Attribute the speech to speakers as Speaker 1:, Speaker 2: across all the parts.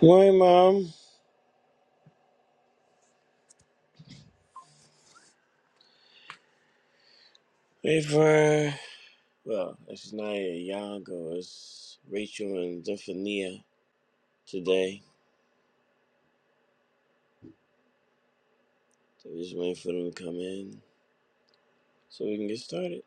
Speaker 1: Morning, Mom. Wait for, well, it's not Yango, it's Rachel and Zephaniah today. So we just waiting for them to come in so we can get started.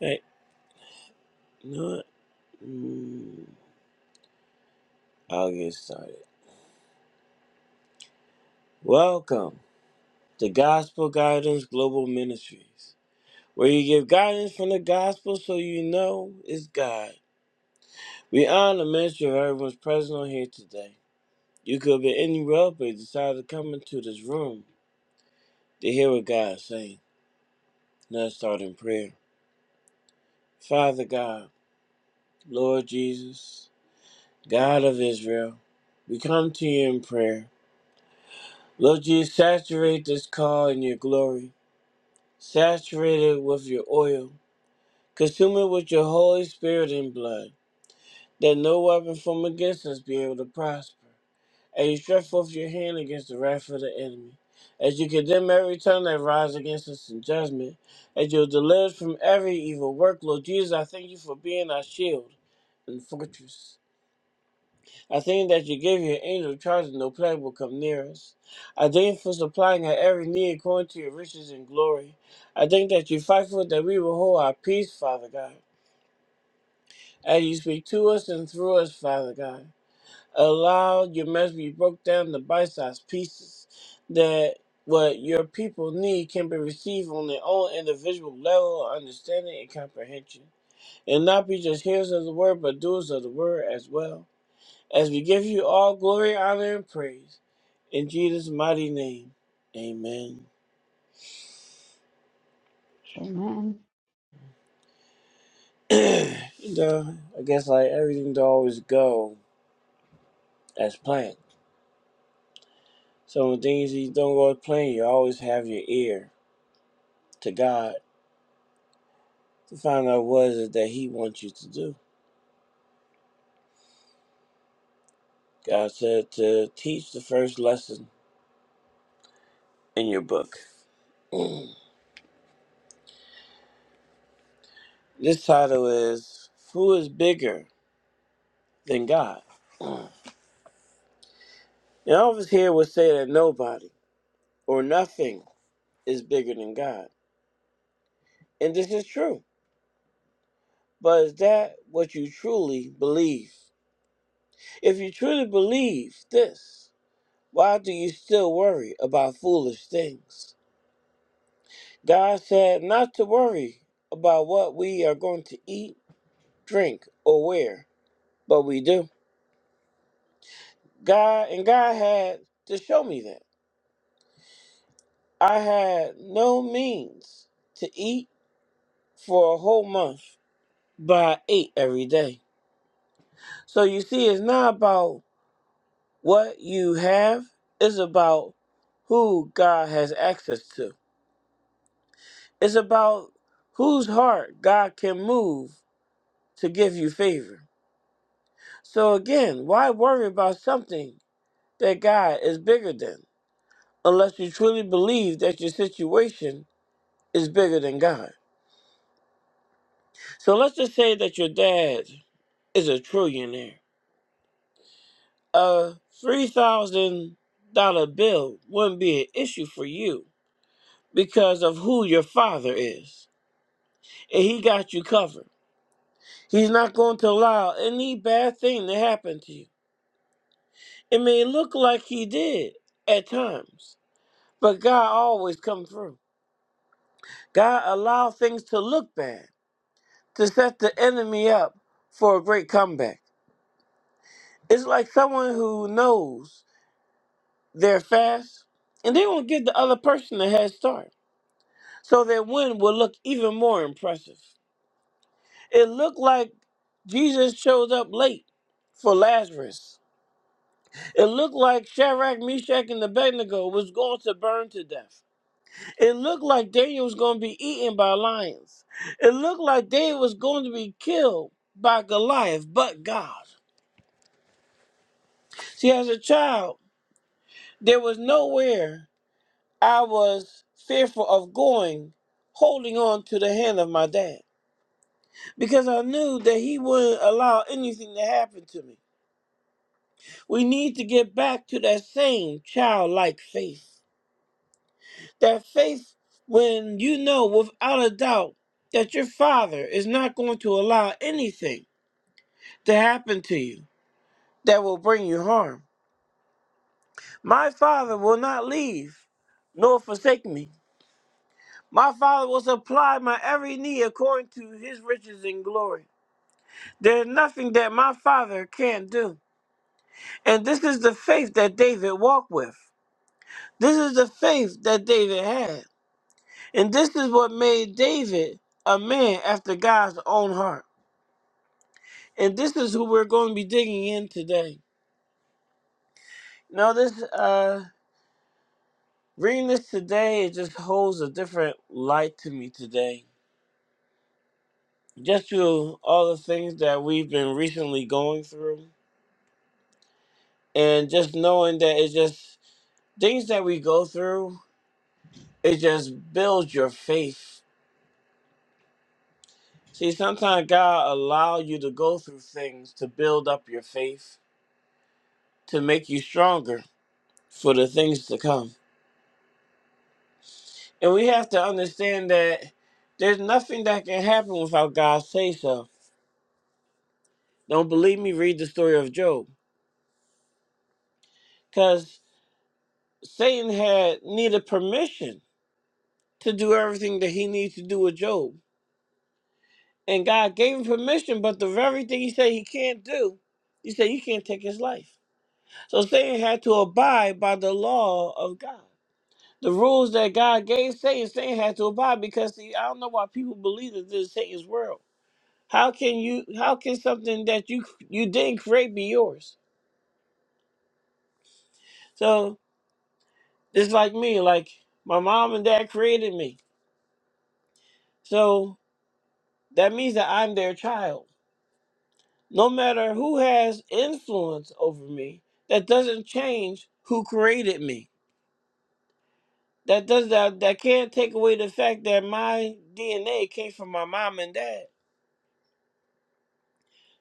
Speaker 1: Hey, you know what? Mm, I'll get started. Welcome to Gospel Guidance Global Ministries, where you give guidance from the gospel so you know it's God. We honor the ministry of everyone's present on here today. You could be anywhere, but you decided to come into this room to hear what God is saying. Let us start in prayer. Father God, Lord Jesus, God of Israel, we come to you in prayer. Lord Jesus, saturate this call in your glory. Saturate it with your oil. Consume it with your Holy Spirit and blood, that no weapon formed against us be able to prosper. and you stretch forth your hand against the wrath of the enemy. As you condemn every tongue that rises against us in judgment, as you deliver us from every evil work, Lord Jesus, I thank you for being our shield and fortress. I thank you that you give your angel charge and no plague will come near us. I thank you for supplying our every need according to your riches and glory. I thank that you fight for us, that we will hold our peace, Father God. As you speak to us and through us, Father God. Allow your message to be broke down to bite-sized pieces that what your people need can be received on their own individual level of understanding and comprehension. And not be just hearers of the word, but doers of the word as well. As we give you all glory, honor, and praise. In Jesus' mighty name, amen.
Speaker 2: Amen.
Speaker 1: you know, I guess like everything don't always go as planned. So when things don't go as planned, you always have your ear to God to find out what is it that He wants you to do. God said to teach the first lesson in your book. Mm. This title is Who is Bigger Than God? Mm. And all of us here would say that nobody or nothing is bigger than God. And this is true. But is that what you truly believe? If you truly believe this, why do you still worry about foolish things? God said not to worry about what we are going to eat drink, or wear, but we do. God and God had to show me that. I had no means to eat for a whole month, but I ate every day. So you see, it's not about what you have, it's about who God has access to. It's about whose heart God can move to give you favor. So again, why worry about something that God is bigger than? unless you truly believe that your situation is bigger than God. So let's just say that your dad is a trillionaire. A $3,000 bill wouldn't be an issue for you because of who your father is. And he got you covered. He's not going to allow any bad thing to happen to you. It may look like he did at times, but God always comes through. God allowed things to look bad to set the enemy up for a great comeback. It's like someone who knows they're fast and they won't give the other person a head start. So their win will look even more impressive. It looked like Jesus showed up late for Lazarus. It looked like Shadrach, Meshach, and Abednego was going to burn to death. It looked like Daniel was going to be eaten by lions. It looked like David was going to be killed by Goliath, but God. See, as a child, There was nowhere I was fearful of going, holding on to the hand of my dad, because I knew that he wouldn't allow anything to happen to me. We need to get back to that same childlike faith. That faith when you know without a doubt that your father is not going to allow anything to happen to you that will bring you harm. My father will not leave nor forsake me. My Father will supply my every need according to his riches and glory. There is nothing that my Father can't do. And this is the faith that David walked with. This is the faith that David had. And this is what made David a man after God's own heart. And this is who we're going to be digging in today. Now, this, uh, reading this today, it just holds a different light to me today. Just through all the things that we've been recently going through and just knowing that it's just things that we go through it just builds your faith see sometimes god allow you to go through things to build up your faith to make you stronger for the things to come and we have to understand that there's nothing that can happen without god say so don't believe me read the story of job because satan had needed permission to do everything that he needed to do with job And God gave him permission, but the very thing he said he can't do, he said you can't take his life. So Satan had to abide by the law of God. The rules that God gave Satan, Satan had to abide because see, I don't know why people believe that this is Satan's world. How can you how can something that you you didn't create be yours? So it's like me, like my mom and dad created me. So that means that I'm their child. no matter who has influence over me that doesn't change who created me that does that that can't take away the fact that my dna came from my mom and dad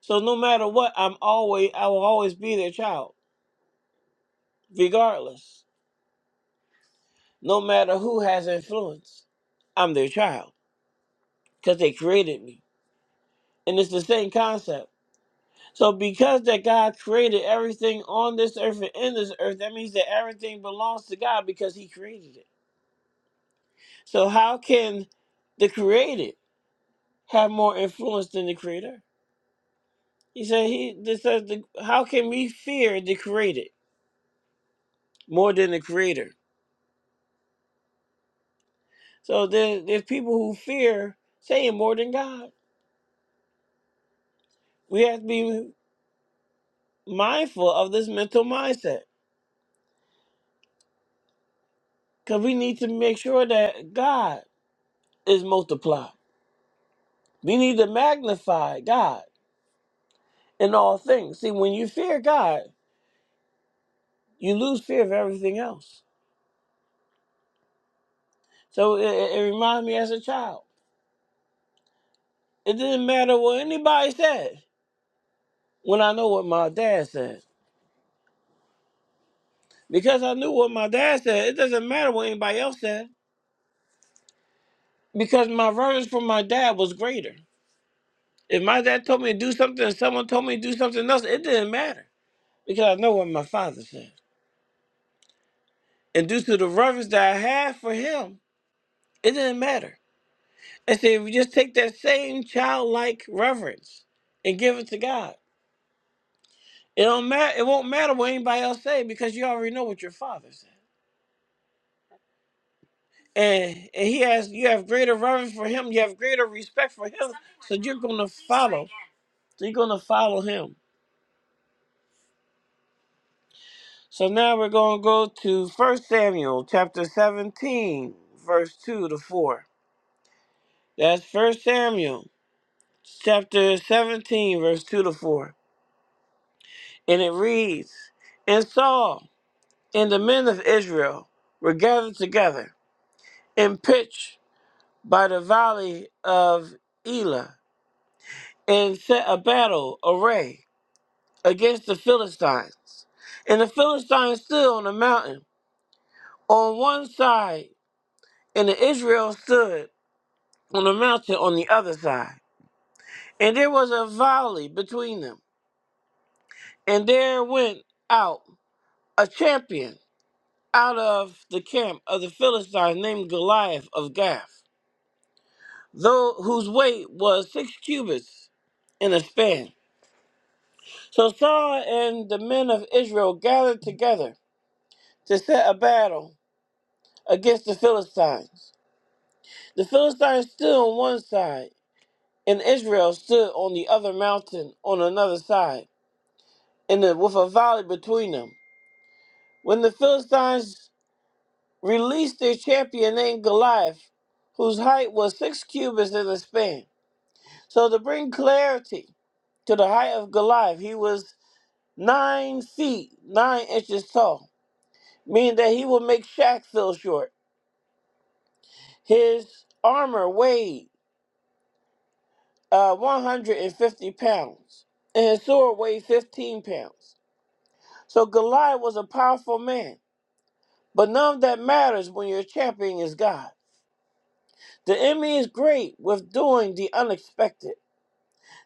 Speaker 1: so no matter what i'm always i will always be their child regardless no matter who has influence i'm their child because they created me and it's the same concept so because that god created everything on this earth and in this earth that means that everything belongs to god because he created it So how can the created have more influence than the creator? He said he this says the, how can we fear the created more than the creator? So there, there's people who fear saying more than God. We have to be mindful of this mental mindset because we need to make sure that God is multiplied. We need to magnify God in all things. See, when you fear God, you lose fear of everything else. So it, it it reminds me as a child. It didn't matter what anybody said when I know what my dad said. Because I knew what my dad said, it doesn't matter what anybody else said. Because my reverence for my dad was greater. If my dad told me to do something and someone told me to do something else, it didn't matter. Because I know what my father said. And due to the reverence that I had for him, it didn't matter. And see, if you just take that same childlike reverence and give it to God, it don't matter it won't matter what anybody else say because you already know what your father said. and and he has you have greater reverence for him you have greater respect for him so you're gonna follow so you're gonna follow him so now we're gonna go to first samuel chapter 17 verse 2 to 4 that's first samuel chapter 17 verse 2 to 4 and it reads and saul and the men of israel were gathered together and pitched by the valley of elah and set a battle array against the Philistines. And the Philistines stood on the mountain on one side, and the Israel stood on the mountain on the other side. And there was a valley between them. And there went out a champion out of the camp of the Philistines named Goliath of Gath, though whose weight was six cubits in a span. So Saul and the men of Israel gathered together to set a battle against the Philistines. The Philistines stood on one side, and Israel stood on the other mountain on another side, and the- with a valley between them. When the Philistines released their champion named Goliath, whose height was six cubits in the span. So to bring clarity to the height of Goliath, he was nine feet nine inches tall, meaning that he would make Shaq feel short. His armor weighed uh, 150 pounds, and his sword weighed 15 pounds. So Goliath was a powerful man, but none of that matters when your champion is God. The enemy is great with doing the unexpected.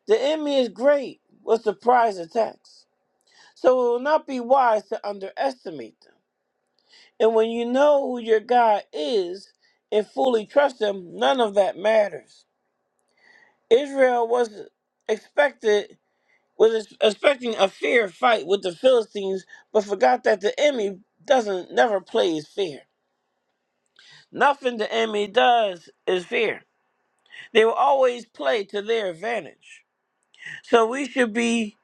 Speaker 1: The enemy is great with surprise attacks. So it will not be wise to underestimate them. And when you know who your God is and fully trust him, none of that matters. Israel was expected was ex- expecting a fair fight with the Philistines, but forgot that the enemy doesn't never plays fair. Nothing the enemy does is fair. They will always play to their advantage. So we should be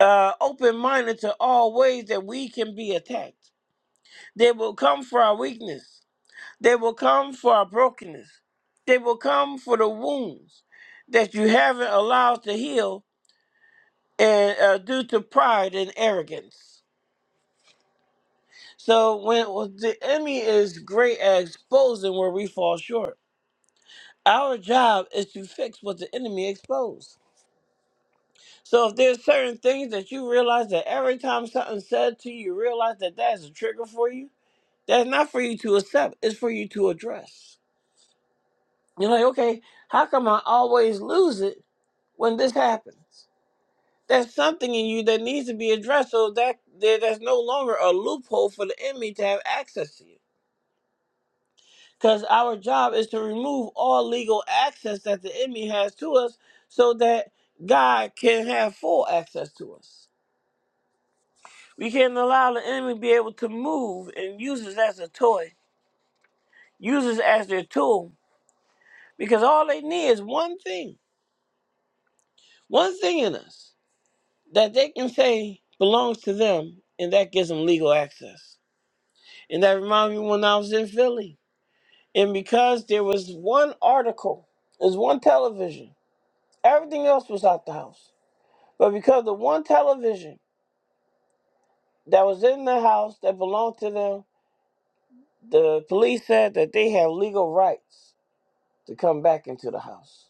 Speaker 1: uh, open minded to all ways that we can be attacked. They will come for our weakness. They will come for our brokenness. They will come for the wounds that you haven't allowed to heal and uh, due to pride and arrogance. So when well, the enemy is great at exposing where we fall short, our job is to fix what the enemy exposed. So if there's certain things that you realize that every time something's said to you, you realize that that's a trigger for you. That's not for you to accept. It's for you to address. You're like, okay, how come I always lose it when this happens? There's something in you that needs to be addressed so that there, there's no longer a loophole for the enemy to have access to you. because our job is to remove all legal access that the enemy has to us so that God can have full access to us. We can't allow the enemy to be able to move and use us as a toy, use us as their tool, because all they need is one thing, one thing in us that they can say belongs to them, and that gives them legal access. And that reminds me when I was in Philly, and because there was one article, there's one television, everything else was out the house But because the one television that was in the house that belonged to them, the police said that they have legal rights to come back into the house.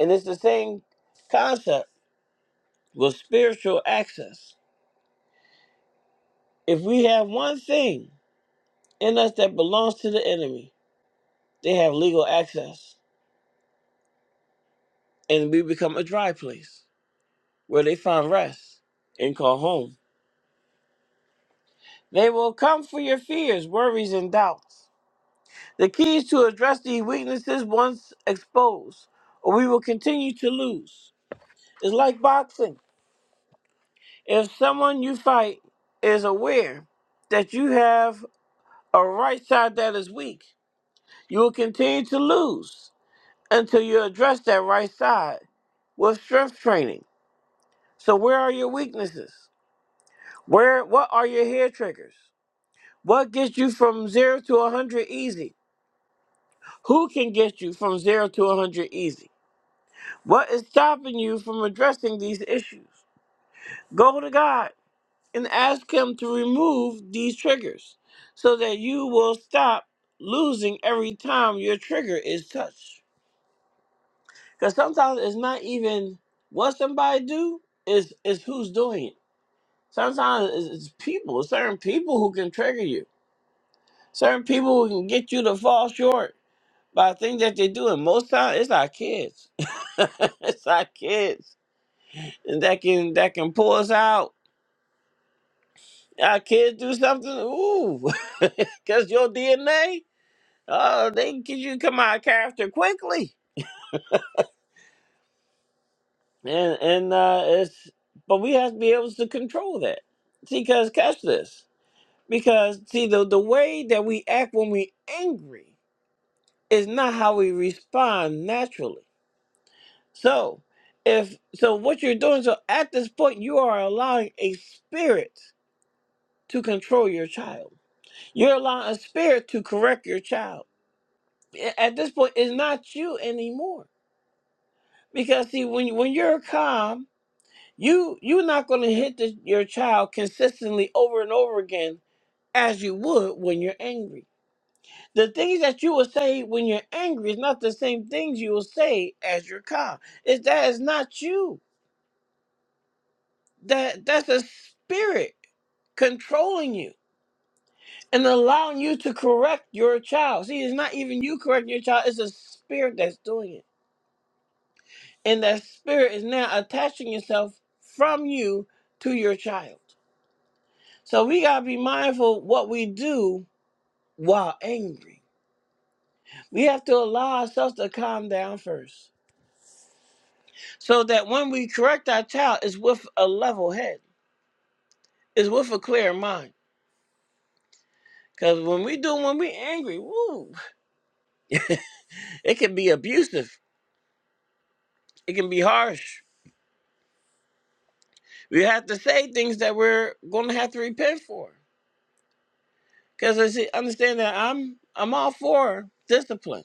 Speaker 1: And it's the same concept with spiritual access. If we have one thing in us that belongs to the enemy, they have legal access. And we become a dry place where they find rest and call home. They will come for your fears, worries, and doubts. The keys to address these weaknesses once exposed, or we will continue to lose. It's like boxing. If someone you fight is aware that you have a right side that is weak, you will continue to lose until you address that right side with strength training. So where are your weaknesses? Where what are your hair triggers? What gets you from 0 to 100 easy? Who can get you from 0 to 100 easy? What is stopping you from addressing these issues? Go to God and ask Him to remove these triggers so that you will stop losing every time your trigger is touched. Because sometimes it's not even what somebody do, it's, it's who's doing it. Sometimes it's, it's people, certain people who can trigger you. Certain people who can get you to fall short by things that they do. And most times it's our kids. it's our kids. And that can that can pull us out Our kids do something, ooh, because your DNA, uh, they can get you to come out of character quickly. And and uh, it's but we have to be able to control that. See, because catch this, because see the the way that we act when we angry is not how we respond naturally. So if so, what you're doing so at this point, you are allowing a spirit to control your child. You're allowing a spirit to correct your child at this point it's not you anymore because see when when you're calm you you're not going to hit the, your child consistently over and over again as you would when you're angry the things that you will say when you're angry is not the same things you will say as you're calm it's that is not you that that's a spirit controlling you and allowing you to correct your child see it's not even you correcting your child it's a spirit that's doing it and that spirit is now attaching itself from you to your child. So we gotta be mindful what we do while angry. We have to allow ourselves to calm down first, so that when we correct our child, it's with a level head, it's with a clear mind. Because when we do, when we angry, woo, it can be abusive, it can be harsh. We have to say things that we're going to have to repent for. Because understand that I'm I'm all for discipline.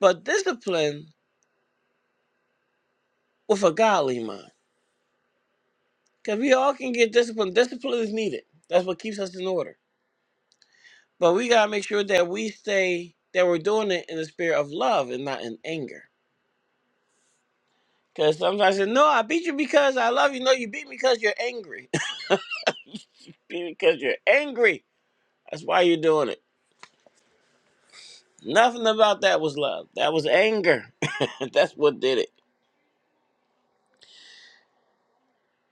Speaker 1: but discipline with a godly mind. Because we all can get disciplined. Discipline is needed. That's what keeps us in order. But we gotta make sure that we stay that we're doing it in the spirit of love and not in anger. Because sometimes I say, "No, I beat you because I love you." No, you beat me because you're angry. Beat me because you're angry. That's why you're doing it. Nothing about that was love. That was anger. That's what did it.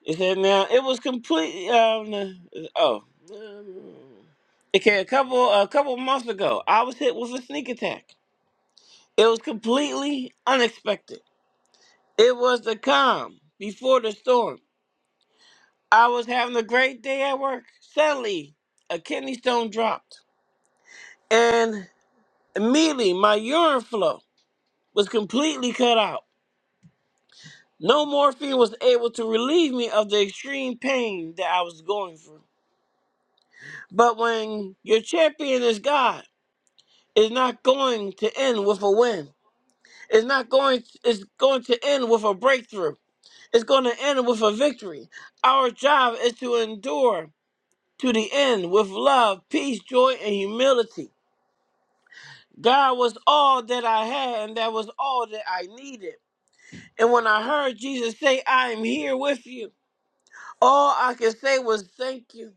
Speaker 1: It said now it was complete. Um, oh, um, okay. A couple a couple months ago, I was hit with a sneak attack. It was completely unexpected. It was the calm before the storm. I was having a great day at work. Suddenly, a kidney stone dropped, and immediately my urine flow was completely cut out. No morphine was able to relieve me of the extreme pain that I was going through. But when your champion is God. Is not going to end with a win. It's not going it's going to end with a breakthrough. It's going to end with a victory. Our job is to endure to the end with love, peace, joy, and humility. God was all that I had and that was all that I needed. And when I heard Jesus say, I am here with you, all I could say was thank you.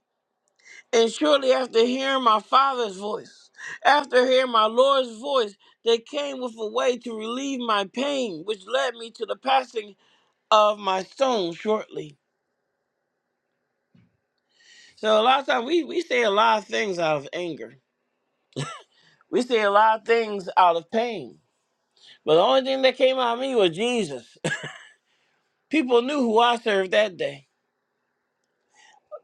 Speaker 1: And shortly after hearing my father's voice, after hearing my Lord's voice, they came with a way to relieve my pain, which led me to the passing of my stone shortly. So a lot of times we, we say a lot of things out of anger. We say a lot of things out of pain. But the only thing that came out of me was Jesus. People knew who I served that day.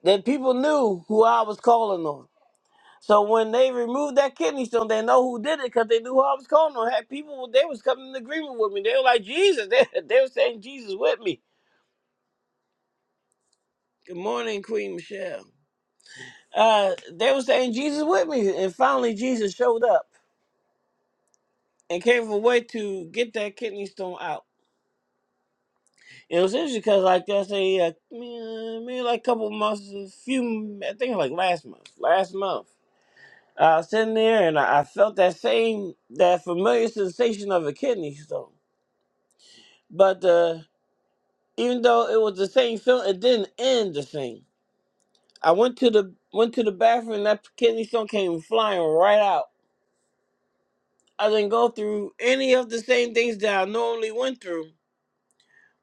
Speaker 1: The people knew who I was calling on. So when they removed that kidney stone, they know who did it because they knew who I was calling on. Had people, they was coming in agreement with me. They were like Jesus. They, they were saying Jesus with me. Good morning, Queen Michelle. Uh, they were saying Jesus with me, and finally Jesus showed up and came a way to get that kidney stone out. It was interesting because like I say, uh, mm, maybe like a couple months, a few, I think like last month, last month. I was sitting there and I I felt that same, that familiar sensation of a kidney stone. But uh, even though it was the same film, it didn't end the same. I went to the went to the bathroom and that kidney stone came flying right out. I didn't go through any of the same things that I normally went through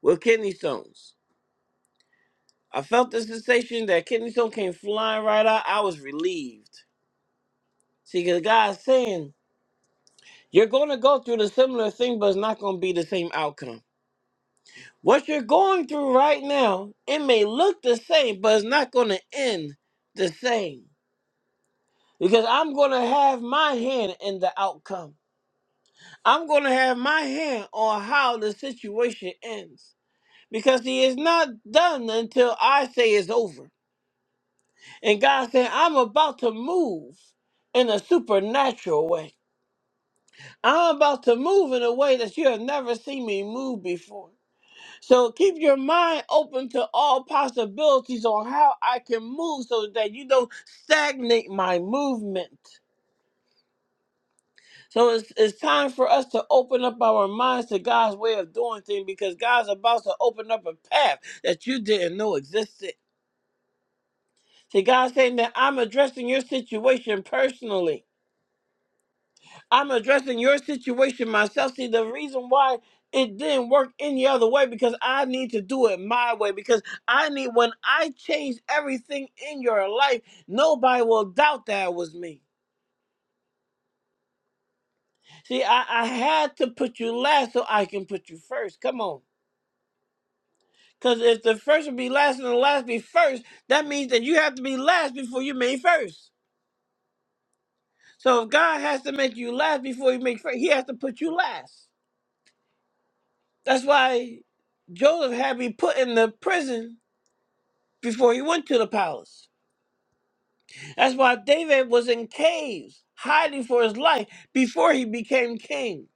Speaker 1: with kidney stones. I felt the sensation that kidney stone came flying right out. I was relieved. See, because God's saying you're going to go through the similar thing, but it's not going to be the same outcome. What you're going through right now, it may look the same, but it's not going to end the same. because I'm going to have my hand in the outcome. I'm going to have my hand on how the situation ends because he is not done until I say it's over. And God said, I'm about to move in a supernatural way. I'm about to move in a way that you have never seen me move before. So keep your mind open to all possibilities on how I can move so that you don't stagnate my movement. So it's, it's time for us to open up our minds to God's way of doing things because God's about to open up a path that you didn't know existed. See, God's saying that I'm addressing your situation personally. I'm addressing your situation myself. See, the reason why it didn't work any other way because I need to do it my way. Because I need, when I change everything in your life, nobody will doubt that it was me. See, I, I had to put you last so I can put you first. Come on. Because if the first would be last and the last be first, that means that you have to be last before you made first. So if God has to make you last before he make first, he has to put you last. That's why Joseph had to be put in the prison before he went to the palace. That's why David was in caves hiding for his life before he became king.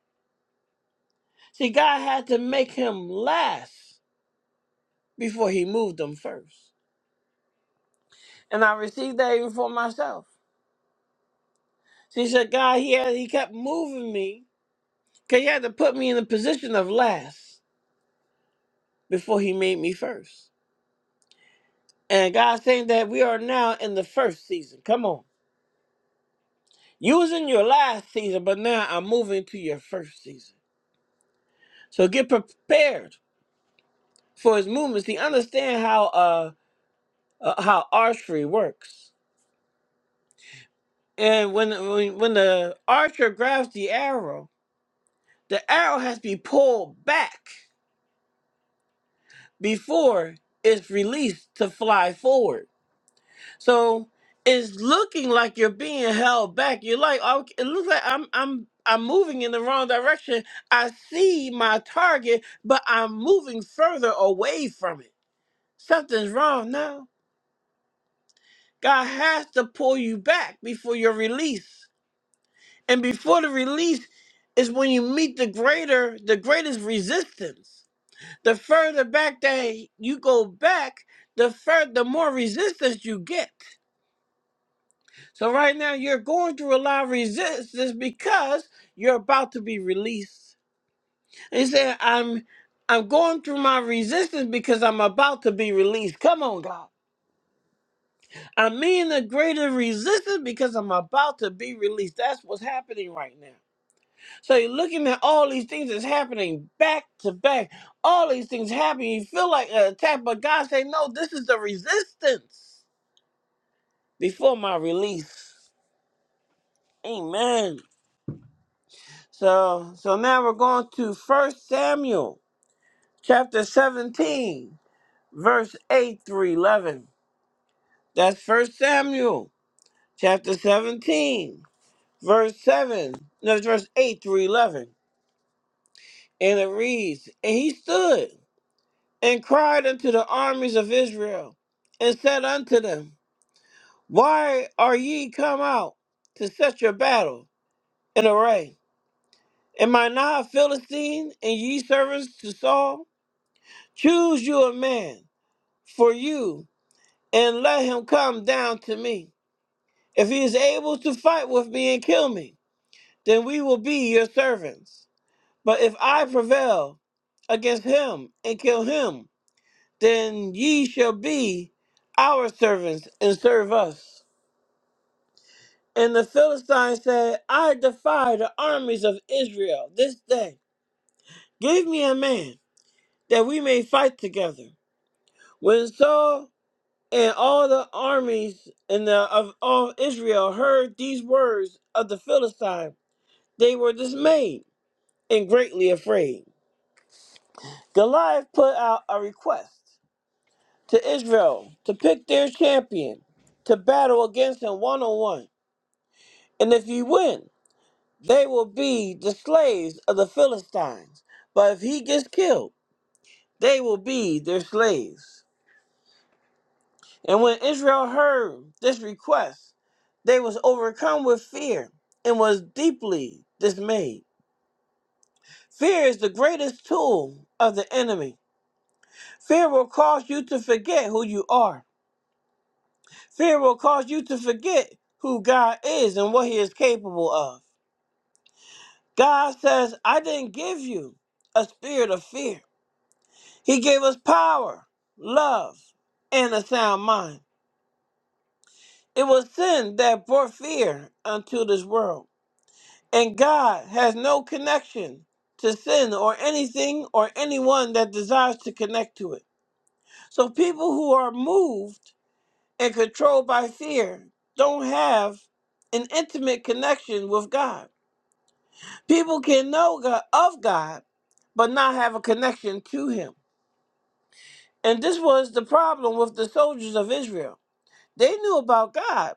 Speaker 1: See, God had to make him last before he moved him first. And I received that even for myself. See, so God, he, had, he kept moving me Because he had to put me in the position of last before he made me first. And God's saying that we are now in the first season. Come on. You was in your last season, but now I'm moving to your first season. So get prepared for his movements. See, understand how uh, uh how archery works. And when, when when the archer grabs the arrow, the arrow has to be pulled back before it's released to fly forward. So it's looking like you're being held back. You're like, oh, it looks like I'm I'm I'm moving in the wrong direction. I see my target, but I'm moving further away from it. Something's wrong now. God has to pull you back before your release. And before the release is when you meet the greater, the greatest resistance. The further back that you go back, the fur the more resistance you get. So right now you're going through a lot of resistance because you're about to be released. He said, I'm I'm going through my resistance because I'm about to be released. Come on, God. I'm in a greater resistance because I'm about to be released. That's what's happening right now. So you're looking at all these things that's happening back to back. All these things happen. You feel like an attack, but God say, no, this is the resistance before my release. Amen. So so now we're going to First Samuel chapter 17, verse 8 through 11. That's First Samuel chapter 17, verse 7. No, verse 8 through 11. And it reads, And he stood and cried unto the armies of Israel and said unto them, Why are ye come out to set your battle in array? Am I not a Philistine and ye servants to Saul? Choose you a man for you and let him come down to me. If he is able to fight with me and kill me, then we will be your servants. But if I prevail against him and kill him, then ye shall be our servants and serve us. And the Philistine said, I defy the armies of Israel this day. Give me a man that we may fight together. When Saul And all the armies in the, of all Israel heard these words of the Philistine. They were dismayed and greatly afraid. Goliath put out a request to Israel to pick their champion to battle against him one on one. And if he win, they will be the slaves of the Philistines. But if he gets killed, they will be their slaves. And when Israel heard this request, they was overcome with fear and was deeply dismayed. Fear is the greatest tool of the enemy. Fear will cause you to forget who you are. Fear will cause you to forget who God is and what he is capable of. God says, I didn't give you a spirit of fear. He gave us power, love, and a sound mind. It was sin that brought fear unto this world. and God has no connection to sin or anything or anyone that desires to connect to it. So people who are moved and controlled by fear don't have an intimate connection with God. People can know God, of God, but not have a connection to Him. And this was the problem with the soldiers of Israel. They knew about God,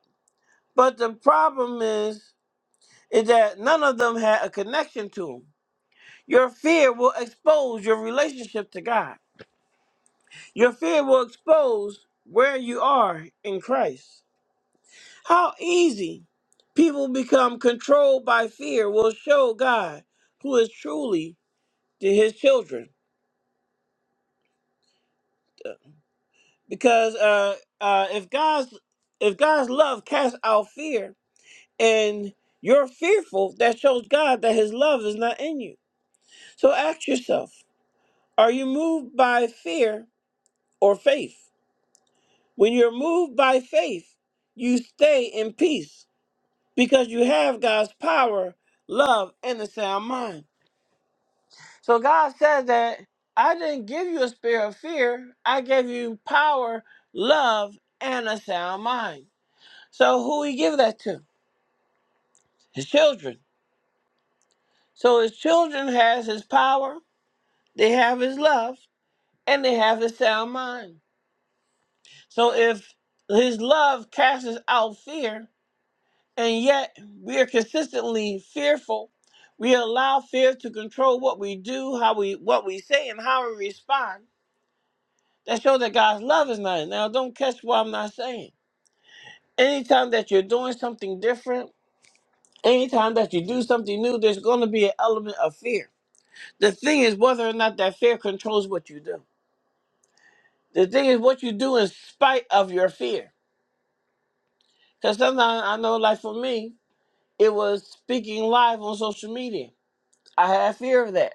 Speaker 1: but the problem is, is that none of them had a connection to Him. Your fear will expose your relationship to God. Your fear will expose where you are in Christ. How easy people become controlled by fear will show God who is truly to his children. Because uh, uh, if God's if God's love casts out fear and you're fearful, that shows God that his love is not in you. So ask yourself, are you moved by fear or faith? When you're moved by faith, you stay in peace because you have God's power, love, and a sound mind. So God says that I didn't give you a spirit of fear, I gave you power, love, and a sound mind. So who he give that to? His children. So his children has his power, they have his love, and they have his sound mind. So if his love casts out fear, And yet, we are consistently fearful. We allow fear to control what we do, how we what we say, and how we respond. That shows that God's love is not. in- Now, don't catch what I'm not saying. Anytime that you're doing something different, anytime that you do something new, there's going to be an element of fear. The thing is whether or not that fear controls what you do. The thing is what you do in spite of your fear. Because sometimes I know, like for me, it was speaking live on social media. I had fear of that.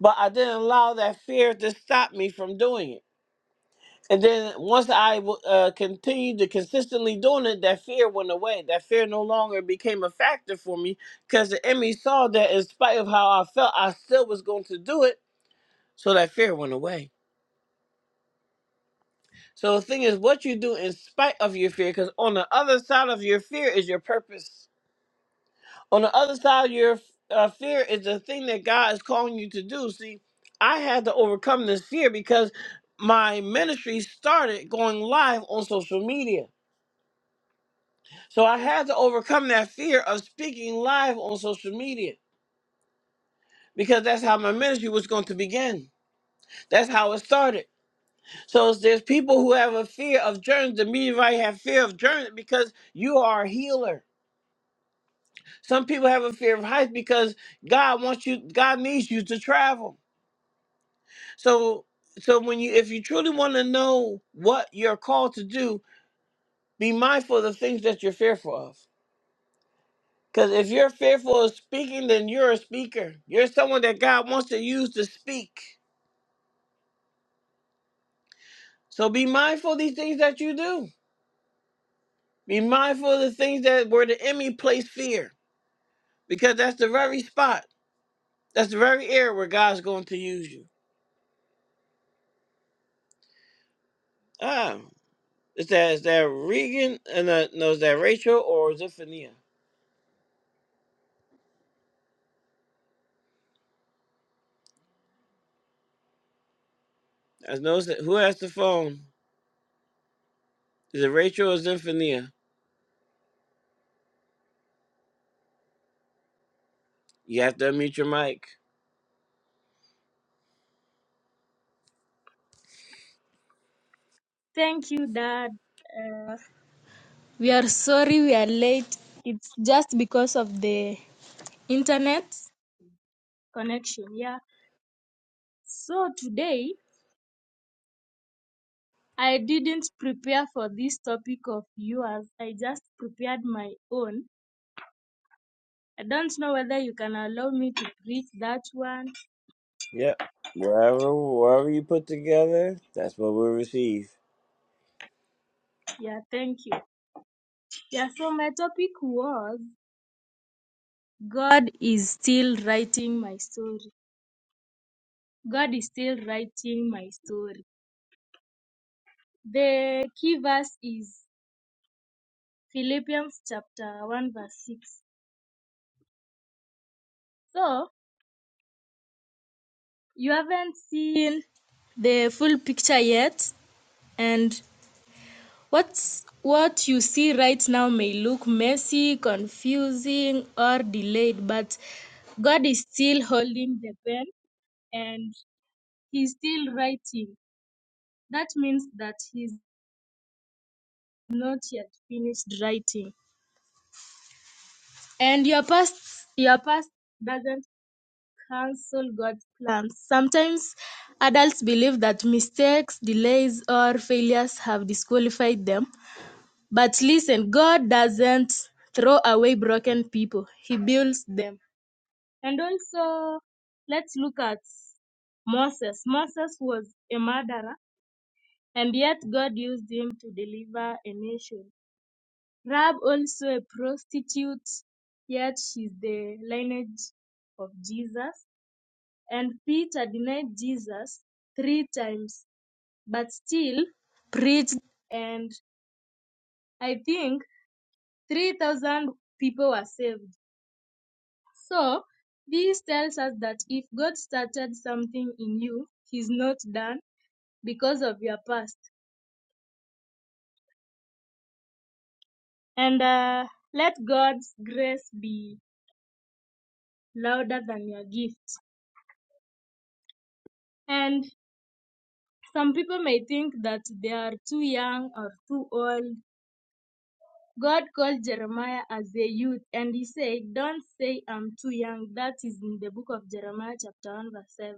Speaker 1: but I didn't allow that fear to stop me from doing it. And then once I w- uh, continued to consistently doing it, that fear went away. That fear no longer became a factor for me because the enemy saw that in spite of how I felt, I still was going to do it. So that fear went away. So the thing is, what you do in spite of your fear, because on the other side of your fear is your purpose. on the other side of your uh, fear is the thing that God is calling you to do. See, I had to overcome this fear because my ministry started going live on social media. So I had to overcome that fear of speaking live on social media because that's how my ministry was going to begin. That's how it started. So there's people who have a fear of journeys. The media have fear of journeys because you are a healer. Some people have a fear of heights because God wants you, God needs you to travel. So so when you if you truly want to know what you're called to do, be mindful of the things that you're fearful of. Because if you're fearful of speaking, then you're a speaker. You're someone that God wants to use to speak. So be mindful of these things that you do. Be mindful of the things that where the enemy placed fear. Because that's the very spot. That's the very area where God's going to use you. Ah. Is that is that Regan and uh, no, is that Rachel or is it Fania? I know it's- who has the phone? Is it Rachel or Zinfonia? You have to unmute your mic.
Speaker 3: Thank you, Dad. Uh, we are sorry we are late. It's just because of the internet connection. Yeah. So today I didn't prepare for this topic of yours. I just prepared my own. I don't know whether you can allow me to preach that one.
Speaker 1: Yep. Wherever, wherever you put together, that's what we receive.
Speaker 3: Yeah, thank you. Yeah, so my topic was God is still writing my story. God is still writing my story. The key verse is Philippians chapter 1 verse 6. So, you haven't seen the full picture yet and what's what you see right now may look messy, confusing or delayed, but God is still holding the pen and he's still writing. That means that he's not yet finished writing. And your past your past doesn't cancel God's plans. Sometimes adults believe that mistakes, delays, or failures have disqualified them. But listen, God doesn't throw away broken people, He builds them. And also, let's look at Moses. Moses was a murderer, and yet God used him to deliver a nation. Rahab, also a prostitute, yet she's the lineage of Jesus. and Peter denied Jesus three times, but still preached, and I think 3,000 people were saved. So, this tells us that if God started something in you, He's not done because of your past. And uh, let God's grace be louder than your gift. And some people may think that they are too young or too old God called Jeremiah as a youth and he said, Don't say I'm too young. That is in the book of Jeremiah, chapter 1, verse 7.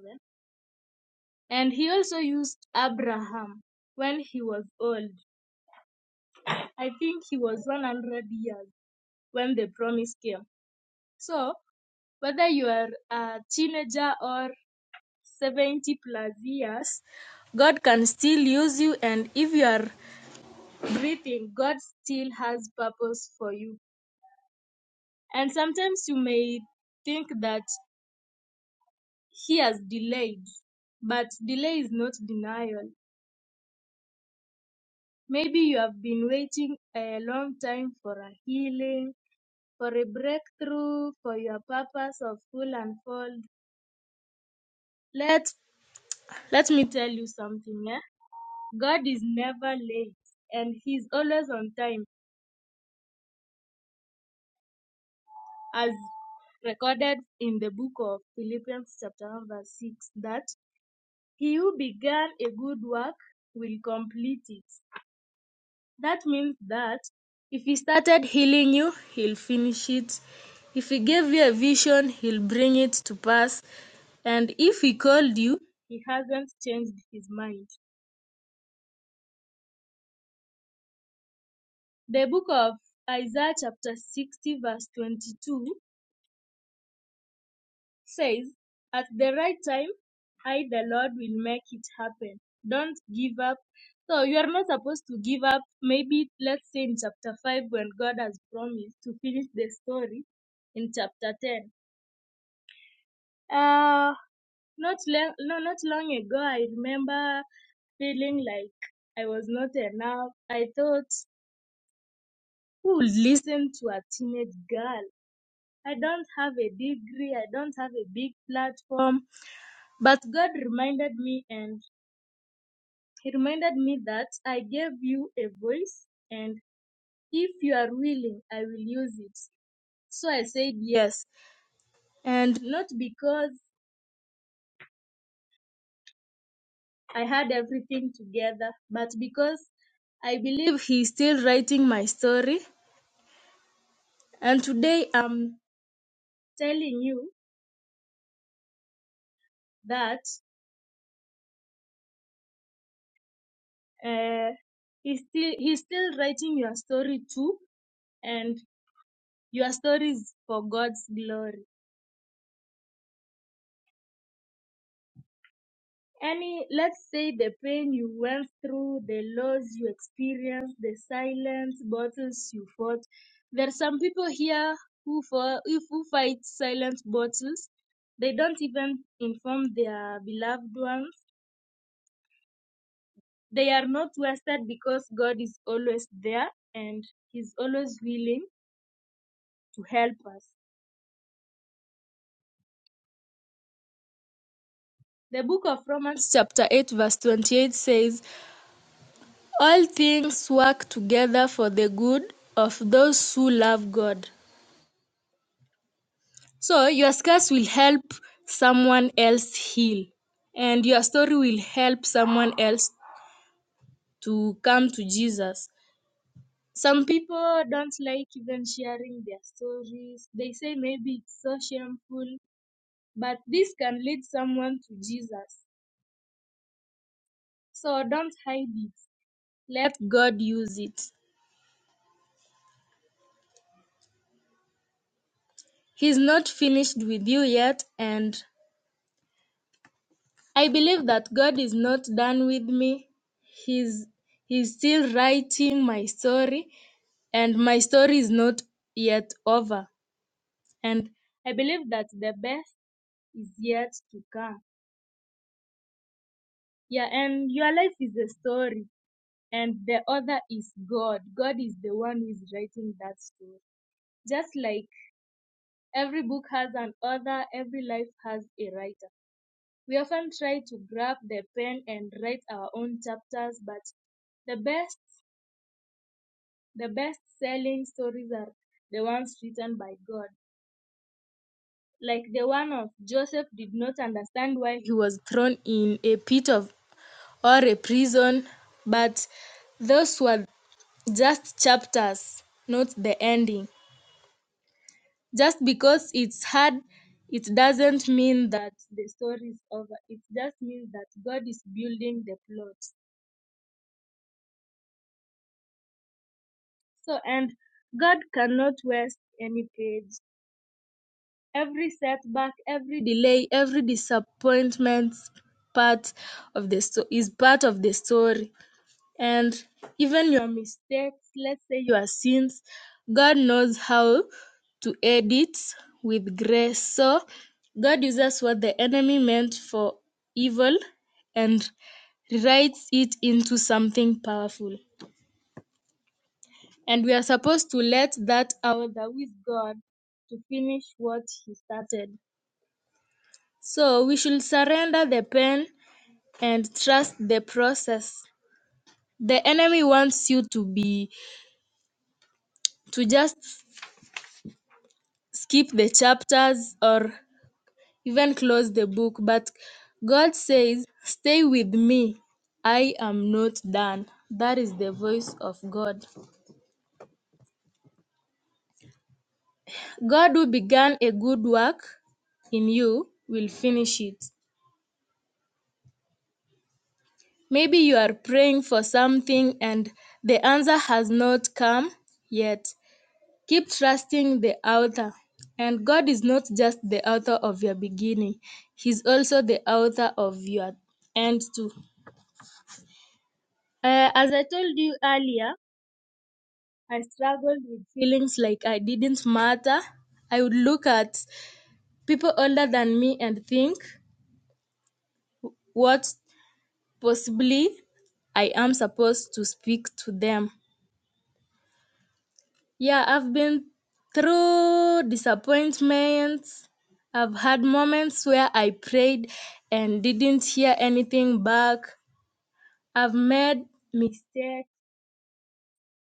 Speaker 3: And he also used Abraham when he was old. I think he was 100 years when the promise came. So, whether you are a teenager or 70 plus years, God can still use you. And if you are breathing, God still has purpose for you. And sometimes you may think that He has delayed. But delay is not denial. Maybe you have been waiting a long time for a healing, for a breakthrough, for your purpose of full unfold. Let let me tell you something, yeah? God is never late and he's always on time. As recorded in the book of Philippians chapter 1 verse 6 that he who began a good work will complete it. That means that if he started healing you, he'll finish it. If he gave you a vision, he'll bring it to pass. And if he called you, he hasn't changed his mind. The book of Isaiah, chapter 60, verse 22 says, At the right time, I, the Lord, will make it happen. Don't give up. So you are not supposed to give up. Maybe, let's say, in chapter 5, when God has promised to finish the story in chapter 10 Uh, not long, no, not long ago, I remember feeling like I was not enough. I thought, who would listen to a teenage girl? I don't have a degree. I don't have a big platform. But God reminded me, and He reminded me that I gave you a voice, and if you are willing, I will use it. So I said yes, and not because I had everything together, but because I believe he's still writing my story, and today I'm telling you that uh, he's still he's still writing your story too, and your story is for God's glory. Any, let's say the pain you went through, the loss you experienced, the silent battles you fought. There are some people here who for who fight silent battles. They don't even inform their beloved ones. They are not wasted because God is always there and He's always willing to help us. The book of Romans, chapter 8, verse 28 says, All things work together for the good of those who love God. So your scars will help someone else heal, and your story will help someone else to come to Jesus. Some people don't like even sharing their stories. They say maybe it's so shameful, but this can lead someone to Jesus. So don't hide it. Let God use it. He's not finished with you yet, and I believe that God is not done with me. He's He's still writing my story and my story is not yet over. And I believe that the best is yet to come. Yeah, and your life is a story, and the author is God. God is the one who is writing that story. Just like every book has an author, every life has a writer. We often try to grab the pen and write our own chapters, but the best, the best selling stories are the ones written by God. like the one of Joseph, did not understand why he was thrown in a pit of or a prison, but those were just chapters, not the ending. Just because it's hard, it doesn't mean that the story is over. It just means that God is building the plot. So, and God cannot waste any page. Every setback, every delay, every disappointment part of the sto- is part of the story. and even your mistakes, let's say your sins, God knows how to edit with grace. So God uses what the enemy meant for evil and writes it into something powerful. And we are supposed to let that out that with God to finish what He started. So we should surrender the pain and trust the process. The enemy wants you to be to just skip the chapters or even close the book. But God says, Stay with me. I am not done. That is the voice of God. God who began a good work in you will finish it. Maybe you are praying for something and the answer has not come yet. Keep trusting the author. And God is not just the author of your beginning, He's also the author of your end too. Uh, as I told you earlier, I struggled with feelings like I didn't matter. I would look at people older than me and think what possibly I am supposed to speak to them. Yeah, I've been through disappointments. I've had moments where I prayed and didn't hear anything back. I've made mistakes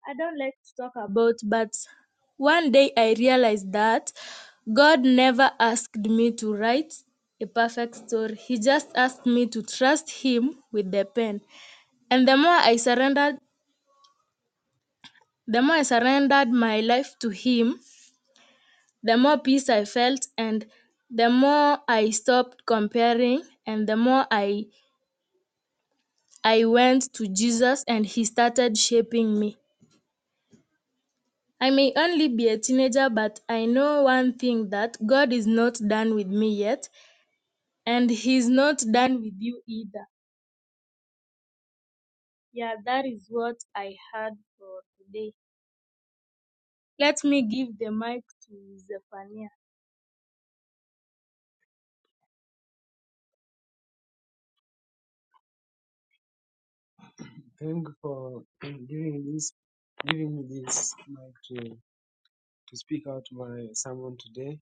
Speaker 3: I don't like to talk about, but one day I realized that God never asked me to write a perfect story. He just asked me to trust Him with the pen. And the more I surrendered, the more I surrendered my life to Him, the more peace I felt, and the more I stopped comparing, and the more I I went to Jesus, and He started shaping me. I may only be a teenager, but I know one thing that God is not done with me yet, and He's not done with you either. Yeah, that is what I had for today. Let me give the mic to Zephaniah. Thank you for giving this giving me this mic to, to speak out my sermon today.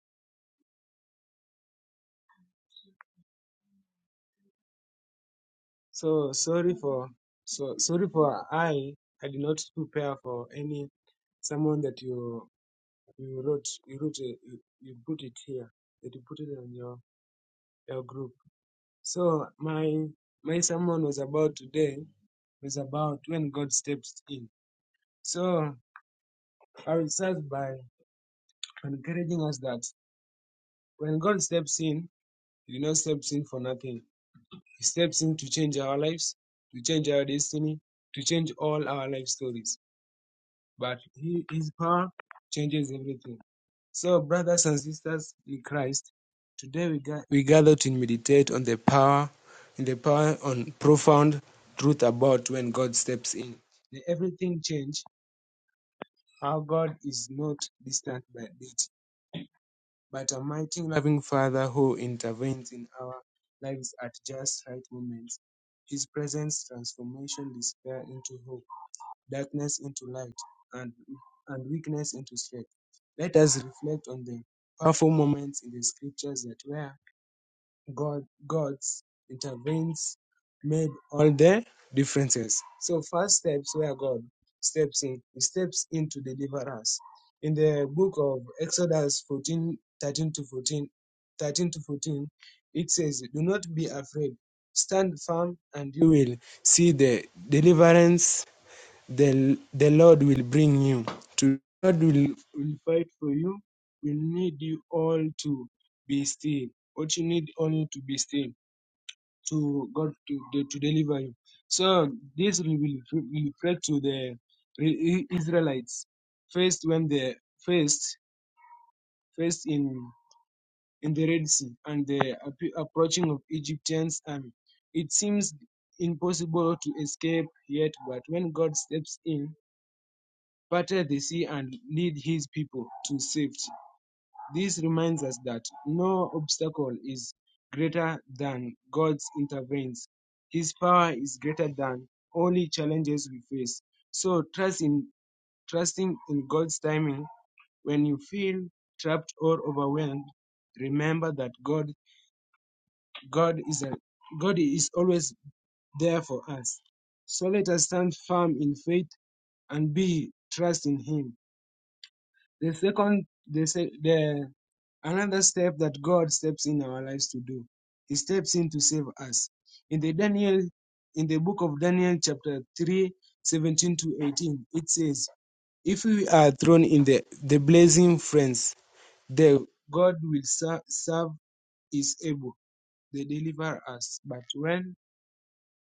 Speaker 3: So sorry for so sorry for I I did not prepare for any sermon that you you wrote you wrote uh, you, you put it here that you put it on your your group so my my sermon was about today was about when god steps in so i will start by encouraging us that when god steps in he does not steps in for nothing he steps in to change our lives to change our destiny to change all our life stories but he, his power changes everything So, brothers and sisters in Christ, today we, ga- we gather to meditate on the power, in the power on profound truth about when God steps in. May everything change, how God is not distant by it, but a mighty loving Father who intervenes in our lives at just right moments. His presence transformation despair into hope darkness into light, and, and weakness into strength. Let us reflect on the powerful moments in the scriptures that where God God's intervenes made all the differences. So first steps where God steps in, he steps in to deliver us. In the book of Exodus 14 13 to 14 13 to 14, it says, Do not be afraid. Stand firm and you will see the deliverance the, the Lord will bring you. To the Lord will, will fight for you. We need you all to be still. What you need only to be still to God to, de- to deliver you. So this will will will pray to the Re- Israelites first when they first first in in the Red Sea and the appe- approaching of Egyptians army. It seems impossible to escape yet, but when God steps in, parted the sea and lead his people to safety. This reminds us that no obstacle is greater than God's interventions. His power is greater than only challenges we face. So trust in trusting in God's timing when you feel trapped or overwhelmed, remember that God God is a, God is always there for us. So let us stand firm in faith and be trust in him. The second, the, se- the another step that God steps in our lives to do. He steps in to save us. In the Daniel, in the book of Daniel, chapter 3, 17 to 18, it says, If we are thrown in the, the blazing furnace, the God will ser- serve is able. They deliver us. But when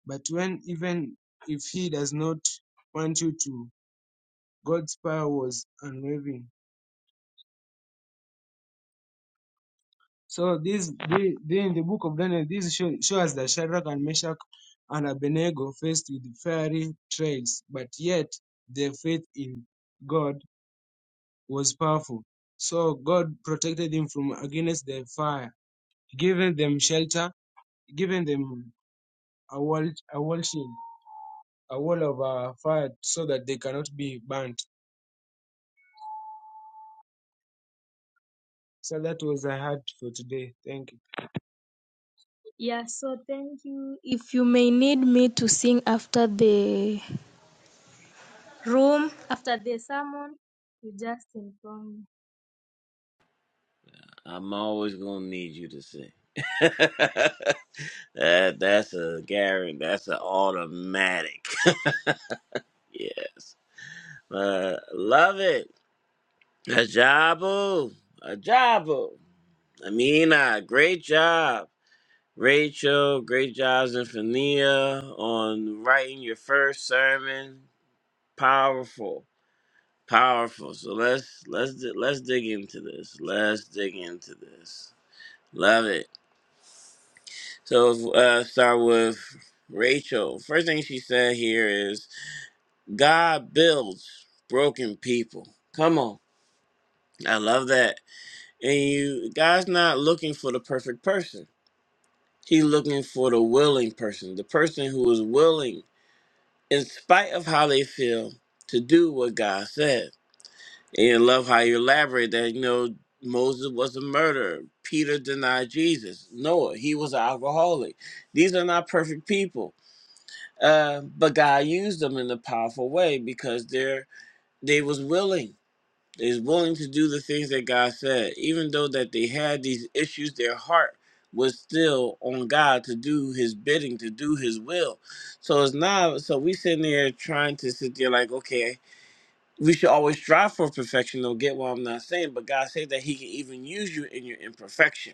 Speaker 3: but when even if he does not want you to, God's power was unwavering So this, the, the in the book of Daniel, this show, shows that Shadrach and Meshach and Abednego faced with fiery trials, but yet their faith in God was powerful. So God protected them from against the fire, giving them shelter, giving them a wall, a wall shield, a wall of uh, fire, so that they cannot be burnt. So that was I had for today. Thank you. Yeah, so thank you. If you may need me to sing after the room after the sermon. You just inform me.
Speaker 1: I'm always gonna need you to sing. that that's a guarantee. That's an automatic. yes. Uh, love it. Ajabu. Ajabu. Amina, great job. Rachel, great job, Zinfonia, on writing your first sermon. Powerful. Powerful. So let's let's di- let's dig into this. Let's dig into this. Love it. So uh, start with Rachel. First thing she said here is God builds broken people. Come on, I love that. And you, God's not looking for the perfect person. He's looking for the willing person, the person who is willing, in spite of how they feel, to do what God said. And love how you elaborate that, you know, Moses was a murderer. Peter denied Jesus. Noah, he was an alcoholic. These are not perfect people. Uh, but God used them in a powerful way because they're they was willing. They was willing to do the things that God said. Even though that they had these issues, their heart was still on God to do his bidding, to do his will. So it's not so we sitting there trying to sit there like, okay, we should always strive for perfection. Don't get what I'm not saying, but God said that He can even use you in your imperfection,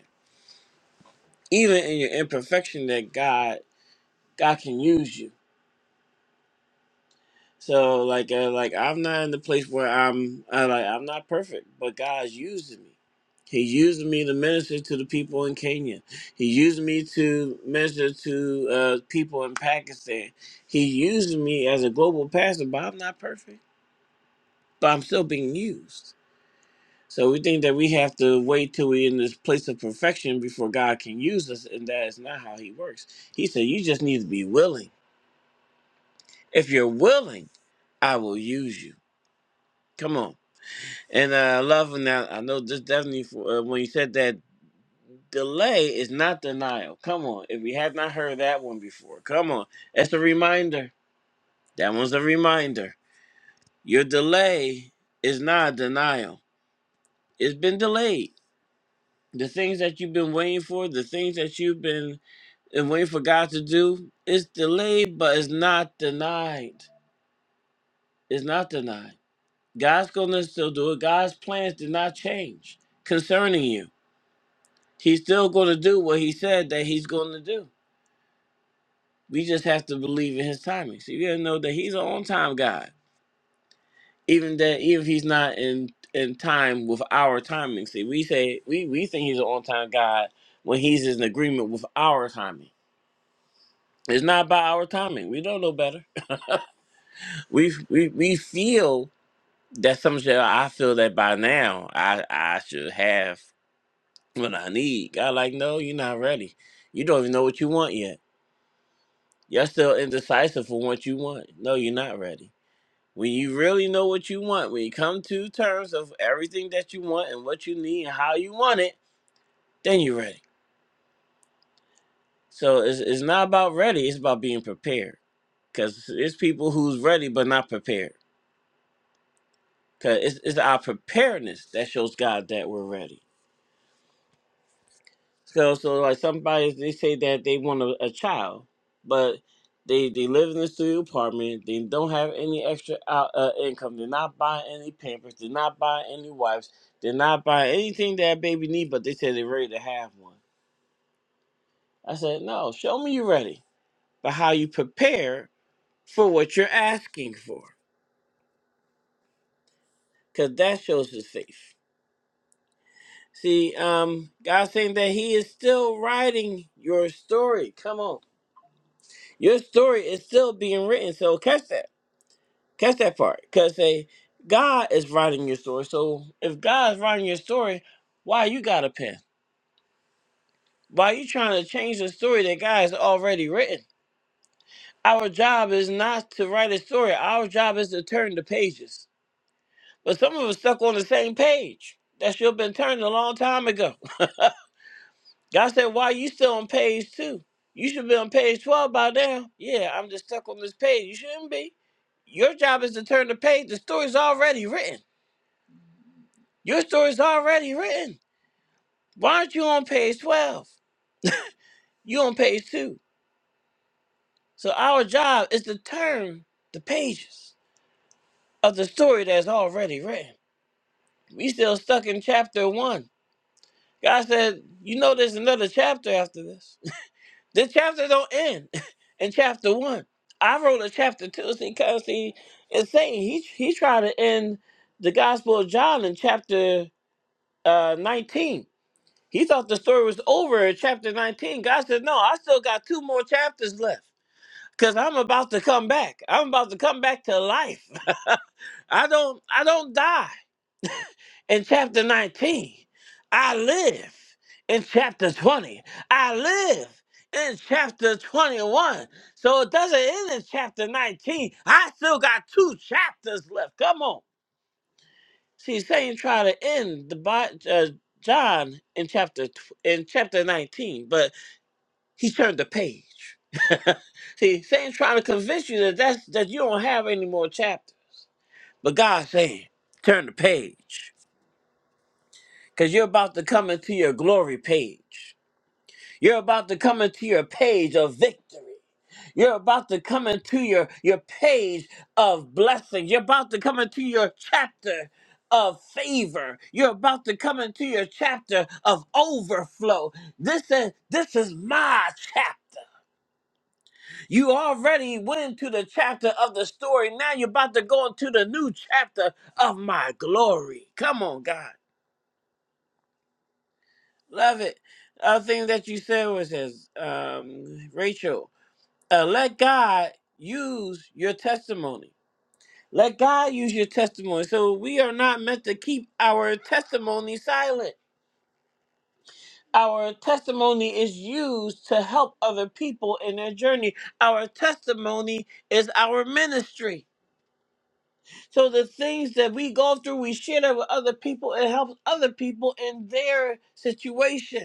Speaker 1: even in your imperfection. That God, God can use you. So like, uh, like I'm not in the place where I'm, I like I'm not perfect, but God's using me. He used me to minister to the people in Kenya. He used me to minister to uh, people in Pakistan. He used me as a global pastor, but I'm not perfect. But I'm still being used. So we think that we have to wait till we're in this place of perfection before God can use us, and that is not how He works. He said, You just need to be willing. If you're willing, I will use you. Come on. And uh, I love and I I know this definitely for, uh, when you said that delay is not denial. Come on. If we have not heard that one before, come on. That's a reminder. That one's a reminder. Your delay is not denial. It's been delayed. The things that you've been waiting for, the things that you've been and waiting for God to do, it's delayed, but it's not denied. It's not denied. God's gonna still do it. God's plans did not change concerning you. He's still gonna do what he said that he's gonna do. We just have to believe in his timing. So you gotta know that he's an on time God. Even that even if he's not in in time with our timing. See, we say we, we think he's an on time God when he's in agreement with our timing. It's not by our timing. We don't know better. We we we feel That's some shit I feel that by now I I should have what I need. God, like, no, you're not ready. You don't even know what you want yet. You're still indecisive for what you want. No, you're not ready. When you really know what you want, when you come to terms of everything that you want and what you need and how you want it, then you're ready. So it's, it's not about ready, it's about being prepared. Because it's people who's ready but not prepared. Because it's, it's our preparedness that shows God that we're ready So, so like somebody, they say that they want a, a child, but they they live in a studio apartment. They don't have any extra out, uh, income. They're not buying any Pampers. They're not buying any wipes. They're not buying anything that baby need. But they say they're ready to have one. I said, no, show me you're ready, but how you prepare for what you're asking for, because that shows his faith. See, um, God's saying that He is still writing your story. Come on. Your story is still being written. So catch that. Catch that part. Cause say God is writing your story. So if God is writing your story, why you got a pen? Why you trying to change the story that God has already written? Our job is not to write a story. Our job is to turn the pages. But some of us stuck on the same page that should have been turned a long time ago. God said, Why you still on page two? You should be on page 12 by now. Yeah, I'm just stuck on this page. You shouldn't be. Your job is to turn the page. The story's already written. Your story's already written. Why aren't you on page 12? You on page two. So our job is to turn the pages of the story that's already written. We still stuck in chapter one. God said, You know there's another chapter after this. This chapter don't end in chapter one. I wrote a chapter two, see, cause see, it's saying he he tried to end the Gospel of John in chapter uh, nineteen. He thought the story was over in chapter nineteen. God said, "No, I still got two more chapters left, cause I'm about to come back. I'm about to come back to life. I don't I don't die in chapter 19. I live in chapter 20. I live in chapter 21. So it doesn't end in chapter 19. I still got two chapters left. Come on. See, Satan tried to end the Bi- uh, John in chapter tw- in chapter 19, but he turned the page. See, Satan's trying to convince you that that's, that you don't have any more chapters. But God's saying, turn the page. Because you're about to come into your glory page. You're about to come into your page of victory. You're about to come into your, your page of blessings. You're about to come into your chapter of favor. You're about to come into your chapter of overflow. This is this is my chapter. You already went into the chapter of the story. Now you're about to go into the new chapter of my glory. Come on, God. Love it. Other thing that you said was this, um, Rachel, uh, let God use your testimony. Let God use your testimony. So we are not meant to keep our testimony silent. Our testimony is used to help other people in their journey. Our testimony is our ministry. So the things that we go through, we share that with other people. It helps other people in their situation.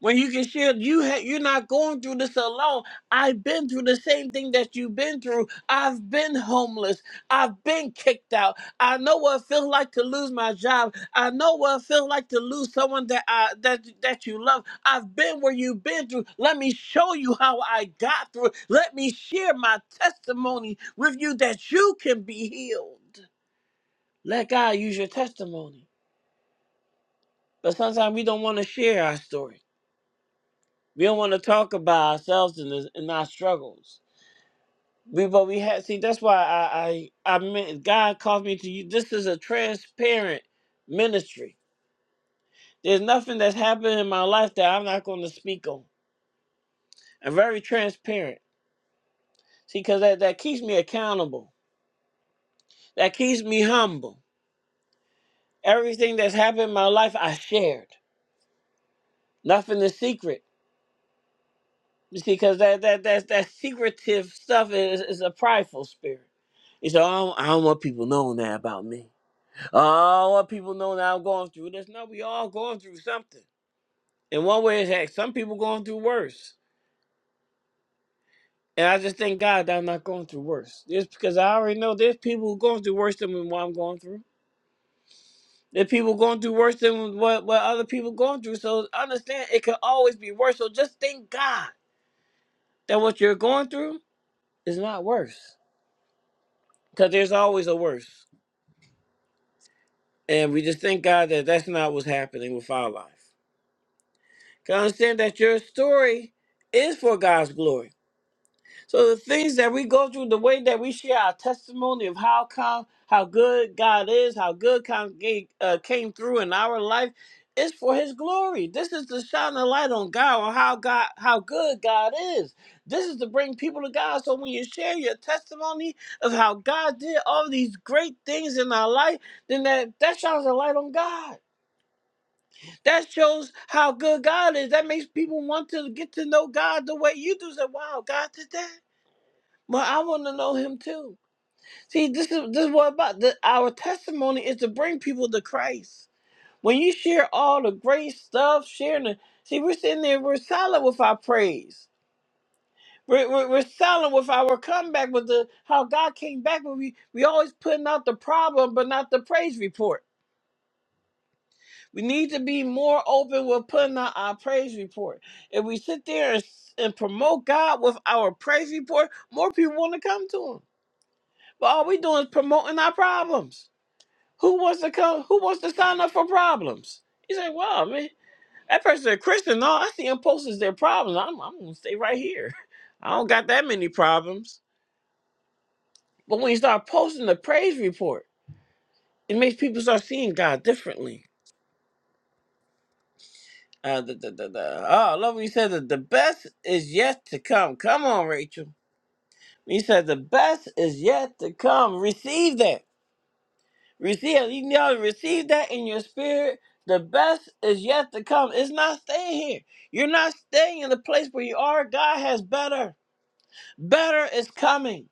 Speaker 1: when you can share you ha- you're not going through this alone i've been through the same thing that you've been through i've been homeless i've been kicked out i know what it feels like to lose my job i know what it feels like to lose someone that i that that you love i've been where you've been through let me show you how i got through it. let me share my testimony with you that you can be healed let god use your testimony but sometimes we don't want to share our story We don't want to talk about ourselves and, this- and our struggles. We, but we had see. That's why I, I, I meant God called me to you. This is a transparent ministry. There's nothing that's happened in my life that I'm not going to speak on. I'm very transparent. See, because that, that keeps me accountable. That keeps me humble. Everything that's happened in my life, I shared. Nothing is secret. You see, because that that that that secretive stuff is is a prideful spirit. You say, I I don't want people knowing that about me. Oh, what people to know now going through this. No, we all going through something. In one way, it's heck, some people going through worse. And I just thank God that I'm not going through worse. Just because I already know there's people going through worse than what I'm going through. There's people going through worse than what, what other people going through. So understand it could always be worse. So just thank God that what you're going through is not worse. Because there's always a worse. And we just thank God that that's not what's happening with our life. Because understand that your story is for God's glory. So the things that we go through, the way that we share our testimony of how come, how good God is, how good come, uh, came through in our life, is for His glory. This is to shine the light on God on how God, how good God is. This is to bring people to God. So when you share your testimony of how God did all these great things in our life, then that that shines a light on God. That shows how good God is. That makes people want to get to know God the way you do. Say, "Wow, God did that." But I want to know him too. See, this is this is what about the, our testimony is to bring people to Christ. When you share all the great stuff, sharing the see, we're sitting there, we're silent with our praise. We're, we're, we're silent with our comeback, with the how God came back. But we we always putting out the problem, but not the praise report. We need to be more open with putting out our praise report. If we sit there and, s- and promote God with our praise report, more people want to come to Him. But All we doing is promoting our problems. Who wants to come? Who wants to sign up for problems? You say, "Wow, man, that person a Christian." No, I see them posting their problems. I'm, I'm gonna stay right here. I don't got that many problems. But when you start posting the praise report, it makes people start seeing God differently. Uh, the, the, the, the, oh, I love when you said that the best is yet to come. Come on, Rachel. When you said the best is yet to come, receive that. Receive, if you all receive that in your spirit. The best is yet to come. It's not staying here. You're not staying in the place where you are. God has better. Better is coming.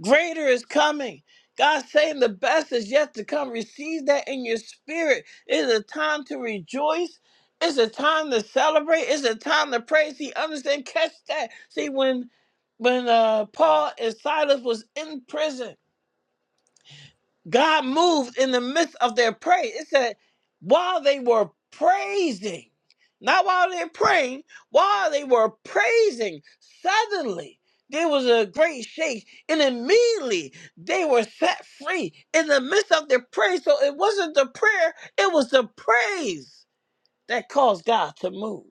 Speaker 1: Greater is coming. God's saying the best is yet to come. Receive that in your spirit. It's a time to rejoice. It's a time to celebrate. It's a time to praise. See, understand? Catch that. See, when when uh, Paul and Silas was in prison, God moved in the midst of their praise. It said, while they were praising, not while they're praying, while they were praising, suddenly there was a great shake, and immediately they were set free in the midst of their praise. So it wasn't the prayer, it was the praise that caused God to move.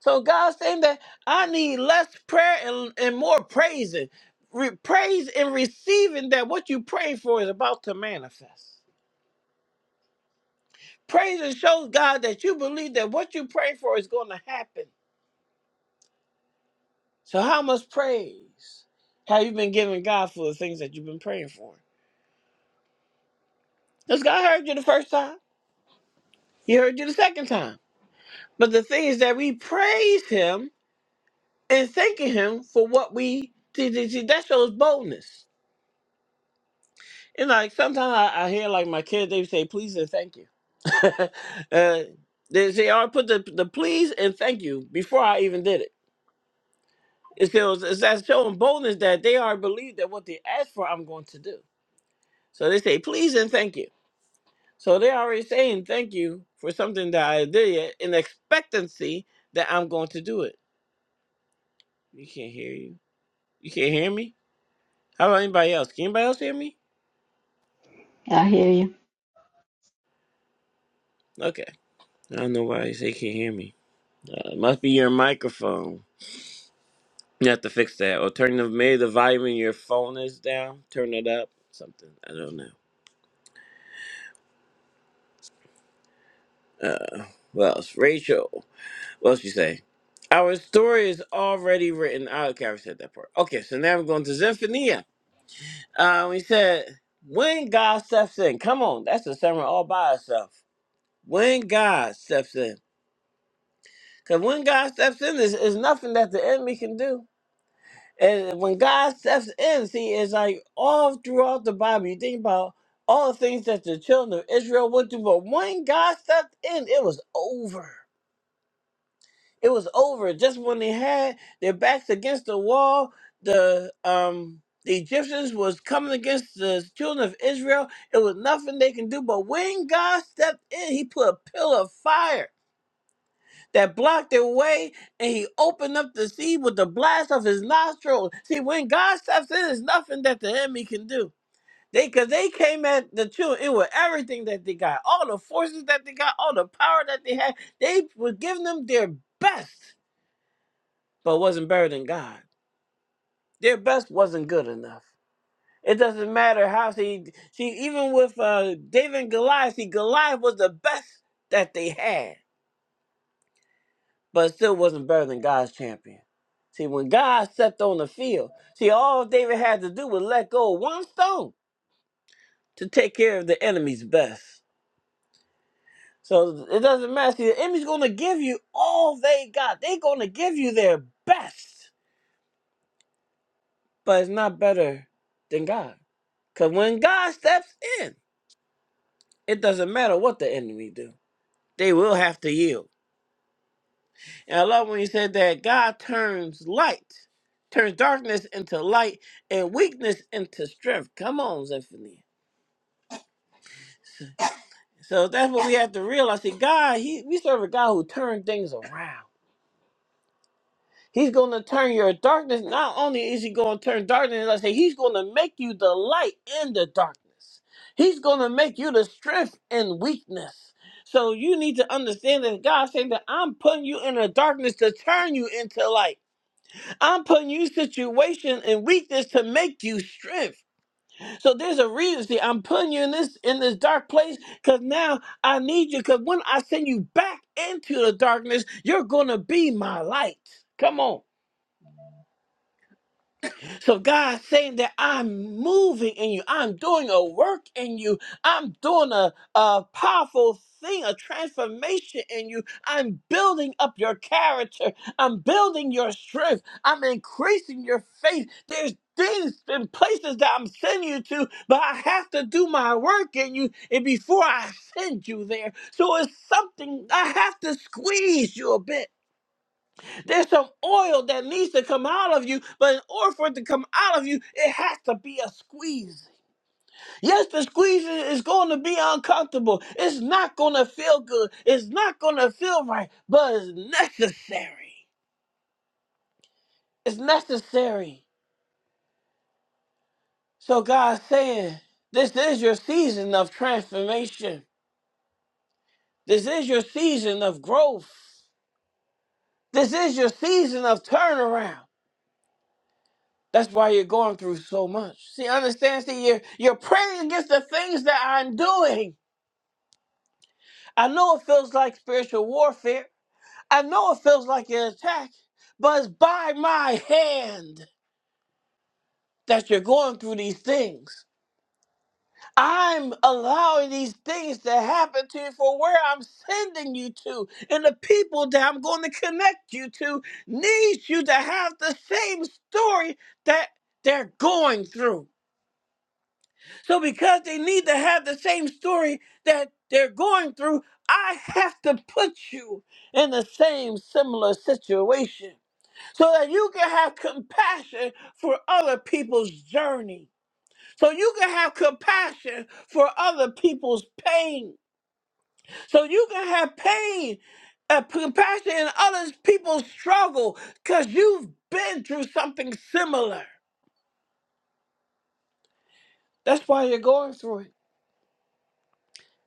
Speaker 1: So God's saying that I need less prayer and, and more praising. Re- praise and receiving that what you praying for is about to manifest. Praise and shows God that you believe that what you pray for is going to happen. So how much praise have you been giving God for the things that you've been praying for? Because God heard you the first time. He heard you the second time. But the thing is that we praise him and thanking him for what we see, see, see, that shows boldness. And like sometimes I, I hear like my kids, they say please and thank you. uh, they say I put the the please and thank you before I even did it. It's because it's that showing boldness that they already believe that what they asked for, I'm going to do. So they say please and thank you. So they're already saying thank you for something that I did yet in expectancy that I'm going to do it. You can't hear you. You can't hear me. How about anybody else? Can anybody else hear me?
Speaker 2: Yeah, I hear you.
Speaker 1: Okay. I don't know why they say can't hear me. Uh, it must be your microphone. You have to fix that, or turn the maybe the volume in your phone is down. Turn it up. Something I don't know. Uh, what else? Rachel. What else you say? Our story is already written. Oh, okay, I already said that part. Okay, so now we're going to Zephaniah. Uh, we said when God steps in. Come on, that's a sermon all by itself. When God steps in, because when God steps in, there's, there's nothing that the enemy can do. And when God steps in, see, it's like all throughout the Bible, you think about all the things that the children of Israel went through, but when God stepped in, it was over. It was over. Just when they had their backs against the wall, the um the Egyptians was coming against the children of Israel. It was nothing they can do. But when God stepped in, he put a pillar of fire that blocked their way, and he opened up the sea with the blast of his nostrils. See, when God steps in, there's nothing that the enemy can do. They, cause they came at the children, it was everything that they got, all the forces that they got, all the power that they had. They were giving them their best, but wasn't better than God. Their best wasn't good enough. It doesn't matter how see, see even with uh, David and Goliath, see Goliath was the best that they had but still wasn't better than God's champion. See, when God stepped on the field, see, all David had to do was let go of one stone to take care of the enemy's best. So it doesn't matter. See, the enemy's going to give you all they got. They're going to give you their best, but it's not better than God. Because when God steps in, it doesn't matter what the enemy do. They will have to yield. And I love when you said that God turns light, turns darkness into light, and weakness into strength. Come on, Zephaniah. So that's what we have to realize. See, God, he, we serve a God who turns things around. He's going to turn your darkness. Not only is he going to turn darkness, like I say, he's going to make you the light in the darkness. He's going to make you the strength in weakness. So you need to understand that God saying that I'm putting you in the darkness to turn you into light. I'm putting you situation and weakness to make you strength. So there's a reason. See, I'm putting you in this in this dark place because now I need you. Because when I send you back into the darkness, you're gonna be my light. Come on. So God's saying that I'm moving in you. I'm doing a work in you. I'm doing a, a powerful thing, a transformation in you. I'm building up your character. I'm building your strength. I'm increasing your faith. There's things and places that I'm sending you to, but I have to do my work in you and before I send you there. So it's something I have to squeeze you a bit. There's some oil that needs to come out of you, but in order for it to come out of you, it has to be a squeeze. Yes, the squeeze is is going to be uncomfortable. It's not going to feel good. It's not going to feel right, but it's necessary. It's necessary. So God's saying, this is your season of transformation. This is your season of growth. This is your season of turnaround. That's why you're going through so much. See, understand, see, you're, you're praying against the things that I'm doing. I know it feels like spiritual warfare. I know it feels like an attack, but it's by my hand that you're going through these things. I'm allowing these things to happen to you for where I'm sending you to, and the people that I'm going to connect you to needs you to have the same story that they're going through. So because they need to have the same story that they're going through, I have to put you in the same similar situation so that you can have compassion for other people's journey. So you can have compassion for other people's pain. So you can have pain, uh, compassion in other people's struggle because you've been through something similar. That's why you're going through it.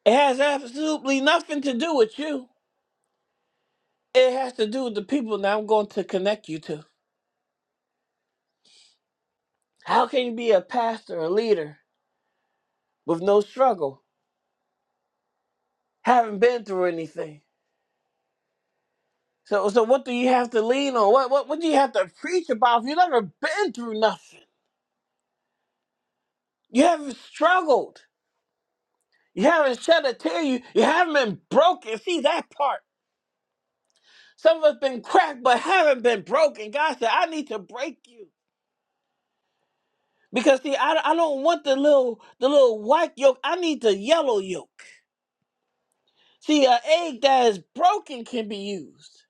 Speaker 1: It has absolutely nothing to do with you. It has to do with the people that I'm going to connect you to. How can you be a pastor, a leader, with no struggle, haven't been through anything? So, so what do you have to lean on? What, what, what do you have to preach about if you've never been through nothing? You haven't struggled. You haven't shed a tear. You, you haven't been broken. See that part. Some of us been cracked, but haven't been broken. God said, I need to break you because see, I, I don't want the little the little white yoke. I need the yellow yoke. See, an egg that is broken can be used.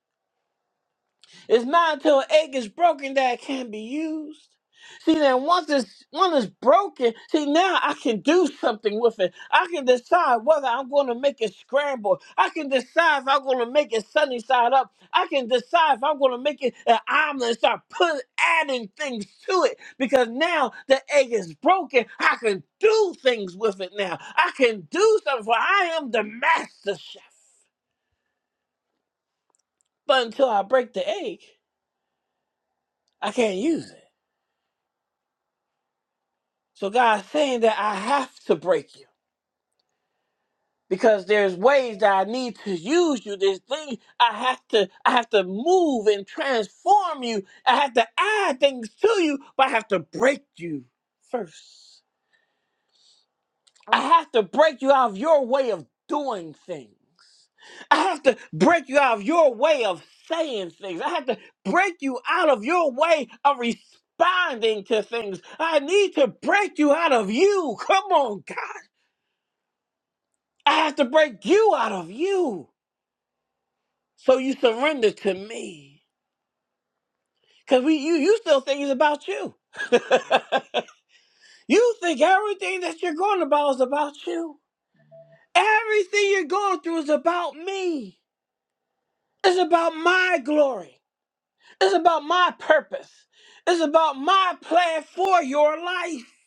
Speaker 1: It's not until an egg is broken that it can be used. See, then once it's once it's broken, see now I can do something with it. I can decide whether I'm going to make it scramble. I can decide if I'm going to make it sunny side up. I can decide if I'm going to make it an omelet and start putting adding things to it because now the egg is broken. I can do things with it now. I can do something. For I am the master chef. But until I break the egg, I can't use it. So God's saying that I have to break you because there's ways that I need to use you. There's things I have to I have to move and transform you. I have to add things to you, but I have to break you first. I have to break you out of your way of doing things. I have to break you out of your way of saying things. I have to break you out of your way of responding to things. I need to break you out of you. Come on, God. I have to break you out of you so you surrender to me. Because we you you still think it's about you. you think everything that you're going about is about you. Everything you're going through is about me. It's about my glory. It's about my purpose. It's about my plan for your life.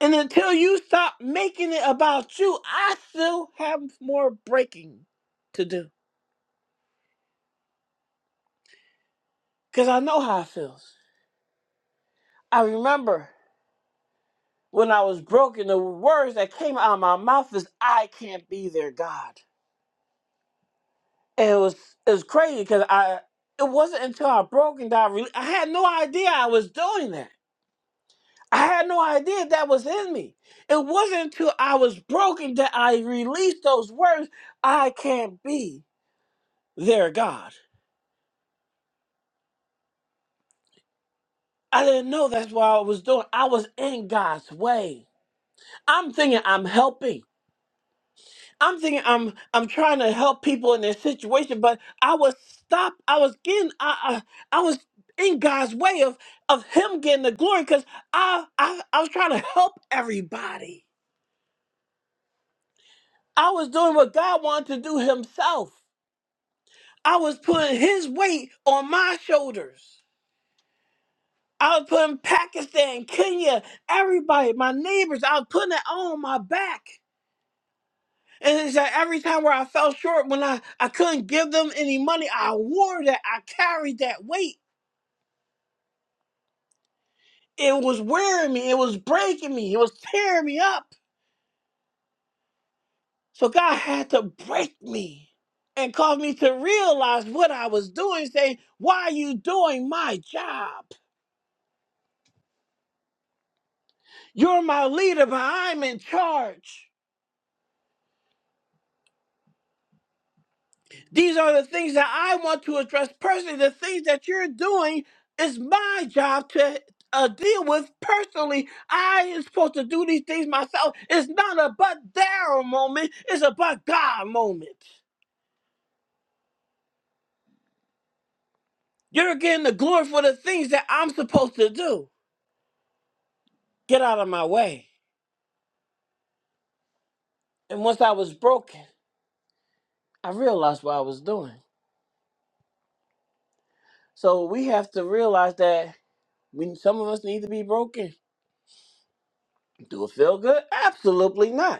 Speaker 1: And until you stop making it about you, I still have more breaking to do. Because I know how it feels. I remember when I was broken, the words that came out of my mouth is, I can't be their God. And it was, it was crazy because I, it wasn't until I broke and that I, re- I had no idea I was doing that. I had no idea that was in me. It wasn't until I was broken that I released those words. I can't be their God. I didn't know that's what I was doing. I was in God's way. I'm thinking I'm helping. I'm thinking I'm I'm trying to help people in their situation, but I was stopped. I was getting I I, I was in God's way of of Him getting the glory because I, I I was trying to help everybody. I was doing what God wanted to do Himself. I was putting his weight on my shoulders. I was putting Pakistan, Kenya, everybody, my neighbors, I was putting it on my back. And it's like every time where I fell short, when I, I couldn't give them any money, I wore that. I carried that weight. It was wearing me. It was breaking me. It was tearing me up. So God had to break me and cause me to realize what I was doing, saying, Why are you doing my job? You're my leader, but I'm in charge. These are the things that I want to address personally. The things that you're doing is my job to uh, deal with personally. I am supposed to do these things myself. It's not a but there moment, it's a but God moment. You're getting the glory for the things that I'm supposed to do. Get out of my way. And once I was broken, I realized what I was doing. So we have to realize that we, some of us need to be broken. Do it feel good? Absolutely not.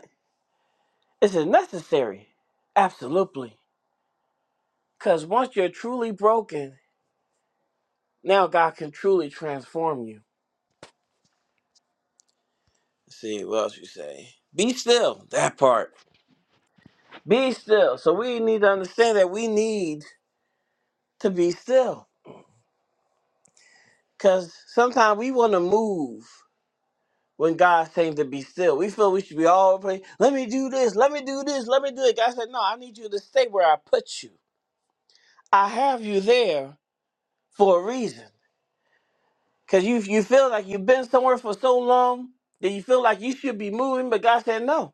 Speaker 1: This is necessary. Absolutely. Because once you're truly broken, now God can truly transform you. Let's see, what else you say? Be still, that part. Be still. So we need to understand that we need to be still. Because sometimes we want to move when God's saying to be still. We feel we should be all over the place. Let me do this, let me do this, let me do it. God said, No, I need you to stay where I put you. I have you there for a reason. Cause you you feel like you've been somewhere for so long that you feel like you should be moving, but God said, No,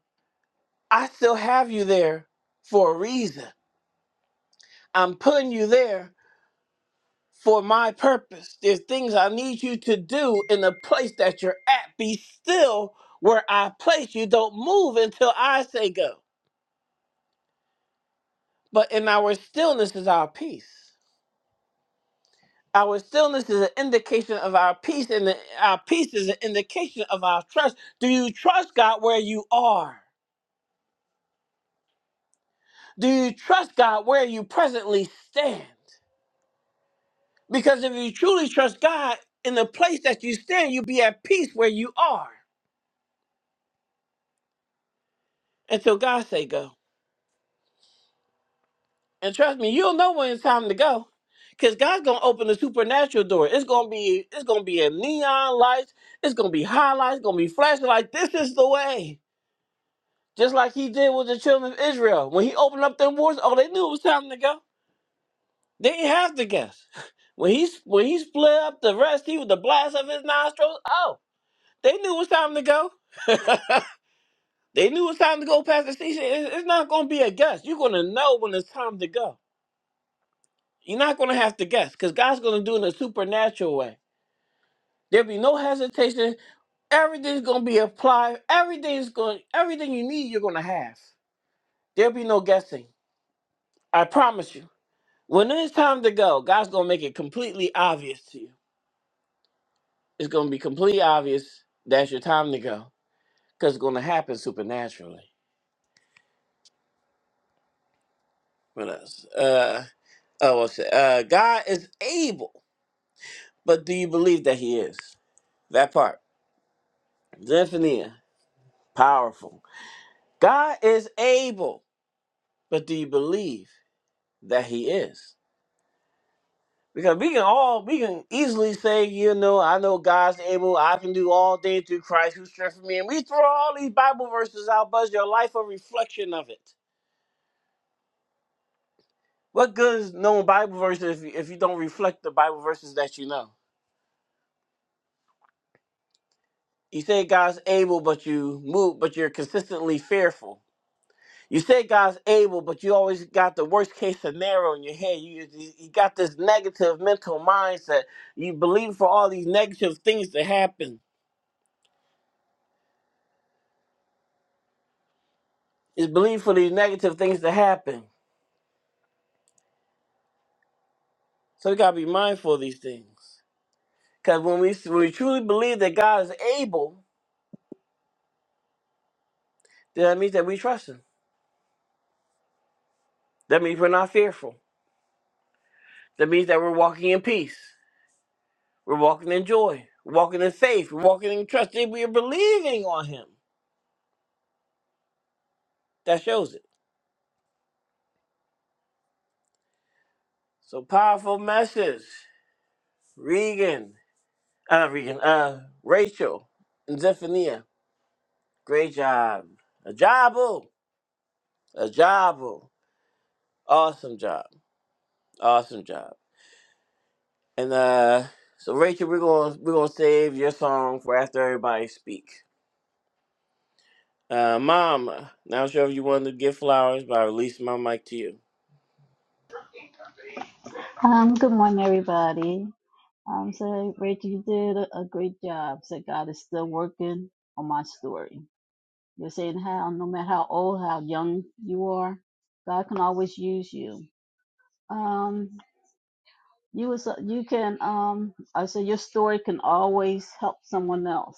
Speaker 1: I still have you there for a reason. I'm putting you there for my purpose. There's things I need you to do in the place that you're at. Be still where I place you. Don't move until I say go. But in our stillness is our peace. Our stillness is an indication of our peace, and the- our peace is an indication of our trust. Do you trust God where you are? Do you trust God where you presently stand? Because if you truly trust God in the place that you stand, you'll be at peace where you are until God say go. And trust me, you'll know when it's time to go. Cause God's gonna open the supernatural door. It's gonna be it's gonna be a neon lights, it's gonna be highlights, it's gonna be flashing like this is the way. Just like he did with the children of Israel. When he opened up them wars, oh they knew it was time to go. They didn't have to guess. When he when he split up the rest, he with the blast of his nostrils. Oh, they knew it was time to go. They knew it was time to go past the station. It's, it's not going to be a guess. You're going to know when it's time to go. You're not going to have to guess because God's going to do it in a supernatural way. There'll be no hesitation. Everything's going to be applied. Everything's going. Everything you need, you're going to have. There'll be no guessing. I promise you. When it's time to go, God's going to make it completely obvious to you. It's gonna be completely obvious that's your time to go because it's gonna happen supernaturally. What else? Uh, oh, what's it? Uh, God is able, but do you believe that He is? That part. Zephaniah, powerful. God is able, but do you believe that He is? Because we can all, we can easily say, you know, I know God's able, I can do all things through Christ who strengthens me. And we throw all these Bible verses out, but your life a reflection of it. What good is knowing Bible verses if you, if you don't reflect the Bible verses that you know? You say God's able, but you move, but you're consistently fearful. You say God's able, but you always got the worst case scenario in your head. You, you you got this negative mental mindset. You believe for all these negative things to happen. It's believe for these negative things to happen. So we gotta be mindful of these things. Because when we when we truly believe that God is able, then that means that we trust Him. That means we're not fearful. That means that we're walking in peace. We're walking in joy. We're walking in faith. We're walking in trust. We are believing on Him. That shows it. So powerful message. Regan, uh, Regan, uh, Rachel and Zephaniah. Great job. A jobble. A jobble. Awesome job. Awesome job. And uh, so Rachel, we're going to we're gonna save your song for after everybody speak. Uh, Mom, not sure if you wanted to give flowers, but I release my mic to you.
Speaker 2: Um, good morning, everybody. Um, so Rachel, you did a, a great job. So God is still working on my story. You're saying how, no matter how old, how young you are, God can always use you. Um, you was you can um, I say your story can always help someone else.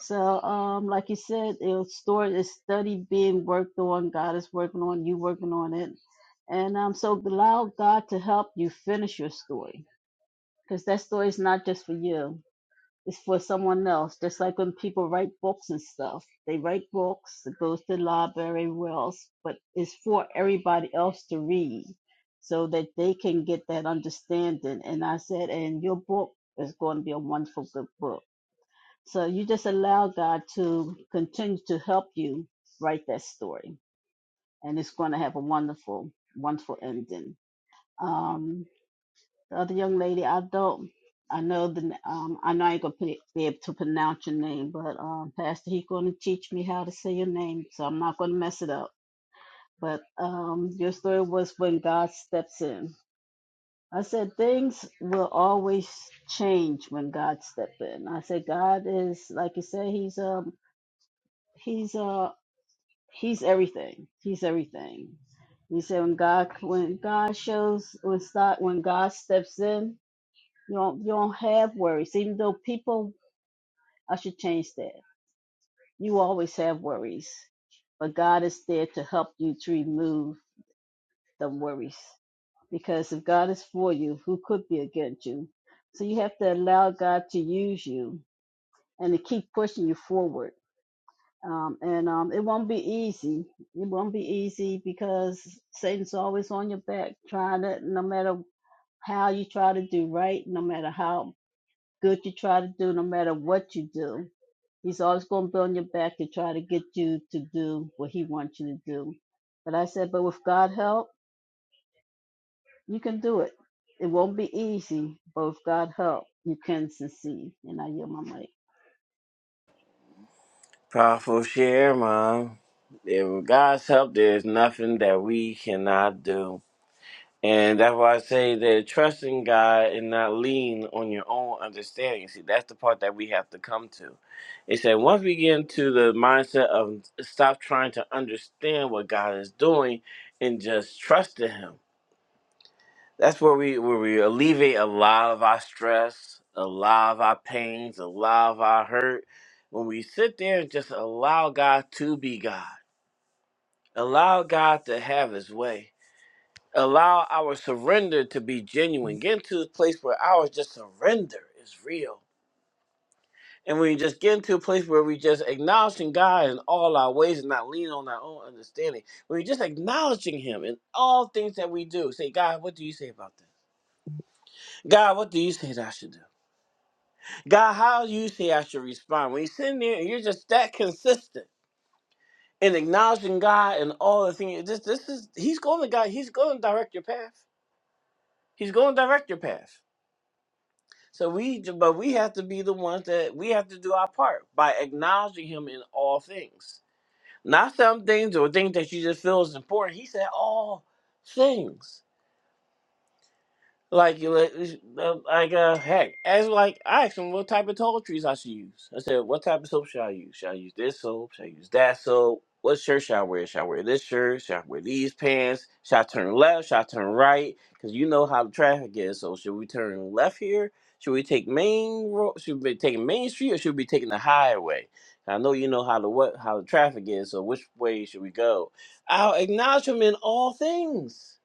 Speaker 2: So, um, like you said, your story is study being worked on. God is working on you, working on it, and um, so allow God to help you finish your story because that story is not just for you; it's for someone else. Just like when people write books and stuff, they write books, it goes to the library, everywhere else, but it's for everybody else to read, so that they can get that understanding. And I said, and your book is going to be a wonderful good book so you just allow God to continue to help you write that story, and it's going to have a wonderful, wonderful ending. Um, the other young lady, I don't, I know the, um, I know I ain't gonna pe- be able to pronounce your name, but um, Pastor, he's going to teach me how to say your name, so I'm not going to mess it up. But um, your story was when God steps in. I said things will always change when God steps in. I said God is, like you said, He's um he's a He's everything. He's everything. You said when God when God shows when start when God steps in, you don't you don't have worries. Even though people I should change that. You always have worries. But God is there to help you to remove the worries. Because if God is for you, who could be against you? So you have to allow God to use you and to keep pushing you forward Um, and um, it won't be easy. It won't be easy because Satan's always on your back, trying to, no matter how you try to do right, no matter how good you try to do, no matter what you do, he's always going to be on your back to try to get you to do what he wants you to do. But I said, but with God help, you can do it. It won't be easy, but with God help, you can succeed. And I yield my mic.
Speaker 1: Powerful share, Mom. And with God's help, there's nothing that we cannot do. And that's why I say that trusting God and not lean on your own understanding. See, that's the part that we have to come to. It said once we get into the mindset of stop trying to understand what God is doing and just trust in Him. That's where we where we alleviate a lot of our stress, a lot of our pains, a lot of our hurt. When we sit there and just allow God to be God, allow God to have His way, allow our surrender to be genuine. Get into a place where our just surrender is real, and we just get into a place where we just acknowledging God in all our ways and not leaning on our own understanding. We're just acknowledging Him in all things that we do. Say, God, what do you say about this? God, what do you say that I should do? God, how do you say I should respond? When you're sitting there and you're just that consistent in acknowledging God and all the things, this, this is He's going to God. He's going to direct your path. He's going to direct your path. So we, but we have to be the ones that we have to do our part by acknowledging Him in all things, not some things or things that you just feel is important. He said all things. Like you, let- uh, like uh, heck, as like I asked him what type of toiletries I should use. I said, what type of soap should I use? Should I use this soap? Should I use that soap? What shirt should I wear? Should I wear this shirt? Should I wear these pants? Should I turn left? Should I turn right? Because you know how the traffic is. So should we turn left here? Should we take main road? Should we be taking Main Street or should we be taking the highway? I know you know how the what how the traffic is. So which way should we go? I'll acknowledge him in all things,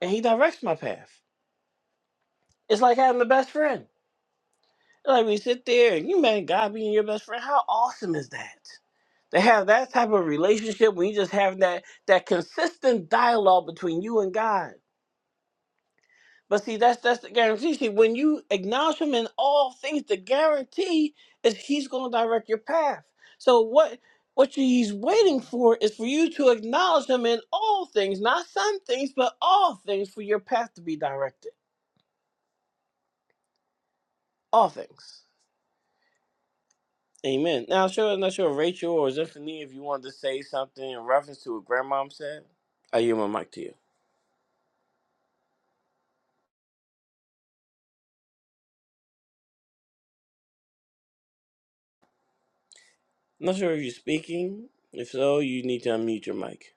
Speaker 1: and he directs my path. It's like having a best friend. Like we sit there and you man, God being your best friend. How awesome is that? To have that type of relationship when you just have that that consistent dialogue between you and God. But see, that's that's the guarantee. See, when you acknowledge him in all things, the guarantee is he's gonna direct your path. So what what he's waiting for is for you to acknowledge him in all things, not some things, but all things for your path to be directed. All things. Amen. Now, sure, I'm not sure, Rachel or Zephanie, if you wanted to say something in reference to what Grandmom said. I yield my mic to you. I'm not sure if you're speaking. If so, you need to unmute your mic.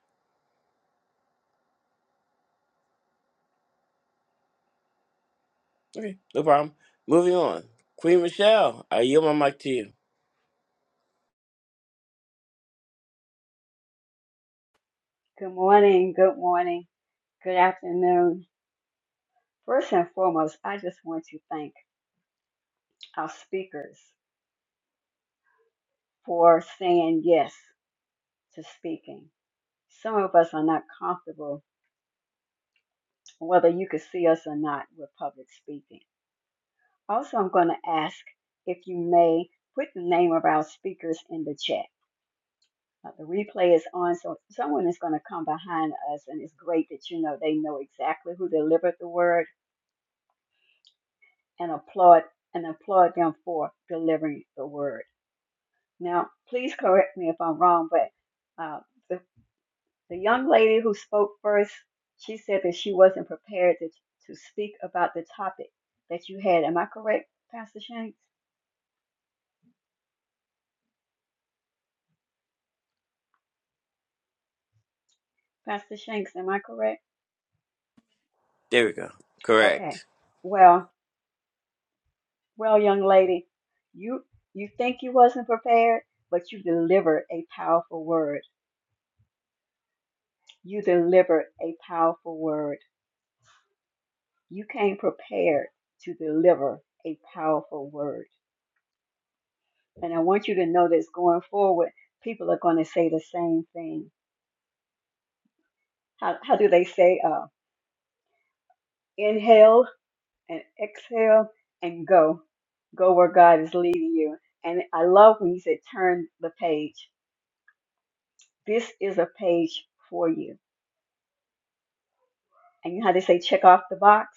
Speaker 1: Okay, no problem. Moving on. Queen Michelle, I yield my mic to you.
Speaker 4: Good morning, good morning, good afternoon. First and foremost, I just want to thank our speakers for saying yes to speaking. Some of us are not comfortable, whether you can see us or not, with public speaking. Also, I'm going to ask if you may put the name of our speakers in the chat. Uh, The replay is on, so someone is going to come behind us, and it's great that you know they know exactly who delivered the word and applaud and applaud them for delivering the word. Now, please correct me if I'm wrong, but uh, the, the young lady who spoke first, she said that she wasn't prepared to, to speak about the topic that you had. Am I correct, Pastor Shanks? Pastor Shanks, am I correct?
Speaker 1: There we go.
Speaker 4: Okay.
Speaker 1: Correct.
Speaker 4: Well, well, young lady, you you think you wasn't prepared, but you delivered a powerful word. You delivered a powerful word. You came prepared to deliver a powerful word. And I want you to know this going forward, people are going to say the same thing. How, how do they say, uh, inhale and exhale and go, go where God is leading you. And I love when you said, turn the page. This is a page for you. And you know how they say, check off the box?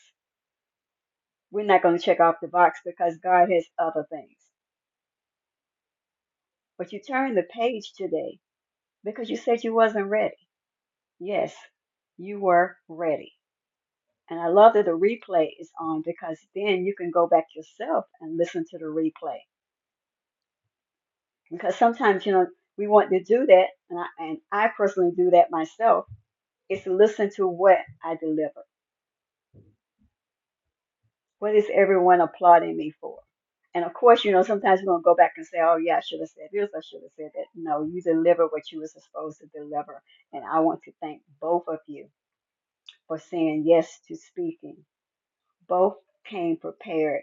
Speaker 4: We're not going to check off the box because God has other things. But you turned the page today because you said you wasn't ready. Yes, you were ready And I love that the replay is on because then you can go back yourself and listen to the replay. Because sometimes, you know, we want to do that, and I, and I personally do that myself, is to listen to what I deliver. What is everyone applauding me for? And of course, you know, sometimes we're going to go back and say, oh, yeah, I should have said this, I should have said that. No, you deliver what you were supposed to deliver. And I want to thank both of you for saying yes to speaking. Both came prepared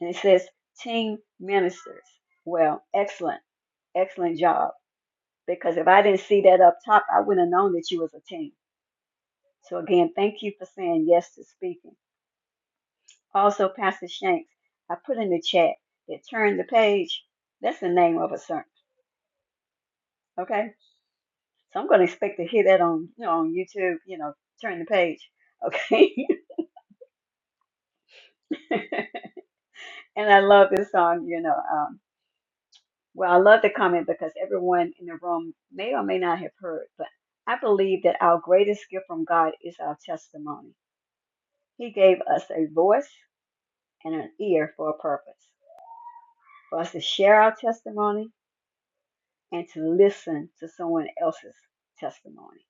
Speaker 4: And it says team ministers. Well, excellent, excellent job. Because if I didn't see that up top, I wouldn't have known that you was a team. So again, thank you for saying yes to speaking. Also, Pastor Shanks, I put in the chat that turn the page. That's the name of a sermon. Okay. So I'm gonna expect to hear that on you know on YouTube, you know, turn the page. Okay. and I love this song, you know. um, Well, I love the comment because everyone in the room may or may not have heard, but I believe that our greatest gift from God is our testimony. He gave us a voice and an ear for a purpose, for us to share our testimony and to listen to someone else's testimony.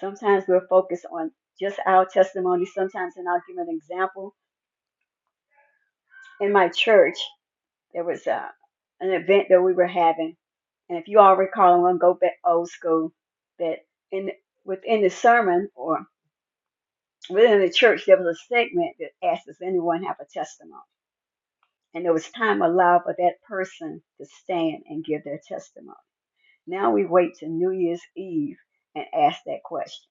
Speaker 4: Sometimes we're focused on just our testimony. Sometimes, and I'll give an example. In my church, there was a, an event that we were having, And if you all recall, I'm going to go back old school. That in within the sermon or within the church, there was a segment that asked, "Does anyone have a testimony?" And there was time allowed for that person to stand and give their testimony. Now we wait to New Year's Eve and ask that question.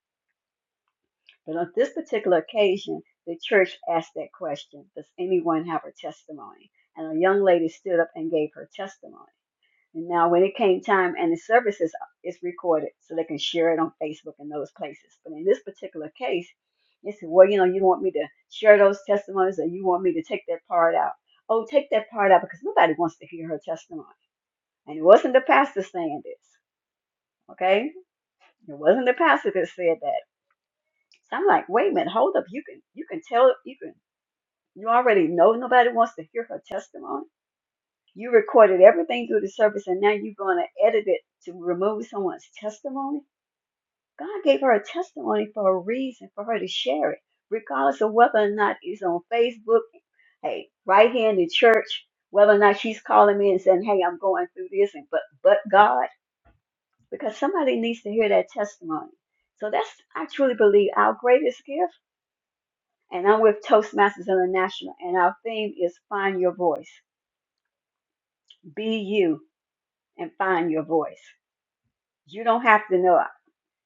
Speaker 4: But on this particular occasion, the church asked that question, "Does anyone have a testimony?" And a young lady stood up and gave her testimony. And now when it came time and the service is, is recorded so they can share it on Facebook and those places. But in this particular case, they said, well, you know, you want me to share those testimonies or you want me to take that part out. Oh, take that part out because nobody wants to hear her testimony. And it wasn't the pastor saying this. Okay? It wasn't the pastor that said that. So I'm like, wait a minute, hold up. You can you can tell you can you already know nobody wants to hear her testimony. You recorded everything through the service and now you're gonna edit it to remove someone's testimony God gave her a testimony for a reason, for her to share it, regardless of whether or not it's on Facebook, hey, right here in the church, whether or not she's calling me and saying, hey, I'm going through this, and but but God, because somebody needs to hear that testimony. So that's, I truly believe, our greatest gift. And I'm with Toastmasters International, and our theme is find your voice. Be you and find your voice. You don't have to know.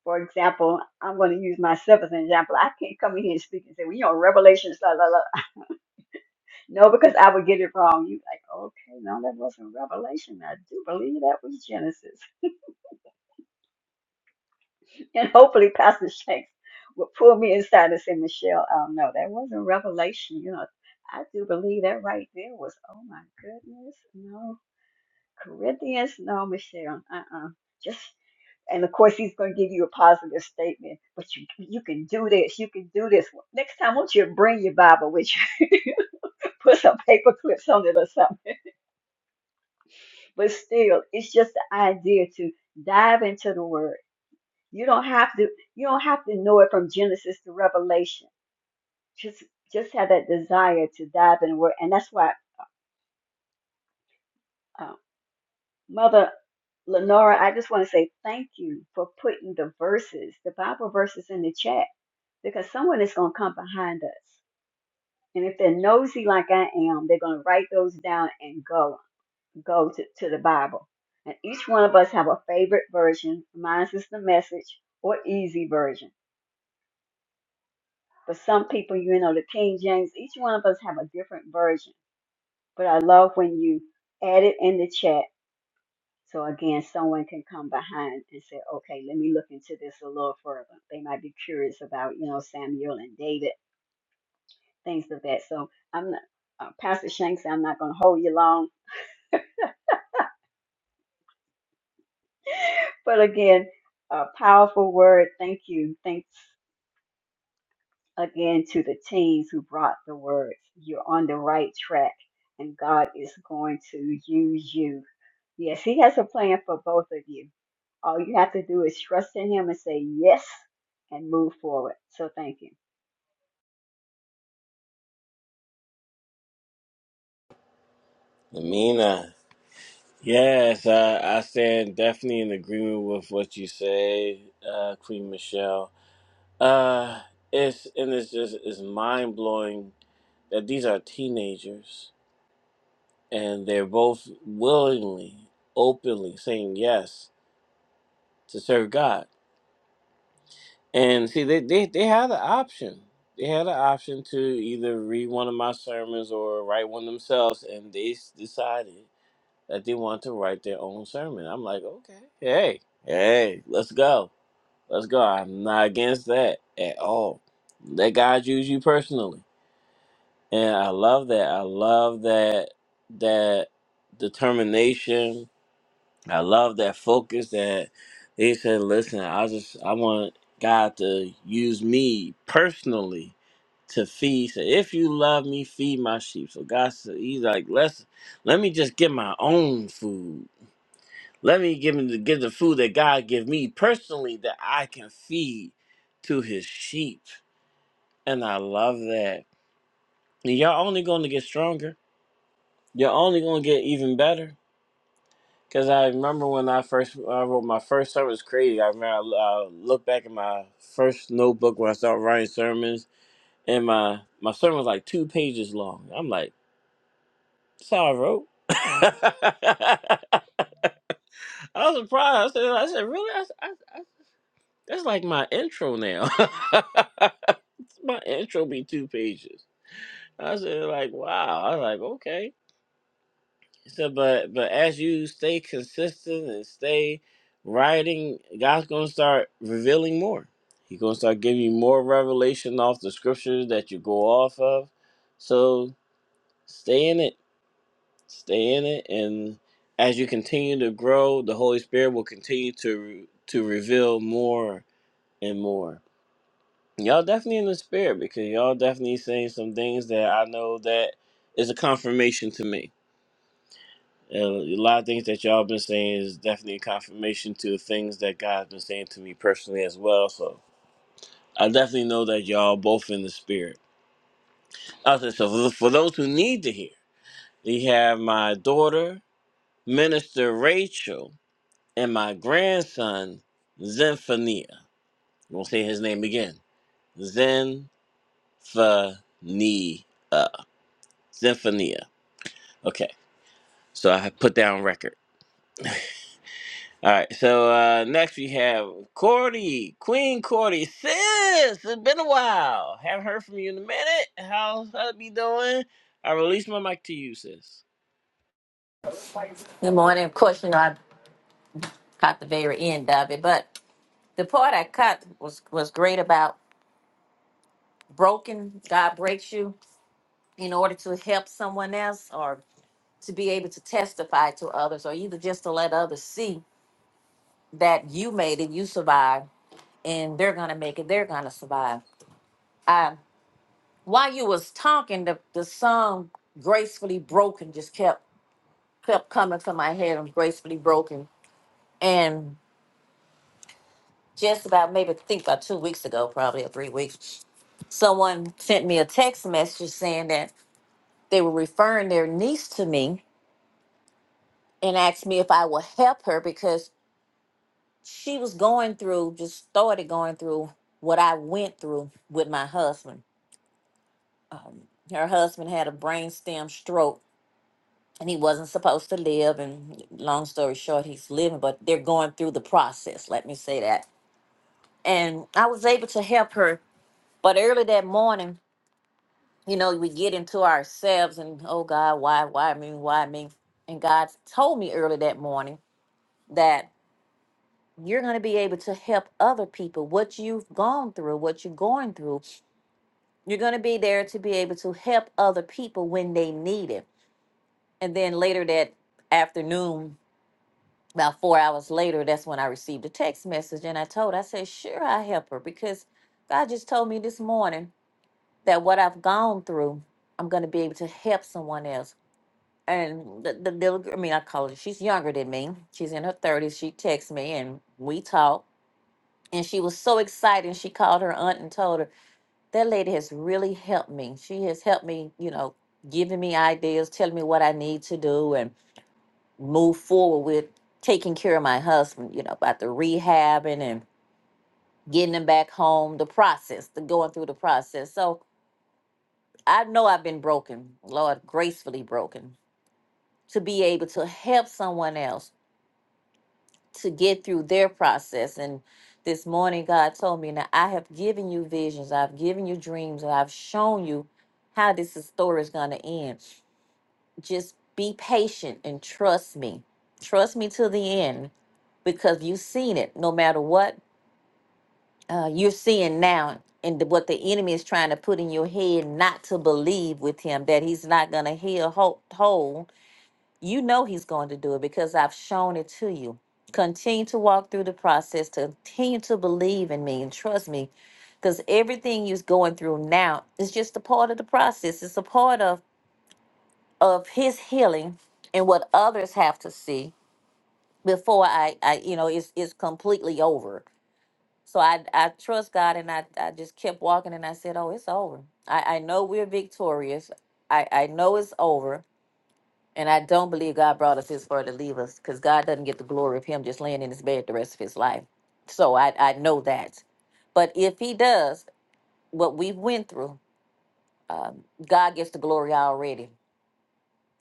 Speaker 4: For example, I'm going to use myself as an example. I can't come in here and speak and say, well, you know, Revelation, la, la, la. No, because I would get it wrong. You like, okay, no, that wasn't Revelation. I do believe that was Genesis. And hopefully Pastor Shanks will pull me inside and say, Michelle, oh, no, that wasn't Revelation. You know, I do believe that right there was, oh my goodness, no. Corinthians, no, Michelle, uh-uh. Just. and of course he's going to give you a positive statement but you you can do this you can do this next time won't you bring your bible with you put some paper clips on it or something but still it's just the idea to dive into the word you don't have to you don't have to know it from genesis to revelation just just have that desire to dive in the word and that's why uh, mother lenora i just want to say thank you for putting the verses the bible verses in the chat because someone is going to come behind us And if they're nosy like I am, they're going to write those down and go go to, to the Bible. And each one of us have a favorite version. Mine is the message or easy version. But some people, you know, the King James, each one of us have a different version. But I love when you add it in the chat. So again, someone can come behind and say, okay, let me look into this a little further. They might be curious about, you know, Samuel and David, things of that. So I'm not, uh, Pastor Shanks, I'm not going to hold you long But again, a powerful word. Thank you. Thanks again to the teens who brought the words. You're on the right track, and God is going to use you. Yes, He has a plan for both of you. All you have to do is trust in Him and say yes and move forward. So thank you.
Speaker 1: Amina. Yes, I, I stand definitely in agreement with what you say, uh, Queen Michelle. Uh, it's and it's just it's mind blowing that these are teenagers and they're both willingly, openly saying yes to serve God. And see, they, they, they had the option. They had an option to either read one of my sermons or write one themselves, and they s- decided that they want to write their own sermon. I'm like, okay, hey, hey, let's go. Let's go. I'm not against that at all. Let God use you personally. And I love that. I love that that determination I love that focus that they said, listen, I just I want God to use me personally to feed. So if you love me, feed my sheep. So God said he's like, let's let me just get my own food. Let me give him the give the food that God give me personally that I can feed to his sheep. And I love that. And you're only gonna get stronger. You're only gonna get even better Cause I remember when I first I wrote my first sermon it was crazy. I remember I, uh, looked back at my first notebook when I started writing sermons, and my my sermon was like two pages long. I'm like, that's how I wrote. I was surprised. I said, I said, really? I I, I, that's like my intro now. my intro be two pages. I said, like, wow. I was like, okay. So, but but as you stay consistent and stay writing, God's gonna start revealing more. He's gonna start giving you more revelation off the scriptures that you go off of. So stay in it, stay in it, and as you continue to grow, the Holy Spirit will continue to to reveal more and more. Y'all definitely in the spirit because y'all definitely saying some things that I know that is a confirmation to me And a lot of things that y'all been saying is definitely a confirmation to the things that God's been saying to me personally as well. So I definitely know that y'all both in the spirit. I said so for for those who need to hear, we have my daughter, Minister Rachel, and my grandson, Zenphania. I'm going to say his name again. Zenphania. Zenphania. Okay, so I put down record. All right, so uh, next we have Cordy, Queen Cordy. Sis, it's been a while. Haven't heard from you in a minute. How's that be doing? I release my mic to you, sis.
Speaker 5: Good morning. Of course, you know I caught the very end of it, but the part I cut was was great about broken. God breaks you in order to help someone else, or to be able to testify to others, or either just to let others see that you made it, you survived, and they're gonna make it. They're gonna survive. I, while you was talking, the the song "Gracefully Broken" just kept kept coming to my head. I'm gracefully broken, and just about maybe think about two weeks ago, probably or three weeks. someone sent me a text message saying that they were referring their niece to me and asked me if I would help her because she was going through, just started going through what I went through with my husband. Um, her husband had a brainstem stroke and he wasn't supposed to live. And long story short, he's living, but they're going through the process, let me say that. And I was able to help her. But early that morning, you know, we get into ourselves and oh God, why, why me, why me? And God told me early that morning that you're going to be able to help other people. What you've gone through, what you're going through, you're going to be there to be able to help other people when they need it. And then later that afternoon, about four hours later, that's when I received a text message and I told, I said, sure, I help her because God just told me this morning that what I've gone through, I'm going to be able to help someone else. and the, the little I mean, I call her, she's younger than me. She's in her 30s. She texts me and we talk. And she was so excited. She called her aunt and told her, That lady has really helped me. She has helped me, you know, giving me ideas, telling me what I need to do and move forward with taking care of my husband, you know, about the rehabbing and getting him back home, the process, the going through the process. So I know I've been broken, Lord, gracefully broken, to be able to help someone else to get through their process. And this morning, God told me, Now I have given you visions, I've given you dreams, and I've shown you how this is- story is going to end. Just be patient and trust me. Trust me to the end because you've seen it. No matter what uh, you're seeing now, and the- what the enemy is trying to put in your head not to believe with him that he's not going to heal whole, you know He's going to do it because I've shown it to you. Continue to walk through the process, continue to believe in me and trust me because everything you're going through now is just a part of the process. It's a part of, of His healing and what others have to see before I, I you know, it's, it's completely over. So I, I trust God and I, I just kept walking and I said, oh, it's over. I, I know we're victorious. I, I know it's over and I don't believe God brought us this far to leave us because God doesn't get the glory of him just laying in his bed the rest of his life. So I, I know that. But if he does what we went through, um, God gets the glory already.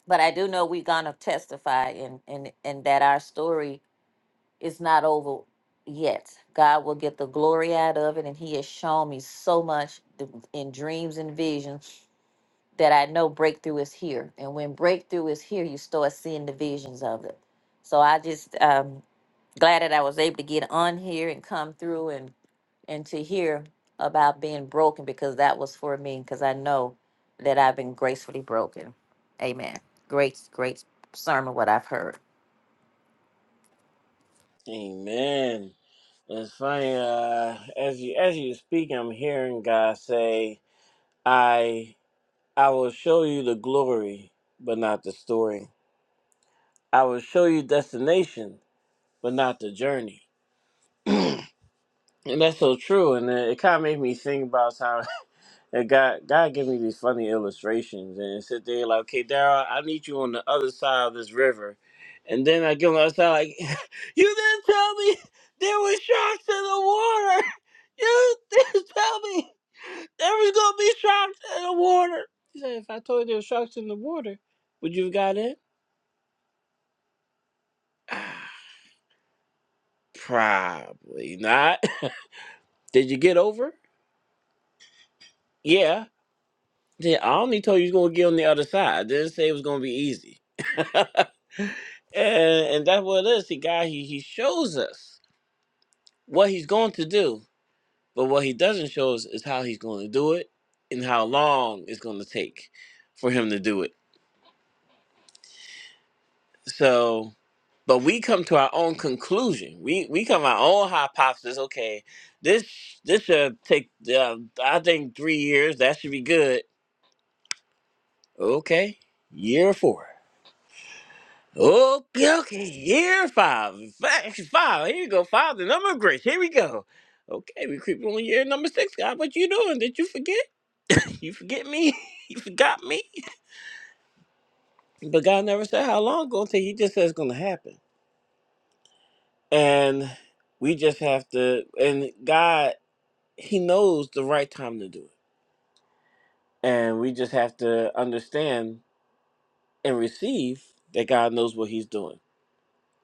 Speaker 5: But I do know we're going to testify and, and, and that our story is not over yet. God will get the glory out of it. And he has shown me so much th- in dreams and visions that I know breakthrough is here. And when breakthrough is here, you start seeing the visions of it. So I just um glad that I was able to get on here and come through and and to hear about being broken because that was for me because I know that I've been gracefully broken. Amen. Great, great sermon what I've heard.
Speaker 1: Amen. It's funny, uh, as you as you speak, I'm hearing God say, I I will show you the glory, but not the story. I will show you destination, but not the journey. And that's so true. And it, it kind of made me think about time. And God, God gave me these funny illustrations and sit there like, okay, Daryl, I need you on the other side of this river. And then I give him the other side, like, you didn't tell me there were sharks in the water. You didn't tell me there was going to be sharks in the water. He said, if I told you there were sharks in the water, would you have got in? Probably not. Did you get over? Yeah. Yeah, I only told you it was gonna get on the other side. I didn't say it was gonna be easy. And, and that's what it is. The guy he he shows us what he's going to do, but what he doesn't show us is how he's going to do it and how long it's going to take for him to do it. So, but we come to our own conclusion. We we come our own hypothesis. Okay, this this should take uh, I think three years. That should be good. Okay, year four. Okay, okay. Here, five. Facts, five. Here you go. Five, the number of grace. Here we go. Okay, we creeping on year number six, God. What you doing? Did you forget? You forget me? you forgot me? But God never said how long it's gonna take. He just said it's gonna happen. And we just have to and God, He knows the right time to do it. And we just have to understand and receive that God knows what He's doing.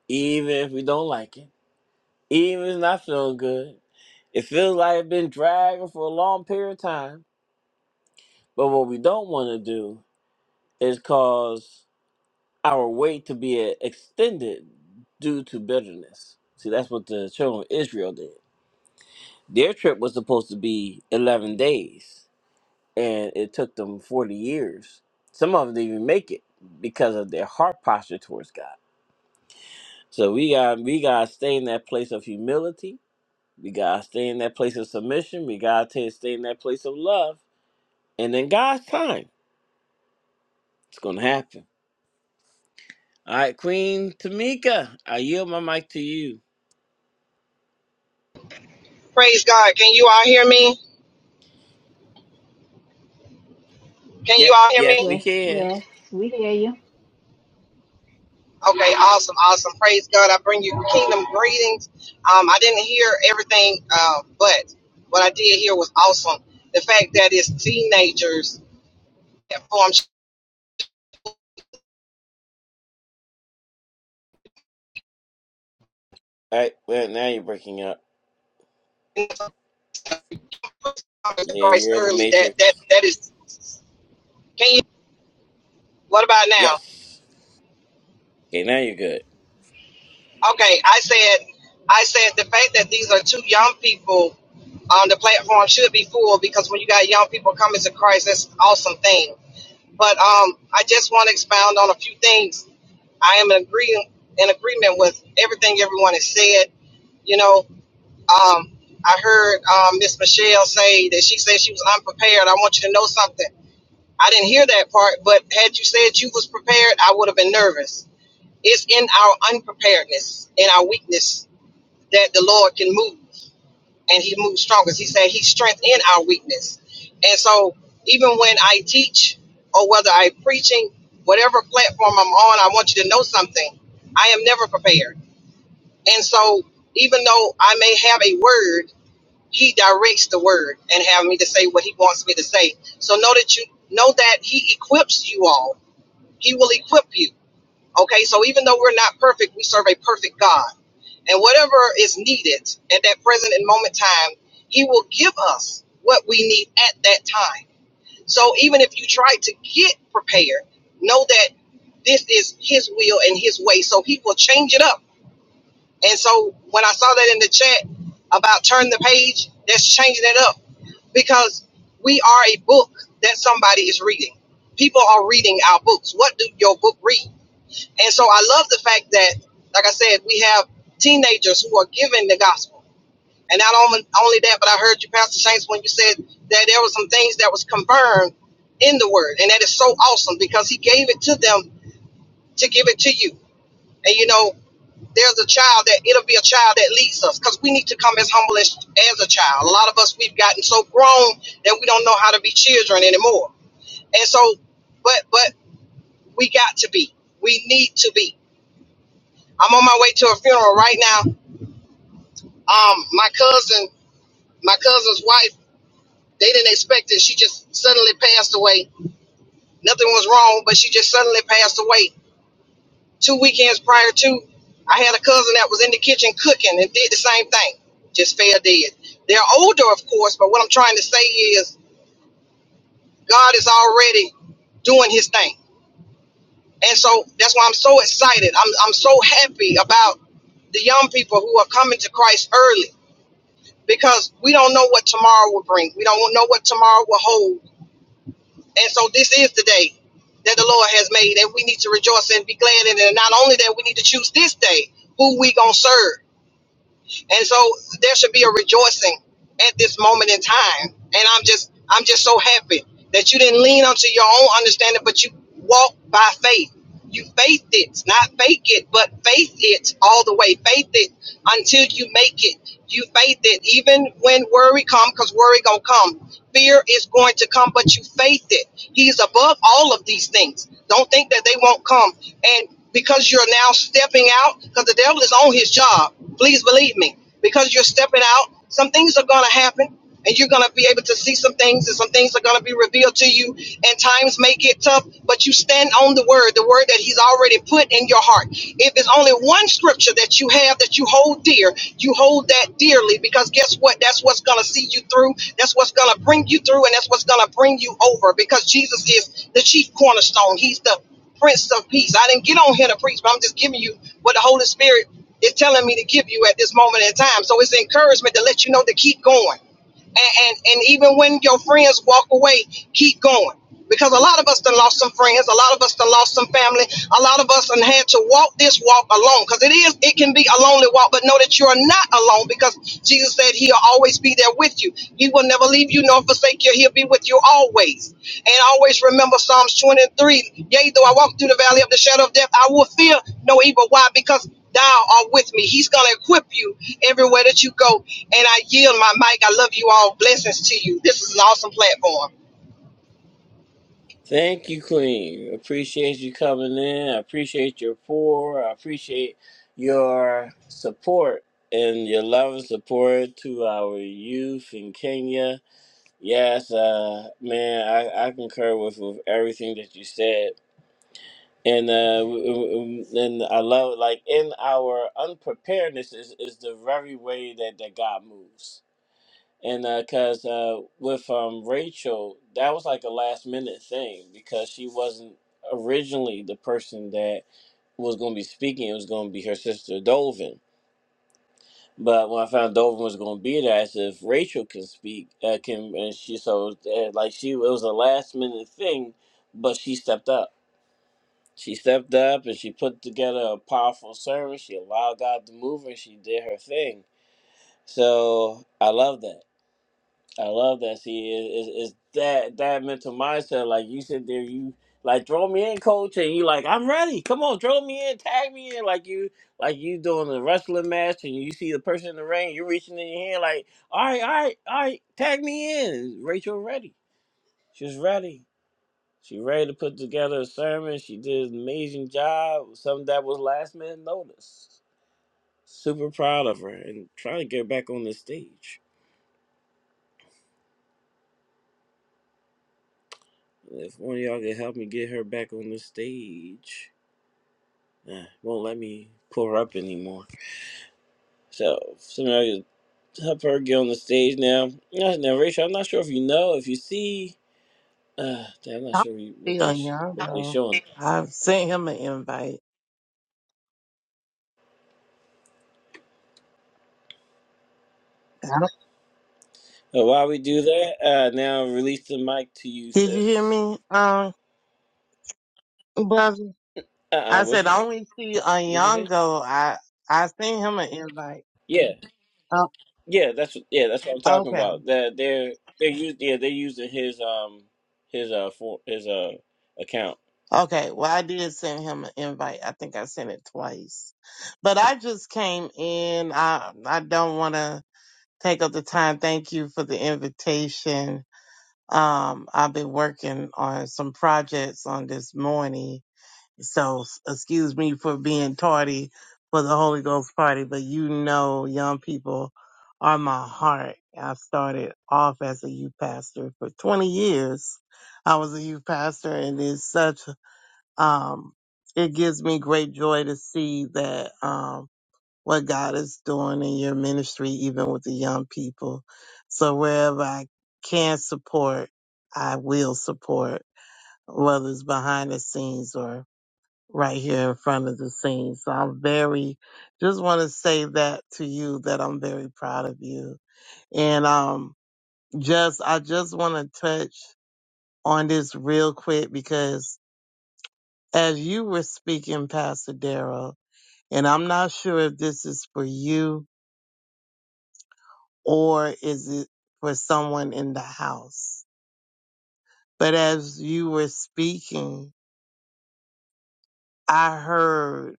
Speaker 1: Even if we don't like it. Even if it's not feeling good, it feels like it's been dragging for a long period of time. But what we don't want to do is cause our wait to be extended due to bitterness. See, that's what the children of Israel did. Their trip was supposed to be 11 days, and it took them 40 years. Some of them didn't even make it because of their heart posture towards God. So we got we got to stay in that place of humility We gotta stay in that place of submission. We gotta ta- stay in that place of love. And in God's time, it's gonna happen. All right, Queen Tamika, I yield my mic to you.
Speaker 6: Praise God. Can you all hear me? Can you
Speaker 1: Yep,
Speaker 6: all hear
Speaker 1: yes,
Speaker 6: me?
Speaker 1: we
Speaker 2: Yes,
Speaker 1: can.
Speaker 2: yes, we hear you.
Speaker 6: Okay, awesome, awesome. Praise God. I bring you kingdom greetings. Um, I didn't hear everything, uh, but what I did hear was awesome. The fact that it's teenagers that form
Speaker 1: All right, well now you're breaking up. Yeah,
Speaker 6: Christ
Speaker 1: you're in the
Speaker 6: early, that
Speaker 1: matrix.
Speaker 6: that that is can you what about now?
Speaker 1: Yes. Okay, now you're good.
Speaker 6: Okay, I said I said the fact that these are two young people on the platform should be full because when you got young people coming to Christ, that's an awesome thing. But um, I just want to expound on a few things. I am in agree in agreement with everything everyone has said. You know, um, I heard um, Miss Michelle say that she said she was unprepared. I want you to know something. I didn't hear that part, but had you said you was prepared, I would have been nervous. It's in our unpreparedness, in our weakness, that the Lord can move and he moves stronger. He said he's strength in our weakness. And so even when I teach or whether I'm preaching, whatever platform I'm on, I want you to know something. I am never prepared. And so even though I may have a word, he directs the word and have me to say what he wants me to say. So know that you know that he equips you all. He will equip you. Okay, so even though we're not perfect, we serve a perfect God. And whatever is needed at that present and moment time, He will give us what we need at that time. So even if you try to get prepared, know that this is His will and His way. So He will change it up. And so when I saw that in the chat about turn the page, that's changing it up because we are a book that somebody is reading. People are reading our books. What do your book read? And so I love the fact that, like I said, we have teenagers who are giving the gospel. And not only, only that, but I heard you, Pastor Shanks, when you said that there were some things that was confirmed in the word. And that is so awesome because he gave it to them to give it to you. And you know, there's a child that it'll be a child that leads us because we need to come as humble as, as a child. A lot of us, we've gotten so grown that we don't know how to be children anymore. And so, but, but we got to be, we need to be. I'm on my way to a funeral right now. Um, my cousin, my cousin's wife, they didn't expect it. She just suddenly passed away. Nothing was wrong, but she just suddenly passed away. Two weekends prior to, I had a cousin that was in the kitchen cooking and did the same thing. Just fell dead. They're older, of course, but what I'm trying to say is God is already doing his thing. And so that's why I'm so excited. I'm I'm so happy about the young people who are coming to Christ early because we don't know what tomorrow will bring. We don't know what tomorrow will hold. And so this is the day that the Lord has made, and we need to rejoice and be glad in it. And not only that, we need to choose this day who we gonna serve. And so there should be a rejoicing at this moment in time. And I'm just I'm just so happy that you didn't lean onto your own understanding, but you walked by faith. You faith it, not fake it, but faith it all the way. Faith it until you make it. You faith it, even when worry come, because worry gonna come. Fear is going to come, but you faith it. He's above all of these things. Don't think that they won't come. And because you're now stepping out, because the devil is on his job. Please believe me because you're stepping out. Some things are going to happen, and you're going to be able to see some things, and some things are going to be revealed to you. And times may get tough, but you stand on the word, the word that He's already put in your heart. If it's only one scripture that you have that you hold dear, you hold that dearly because guess what? That's what's going to see you through. That's what's going to bring you through, and that's what's going to bring you over because Jesus is the chief cornerstone. He's the Prince of Peace. I didn't get on here to preach, but I'm just giving you what the Holy Spirit is telling me to give you at this moment in time. So it's encouragement to let you know to keep going and, and and even when your friends walk away, keep going. Because a lot of us done lost some friends, a lot of us done lost some family, a lot of us done had to walk this walk alone. Because it is, it can be a lonely walk, but know that you are not alone because Jesus said he'll always be there with you. He will never leave you nor forsake you. He'll be with you always. And always remember Psalms 23. Yea, though I walk through the valley of the shadow of death, I will fear no evil. Why? Because thou art with me. He's going to equip you everywhere that you go. And I yield my mic. I love you all. Blessings to you. This is an awesome platform.
Speaker 1: Thank you, Queen. Appreciate you coming in. I appreciate your pour. I appreciate your support and your love and support to our youth in Kenya Yes, uh, man, I, I concur with, with everything that you said, and uh, w- w- w- and I love like in our unpreparedness is, is the very way that, that God moves, and because uh, 'cause, uh, with um, Rachel, that was like a last minute thing because she wasn't originally the person that was going to be speaking; it was going to be her sister Dolvin, but when I found Dover was going to be there, I said if Rachel can speak, uh, can and she so uh, like she it was a last minute thing, but she stepped up. She stepped up and she put together a powerful service. She allowed God to move and she did her thing. So I love that. I love that. See, is it, that that mental mindset. Like you sit there, you like throw me in, coach, and you like I'm ready. Come on, throw me in, tag me in. Like you, like you doing a wrestling match, and you see the person in the ring, you're reaching in your hand, like all right, all right, all right, tag me in. Rachel ready. She's ready. She ready to put together a sermon. She did an amazing job. Something that was last minute notice. Super proud of her and trying to get her back on the stage. If one of y'all can help me get her back on the stage, uh, won't let me pull her up anymore. So, if some of y'all could help her get on the stage now. Now, now, Rachel, I'm not sure if you know, if you see. Uh, damn, I'm not
Speaker 7: I'm
Speaker 1: sure you-
Speaker 7: still
Speaker 1: what they sh-
Speaker 7: young
Speaker 1: what they
Speaker 7: though.
Speaker 1: showing.
Speaker 7: I've sent him an invite. I don't-
Speaker 1: Uh, while we do that, uh, now release the mic to you,
Speaker 7: Did you hear
Speaker 1: sis.
Speaker 7: me, um, brother?
Speaker 1: Uh, uh
Speaker 7: I
Speaker 1: what'd
Speaker 7: said
Speaker 1: you
Speaker 7: I
Speaker 1: say?
Speaker 7: only see a
Speaker 1: What'd you say?
Speaker 7: young go. I I sent him an invite.
Speaker 1: Yeah,
Speaker 7: Oh,
Speaker 1: yeah, that's what- yeah, that's what I'm talking
Speaker 7: okay,
Speaker 1: about. That they're they're us yeah they're using his um his uh for his uh account.
Speaker 7: okay. Well, I did send him an invite. I think I sent it twice, but I just came in. I I don't want to take up the time. Thank you for the invitation. Um, I've been working on some projects on this morning So s- excuse me for being tardy for the Holy Ghost party, but you know, young people are my heart. I started off as a youth pastor for 20 years. I was a youth pastor and it's such, um, it gives me great joy to see that, um, what God is doing in your ministry, even with the young people. So wherever I can support, I will support, whether it's behind the scenes or right here in front of the scene. So I'm very, just want to say that to you that I'm very proud of you. And, um, just, I just want to touch on this real quick because as you were speaking, Pastor Darrell, and I'm not sure if this is for you or is it for someone in the house, but as you were speaking, I heard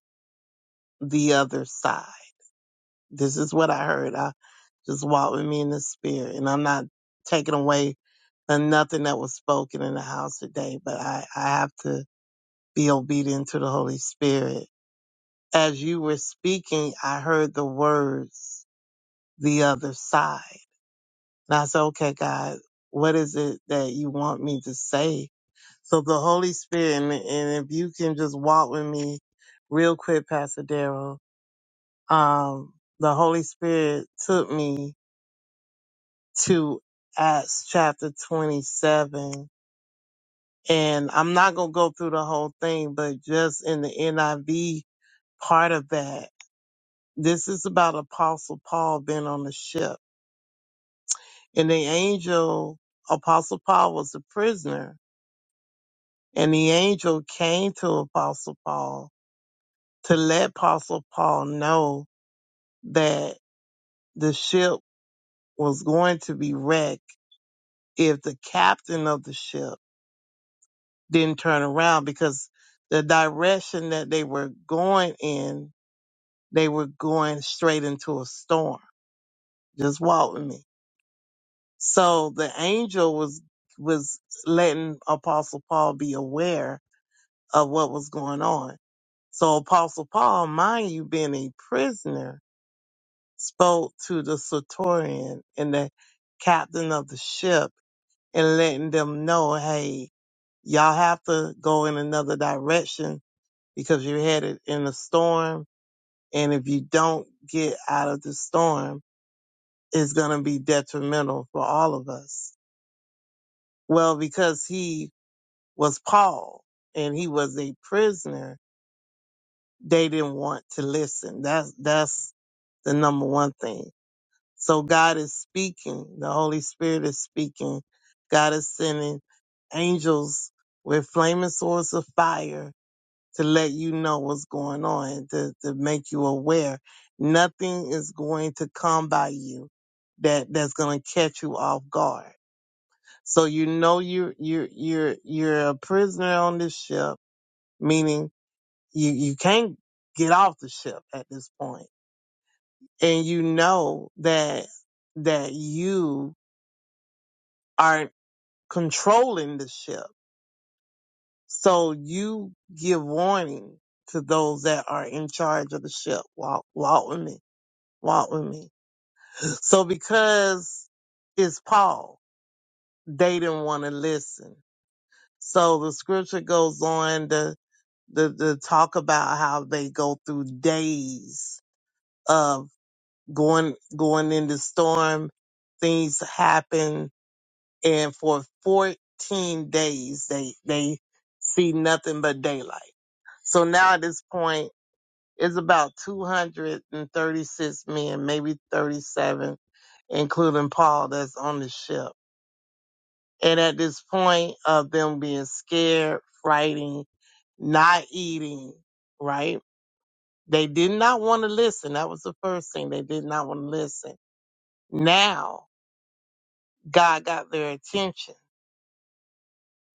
Speaker 7: the other side. This is what I heard. I just walk with me in the spirit, and I'm not taking away from nothing that was spoken in the house today, but I, I have to be obedient to the Holy Spirit. As you were speaking, I heard the words, the other side. And I said, okay, God, what is it that you want me to say? So the Holy Spirit, and, and if you can just walk with me real quick, Pastor Darrell, um, the Holy Spirit took me to Acts chapter 27. And I'm not going to go through the whole thing, but just in the NIV part of that, this is about Apostle Paul being on the ship. And the angel, Apostle Paul was a prisoner. And the angel came to Apostle Paul to let Apostle Paul know that the ship was going to be wrecked if the captain of the ship then turn around because the direction that they were going in, they were going straight into a storm. Just walk with me. So the angel was was letting Apostle Paul be aware of what was going on. So Apostle Paul, mind you, being a prisoner, spoke to the Satorian and the captain of the ship and letting them know, hey, y'all have to go in another direction because you're headed in a storm. And if you don't get out of the storm, it's going to be detrimental for all of us. Well, because he was Paul and he was a prisoner, they didn't want to listen. That's, that's the number one thing. So God is speaking. The Holy Spirit is speaking. God is sending angels with flaming swords of fire to let you know what's going on, to, to make you aware. Nothing is going to come by you that that's going to catch you off guard. So you know you're you're you're you're a prisoner on this ship, meaning you you can't get off the ship at this point, and you know that that you are controlling the ship. So you give warning to those that are in charge of the ship. Walk, walk with me Walk with me. So because it's Paul, they didn't want to listen. So the scripture goes on to, to, to talk about how they go through days of going going in the storm, things happen, and for 14 days they they see nothing but daylight. So now at this point It's about 236 men, maybe 37, including Paul that's on the ship. And at this point of them being scared, frightened, not eating, right? They did not want to listen. That was the first thing. They did not want to listen. Now, God got their attention.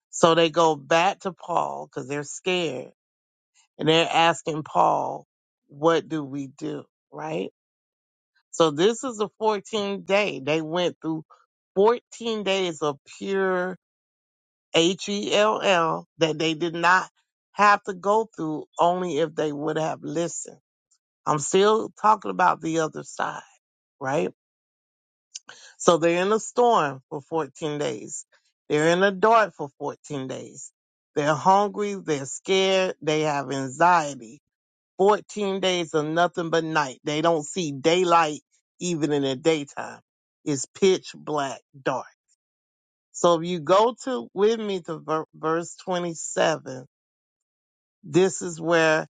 Speaker 7: So they go back to Paul because they're scared and they're asking Paul, what do we do? Right? So this is a 14 day. They went through 14 days of pure H-E-L-L that they did not have to go through only if they would have listened. I'm still talking about the other side, right? So they're in a storm for 14 days. They're in a dark for 14 days. They're hungry. They're scared. They have anxiety 14 days of nothing but night. They don't see daylight even in the daytime. It's pitch black dark. So if you go to with me to ver- verse 27, this is where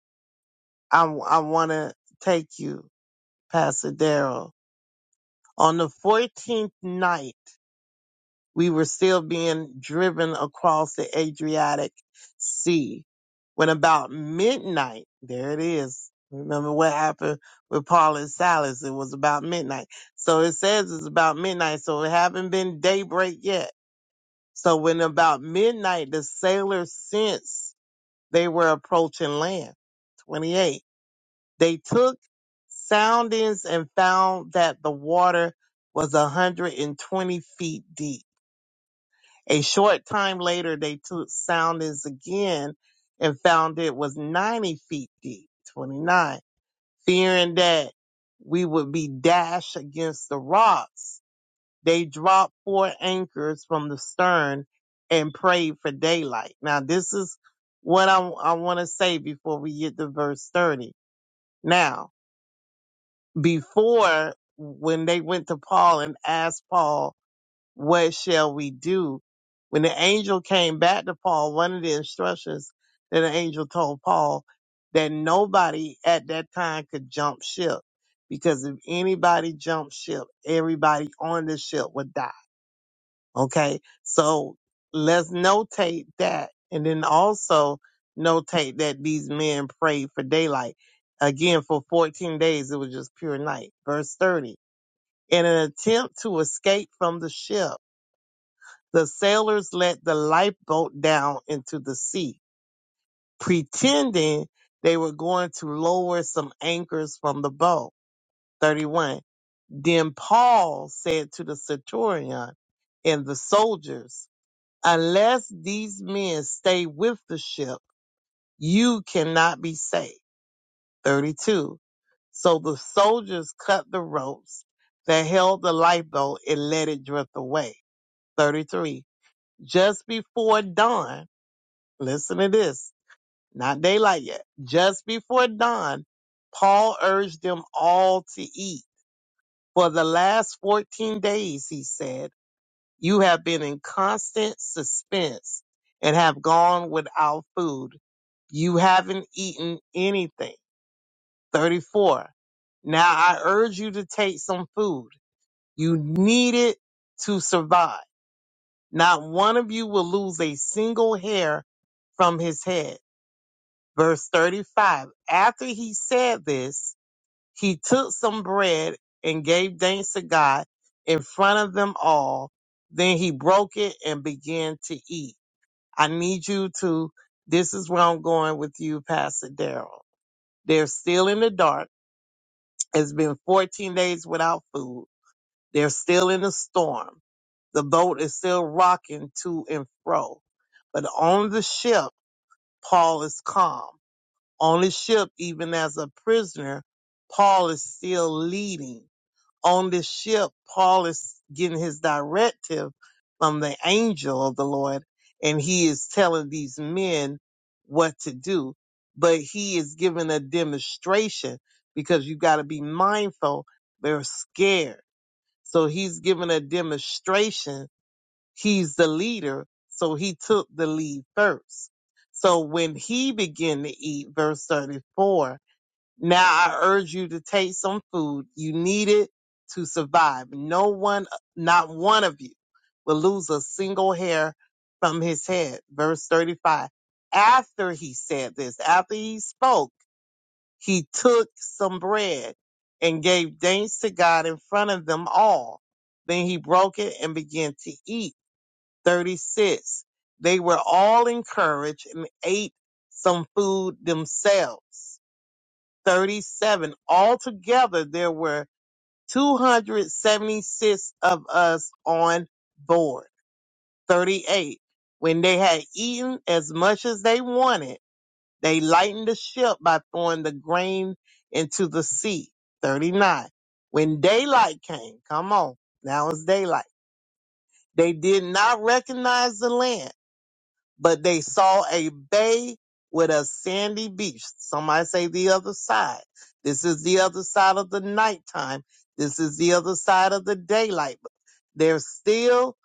Speaker 7: I, I want to take you, Pastor Darrell. On the 14th night, we were still being driven across the Adriatic Sea. When about midnight, there it is. Remember what happened with Paul and Silas? It was about midnight. So it says it's about midnight, so it haven't been daybreak yet. So when about midnight, the sailors sensed they were approaching land. 28. They took soundings and found that the water was 120 feet deep a short time later, they took soundings again and found it was 90 feet deep, 29. Fearing that we would be dashed against the rocks, they dropped four anchors from the stern and prayed for daylight. Now, this is what I, I want to say before we get to verse 30. Now, before when they went to Paul and asked Paul what shall we do? When the angel came back to Paul, one of the instructions that the angel told Paul that nobody at that time could jump ship because if anybody jumped ship, everybody on the ship would die. Okay. So let's notate that. And then also notate that these men prayed for daylight. Again, for 14 days, it was just pure night. Verse 30. In an attempt to escape from the ship, the sailors let the lifeboat down into the sea, pretending they were going to lower some anchors from the boat. 31. Then Paul said to the centurion and the soldiers, unless these men stay with the ship, you cannot be saved. 32. So the soldiers cut the ropes that held the lifeboat and let it drift away. 33. Just before dawn, Listen to this. Not daylight yet. Just before dawn, Paul urged them all to eat. For the last 14 days, he said, you have been in constant suspense and have gone without food. You haven't eaten anything. 34. Now I urge you to take some food. You need it to survive. Not one of you will lose a single hair from his head. Verse 35. After he said this, he took some bread and gave thanks to God in front of them all. Then he broke it and began to eat. I need you to, this is where I'm going with you, Pastor Daryl. They're still in the dark. It's been 14 days without food. They're still in the storm. The boat is still rocking to and fro. But on the ship, Paul is calm. on the ship, even as a prisoner, Paul is still leading. On the ship, Paul is getting his directive from the angel of the Lord, and he is telling these men what to do. But he is giving a demonstration because you got to be mindful, they're scared. So he's giving a demonstration He's the leader, so he took the lead first. So when he began to eat, verse 34, now I urge you to take some food. You need it to survive. No one, not one of you, will lose a single hair from his head. Verse 35. After he said this, after he spoke, he took some bread and gave thanks to God in front of them all. Then he broke it and began to eat 36. They were all encouraged and ate some food themselves. 37. Altogether, there were 276 of us on board. 38. When they had eaten as much as they wanted, they lightened the ship by throwing the grain into the sea. 39. When daylight came, come on, now it's daylight. They did not recognize the land but they saw a bay with a sandy beach. Somebody say the other side. This is the other side of the nighttime. This is the other side of the daylight. they're still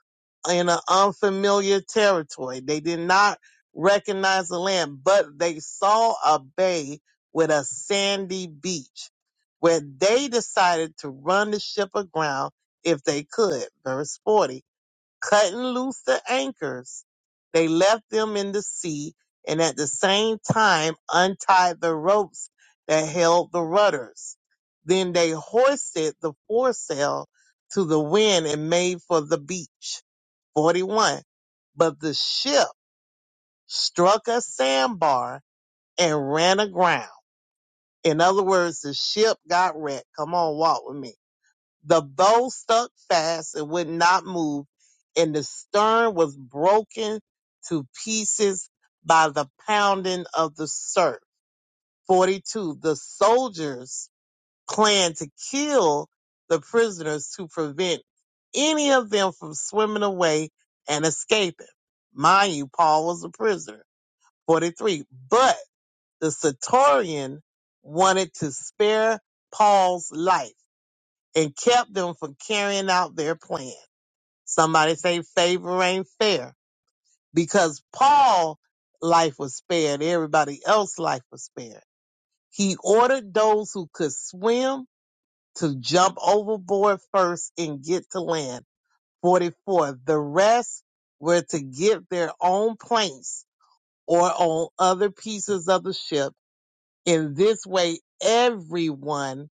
Speaker 7: in an unfamiliar territory. They did not recognize the land, but they saw a bay with a sandy beach where they decided to run the ship aground if they could. Verse 40 Cutting loose the anchors, they left them in the sea and at the same time untied the ropes that held the rudders. Then they hoisted the foresail to the wind and made for the beach. 41. But the ship struck a sandbar and ran aground. In other words, the ship got wrecked. Come on, walk with me the bow stuck fast and would not move, and the stern was broken to pieces by the pounding of the surf. 42. The soldiers planned to kill the prisoners to prevent any of them from swimming away and escaping. Mind you, Paul was a prisoner. 43. But the Centurion wanted to spare Paul's life and kept them from carrying out their plan. Somebody say favor ain't fair because Paul's life was spared. Everybody else life was spared. He ordered those who could swim to jump overboard first and get to land. 44. The rest were to get their own planks or on other pieces of the ship. In this way, everyone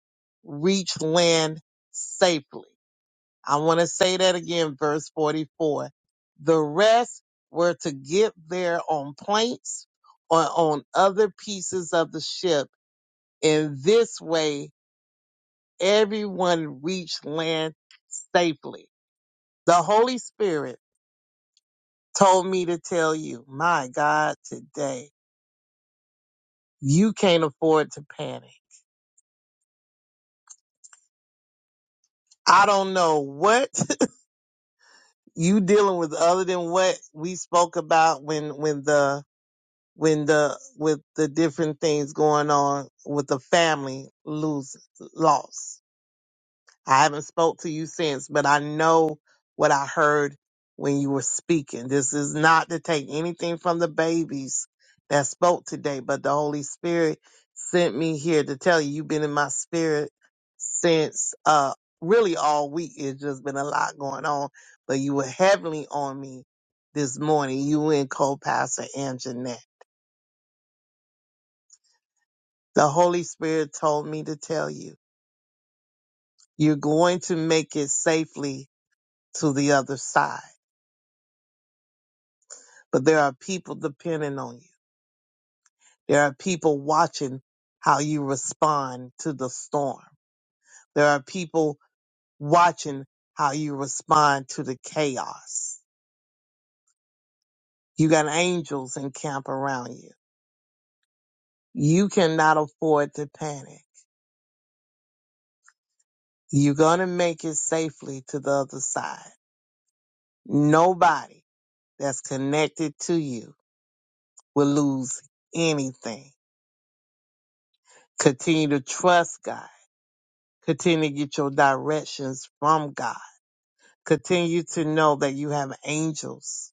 Speaker 7: reached land safely. I want to say that again, verse 44. The rest were to get there on plates or on other pieces of the ship. In this way, everyone reached land safely. The Holy Spirit told me to tell you, my God, today, you can't afford to panic. I don't know what you dealing with other than what we spoke about when, when the when the with the different things going on with the family lose loss. I haven't spoke to you since, but I know what I heard when you were speaking. This is not to take anything from the babies that spoke today, but the Holy Spirit sent me here to tell you you've been in my spirit since uh really all week. It's just been a lot going on, but you were heavily on me this morning. You and co-pastor Anjanette. The Holy Spirit told me to tell you, you're going to make it safely to the other side. But there are people depending on you. There are people watching how you respond to the storm. There are people watching how you respond to the chaos. You got angels in camp around you. You cannot afford to panic. You're going to make it safely to the other side. Nobody that's connected to you will lose anything. Continue to trust God. Continue to get your directions from God. Continue to know that you have angels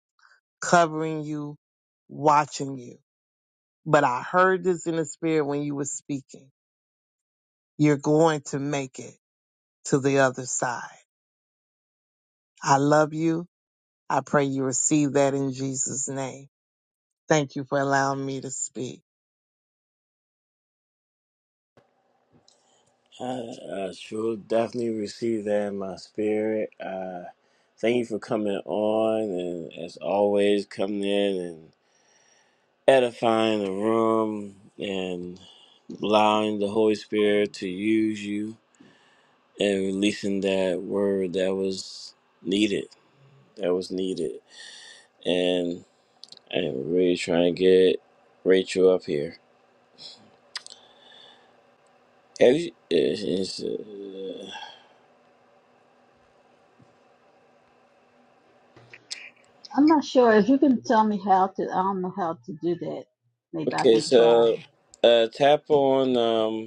Speaker 7: covering you, watching you. But I heard this in the spirit when you were speaking. You're going to make it to the other side. I love you. I pray you receive that in Jesus' name. Thank you for allowing me to speak.
Speaker 1: I, I sure definitely receive that in my spirit. Uh, thank you for coming on, and as always, coming in and edifying the room and allowing the Holy Spirit to use you and releasing that word that was needed. That was needed, and I'm really trying to get Rachel up here. Have you? it's- it's, uh,
Speaker 2: I'm not sure. If you can tell me how to, I don't know how to do that. Maybe I
Speaker 1: okay,
Speaker 2: can try.
Speaker 1: so uh, tap on um.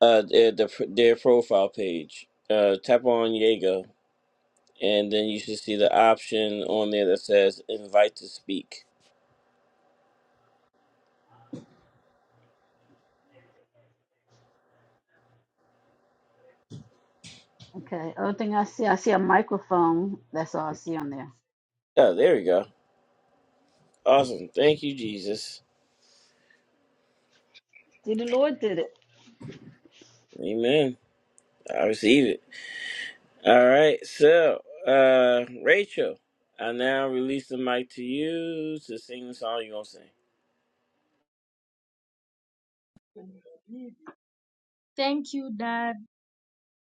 Speaker 1: Uh, their, the, their profile page. Uh, tap on Jaeger, and then you should see the option on there that says "Invite to Speak."
Speaker 2: Okay. Other thing I see, I see a microphone. That's all I see on there.
Speaker 1: Oh, there we go. Awesome. Thank you, Jesus.
Speaker 2: See, the Lord did it.
Speaker 1: Amen. I receive it. All right. So, uh, Rachel, I now release the mic to you to sing the song you're gonna sing.
Speaker 3: Thank you, Dad.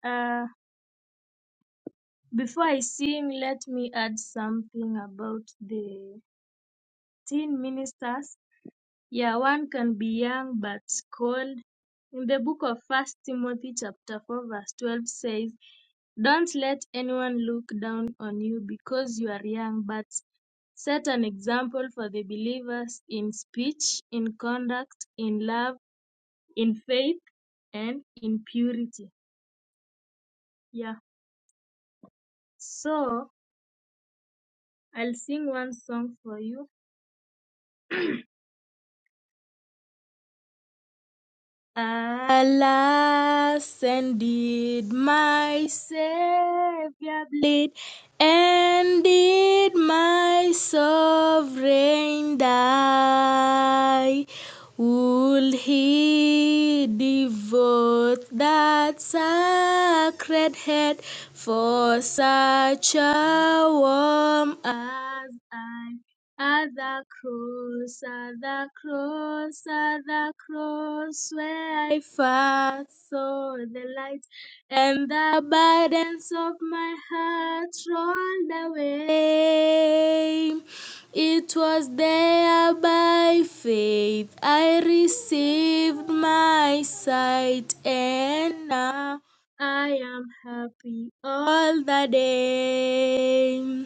Speaker 3: Uh, before I sing, let me add something about the teen ministers. Yeah, one can be young but cold. In the book of First Timothy chapter 4 verse 12 says, Don't let anyone look down on you because you are young, but set an example for the believers in speech, in conduct, in love, in faith and in purity. Yeah. So I'll sing one song for you. Alas, indeed, my Savior bleed, and did my sovereign die. Would he devote that sacred head for such a worm as I? At the cross, at the cross, at the cross, where I first saw the light, and the burdens of my heart rolled away. It was there by faith I received my sight, and now I am happy all the day.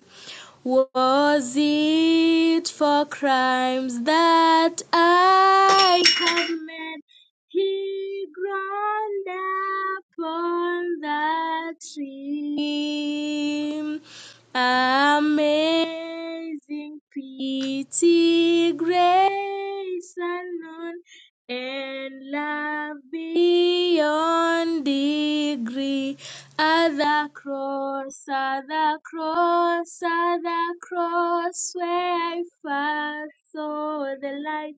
Speaker 3: Was it for crimes that I committed? He groaned upon the tree. Amazing pity, grace unknown, and love beyond degree. At the cross, at the cross, at the cross, where I first saw the light,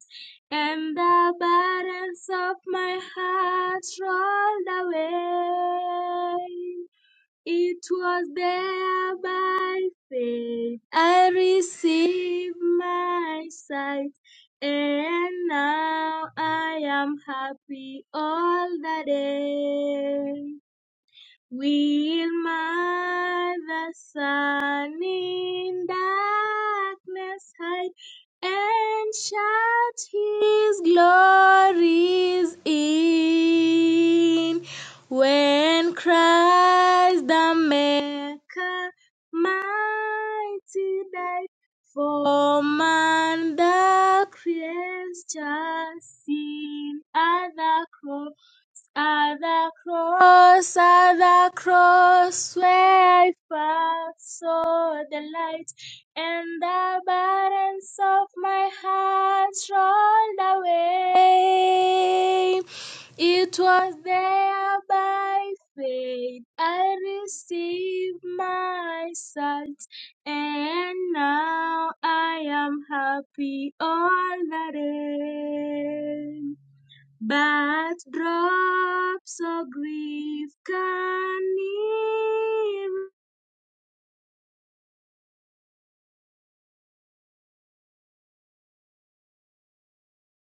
Speaker 3: and the burdens of my heart rolled away. It was there by faith I received my sight, and now I am happy all the day. Will my the sun in darkness hide and shout his glories in? When Christ the Maker mighty died for man the creature sin at the cross at the cross, at the cross, where I first saw the light, and the burdens of my heart rolled away. It was there by faith I received my sight, and now I am happy all the day but drops of grief can never.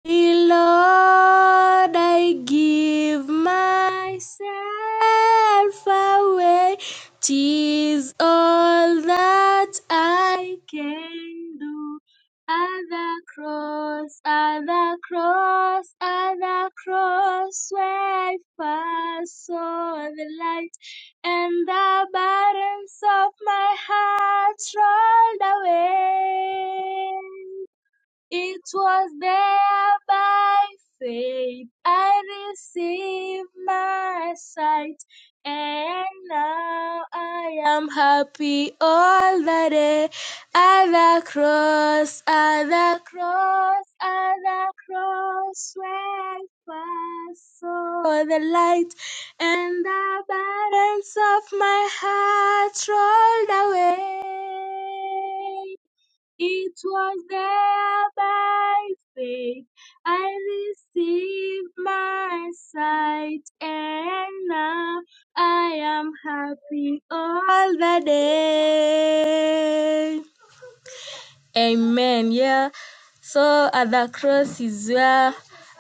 Speaker 3: Dear Lord, I give myself away. 'Tis all that I can do. At the cross, at the cross, at the cross, where I first saw the light, and the burdens of my heart rolled away. It was there by faith I received my sight, and now I am happy all the day. At the cross, at the cross, at the cross, where first saw the light, and the burdens of my heart rolled away. It was there by faith I received my sight, and now I am happy all the day. Amen. Yeah. So at the cross is where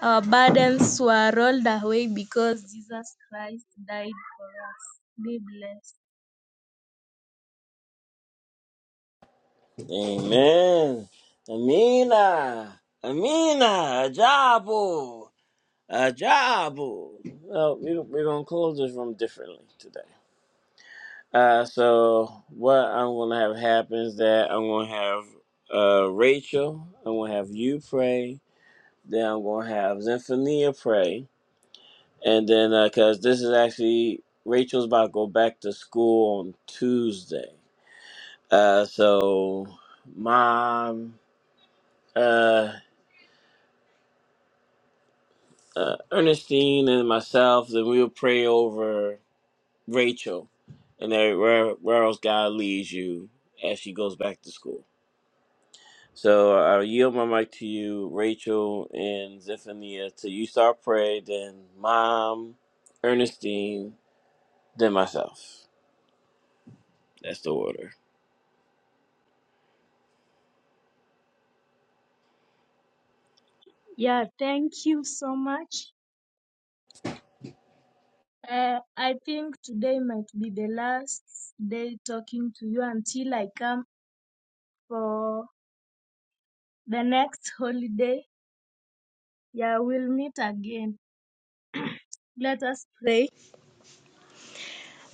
Speaker 3: our burdens were rolled away because Jesus Christ died for us. Be blessed.
Speaker 1: Amen. Amina. Amina. Ajabo. A job. Well, we, we're going to close this room differently today. Uh, so, what I'm going to have happen is that I'm going to have uh, Rachel, I'm going to have you pray, then I'm going to have Zinfonia pray. And then, because this is actually, Rachel's about to go back to school on Tuesday. Uh, so, mom, uh, uh, Ernestine, and myself, then we'll pray over. Rachel, and then where where else God leads you as she goes back to school. So I yield my mic to you, Rachel and Zephaniah. Till you start praying, then Mom, Ernestine, then myself. That's the order.
Speaker 3: Yeah. Thank you so much. Uh, I think today might be the last day talking to you until I come for the next holiday. Yeah, we'll meet again. Let us pray.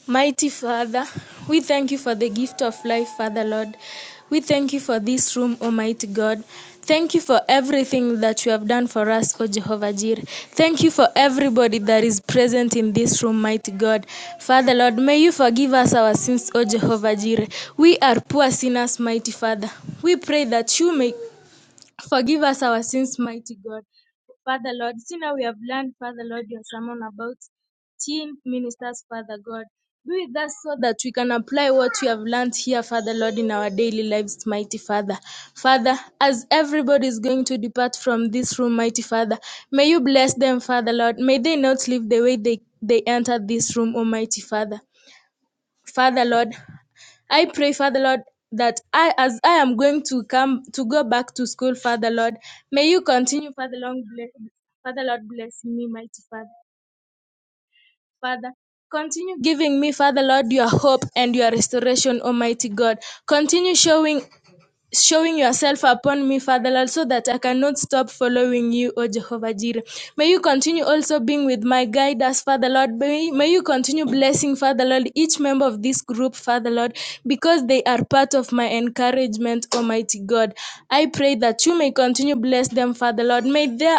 Speaker 3: Mighty Father, we thank you for the gift of life, Father Lord. We thank you for this room, Almighty God. Thank you for everything that you have done for us, O Jehovah Jireh. Thank you for everybody that is present in this room, mighty God. Father Lord, may you forgive us our sins, O Jehovah Jireh. We are poor sinners, mighty Father. We pray that you may Forgive us our sins, mighty God. Father Lord, see now we have learned, Father Lord, your sermon about teen ministers, Father God. Be with us so that we can apply what we have learned here, Father Lord, in our daily lives, mighty Father. Father, as everybody is going to depart from this room, mighty Father, may you bless them, Father Lord. May they not leave the way they, they entered this room, Almighty Father. Father Lord, I pray, Father Lord, that I, as I am going to come to go back to school, Father Lord, may you continue, Father Lord, bless, Father Lord, bless me, mighty Father. Father, continue giving me, Father Lord, your hope and your restoration, Almighty God. Continue showing showing yourself upon me, Father Lord, so that I cannot stop following you, O Jehovah Jireh. May you continue also being with my guide us, Father Lord. May, may you continue blessing, Father Lord, each member of this group, Father Lord, because they are part of my encouragement, Almighty God. I pray that you may continue bless them, Father Lord. May their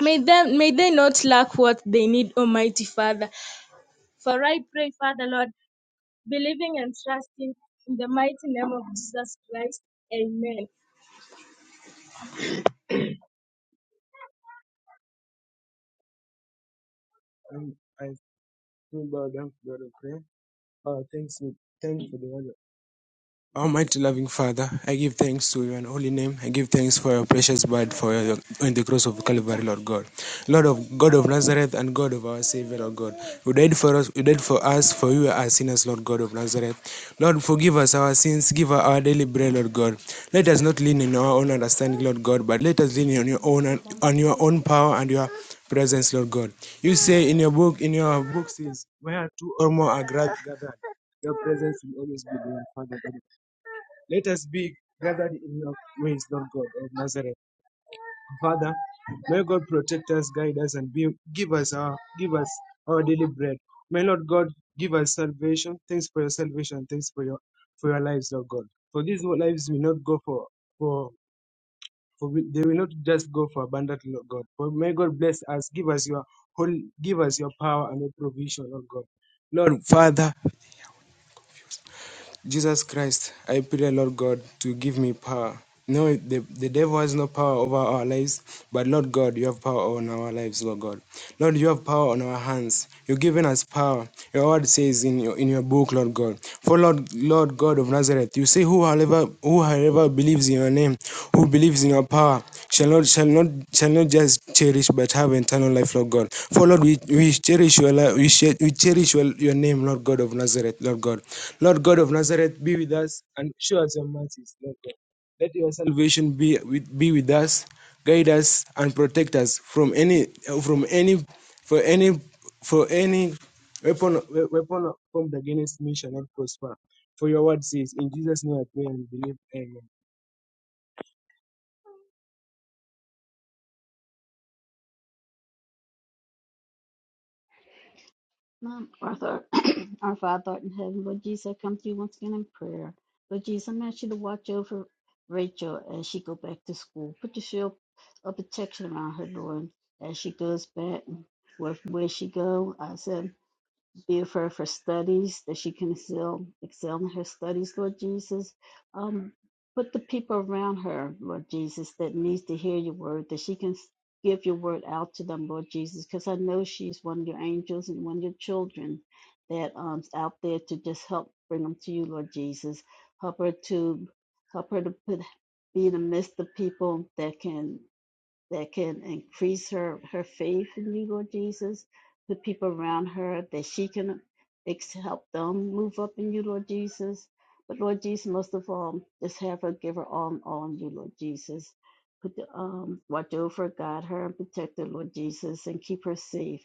Speaker 3: may them may they not lack what they need, Almighty Father. For I pray, Father Lord, believing and trusting in the mighty name of Jesus Christ. Amen. Um, I feel bad. I'm not okay. Uh, thanks, thanks for the word Almighty loving Father, I give thanks to You and holy name. I give thanks for your precious blood for your, on the cross of Calvary, Lord God. Lord of God of Nazareth and God of our Savior, Lord God. You died for us, you died for us, for you are sinners, Lord God of Nazareth. Lord, forgive us our sins, give us our daily bread, Lord God. Let us not lean in our own understanding, Lord God, but let us lean on your own on your own power and your presence, Lord God. You say in your book, in your book says, where two or more are gathered, your presence will always be there, Father God. Let us be gathered in your ways, Lord God of Nazareth. Father, may God protect us, guide us, and be, give us our give us our daily bread. May Lord God give us salvation. Thanks for your salvation. Thanks for your for your lives, Lord God. For these lives will not go for for for we, they will not just go for abundantly, Lord God. For may God bless us, give us your whole, give us your power and your provision, Lord God. Lord Father. Jesus Christ, I pray, Lord God, to give me power. No, the, the devil has no power over our lives, but Lord God, you have power on our lives, Lord God. Lord, you have power on our hands. You've given us power. Your word says in your in your book, Lord God. For Lord, Lord God of Nazareth, you say who however who however believes in your name, who believes in your power, shall not shall not shall not just cherish but have eternal life, Lord God. For Lord, we, we cherish your life, we, cher- we cherish your, your name, Lord God of Nazareth, Lord God. Lord God of Nazareth, be with us and show us your mercies, Lord God. Let your salvation be with, be with us, guide us and protect us from any from any for any for any weapon we- weapon formed against me shall not prosper. For your word says, in Jesus' name I pray and believe. Amen.
Speaker 2: Um, Our Father, our Father art in heaven, Lord Jesus, I come to you once again in prayer. Lord Jesus, I'm asking you to watch over Rachel as she go back to school. Put your shield of protection around her, Lord, as she goes back. Where, where she go, I said. be it for her studies, that she can excel, excel in her studies, Lord Jesus. Um, put the people around her, Lord Jesus, that needs to hear your word, that she can give your word out to them, Lord Jesus, because I know she's one of your angels and one of your children that um, is out there to just help bring them to you, Lord Jesus. Help her to help her to put, be in the midst of people that can that can increase her her faith in you, Lord Jesus. The people around her that she can help them move up in you, Lord Jesus. But Lord Jesus, most of all, just have her give her all and all in you, Lord Jesus. Put the, um, watch over, guide her, and protect her, Lord Jesus, and keep her safe.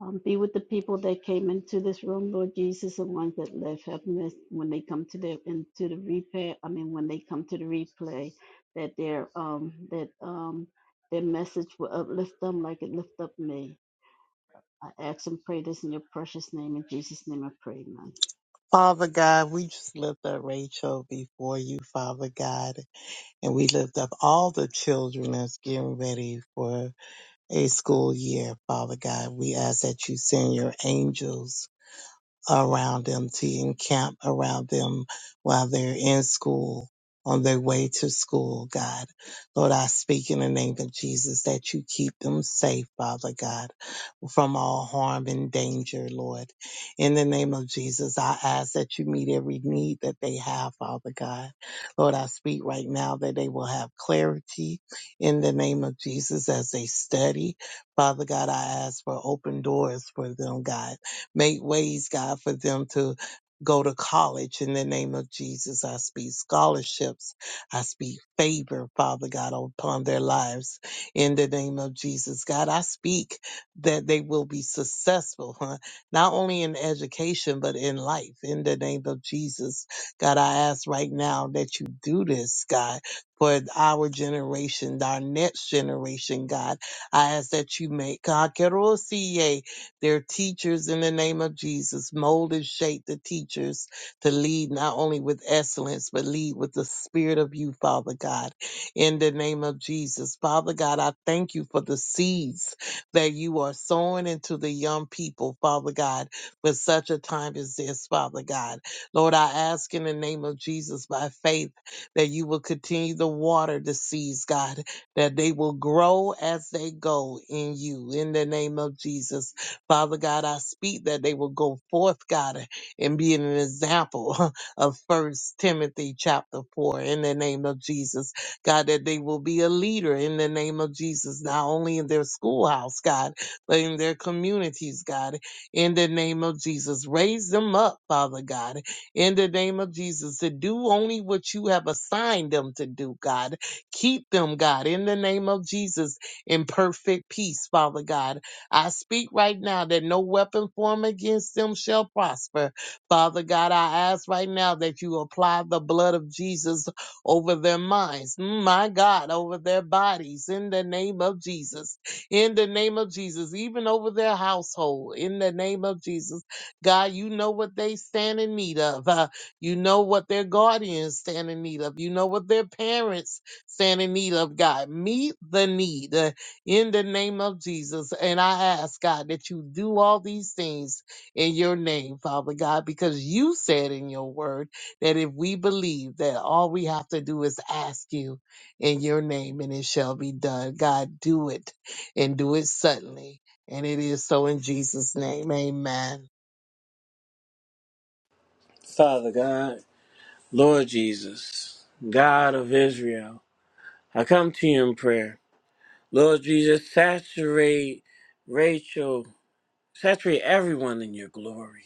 Speaker 2: Um, be with the people that came into this room, Lord Jesus, and ones that left. Help them when they come to the into the replay. I mean, when they come to the replay, that they're um, that um, their message will uplift them like it lifted up me. I ask and pray this in your precious name. In Jesus' name I pray, amen.
Speaker 7: Father God, we just lift up Rachel before you, Father God. And we lift up all the children that's getting ready for a school year, Father God. We ask that you send your angels around them to encamp around them while they're in school, on their way to school, God. Lord, I speak in the name of Jesus that you keep them safe, Father God from all harm and danger, Lord. In the name of Jesus, I ask that you meet every need that they have, Father God. Lord, I speak right now that they will have clarity in the name of Jesus as they study. Father God, I ask for open doors for them, God. Make ways, God, for them to go to college in the name of Jesus. I speak scholarships. I speak favor, Father God, upon their lives in the name of Jesus. God, I speak that they will be successful, huh? Not only in education, but in life. In the name of Jesus, God, I ask right now that you do this, God, for our generation, our next generation, God. I ask that you make God Kerosie, their teachers in the name of Jesus, mold and shape the teachers to lead not only with excellence, but lead with the spirit of you, Father God. In the name of Jesus, Father God, I thank you for the seeds that you are sowing into the young people, Father God, for such a time as this, Father God. Lord, I ask in the name of Jesus by faith that you will continue to water the seeds, God, that they will grow as they go in you, in the name of Jesus. Father God, I speak that they will go forth, God, and be an example of First Timothy chapter 4, in the name of Jesus God, that they will be a leader in the name of Jesus, not only in their schoolhouse, God, but in their communities, God, in the name of Jesus. Raise them up, Father God, in the name of Jesus, to do only what you have assigned them to do, God. Keep them, God, in the name of Jesus, in perfect peace, Father God. I speak right now that no weapon formed against them shall prosper. Father God, I ask right now that you apply the blood of Jesus over their minds, Mm, my God, over their bodies in the name of Jesus, in the name of Jesus, even over their household in the name of Jesus. God, you know what they stand in need of. Uh, you know what their guardians stand in need of. You know what their parents stand in need of, God. Meet the need uh, in the name of Jesus. And I ask, God, that you do all these things in your name, Father God, because you said in your word that if we believe that all we have to do is ask you in your name and it shall be done. God, do it and do it suddenly. And it is so in Jesus' name. Amen.
Speaker 1: Father God, Lord Jesus, God of Israel, I come to you in prayer. Lord Jesus, saturate Rachel, saturate everyone in your glory.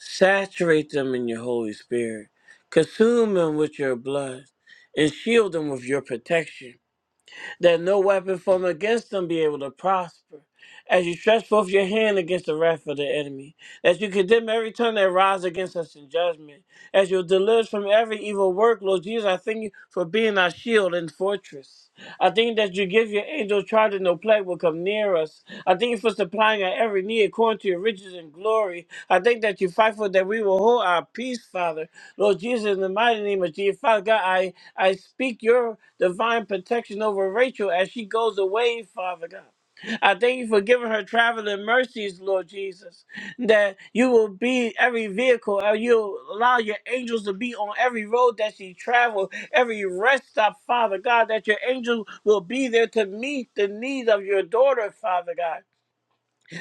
Speaker 1: Saturate them in your Holy Spirit. Consume them with your blood and shield them with your protection that no weapon formed against them be able to prosper. As you stretch forth your hand against the wrath of the enemy, as you condemn every tongue that rises against us in judgment, as you deliver us from every evil work, Lord Jesus, I thank you for being our shield and fortress. I thank you that you give your angels charge and no plague will come near us. I thank you for supplying our every need according to your riches and glory. I thank that you fight for that we will hold our peace, Father. Lord Jesus, in the mighty name of Jesus, Father God, I speak your divine protection over Rachel as she goes away, Father God. I thank you for giving her traveling mercies, Lord Jesus, that you will be every vehicle, and you'll allow your angels to be on every road that she travels, every rest stop, Father God, that your angels will be there to meet the need of your daughter, Father God.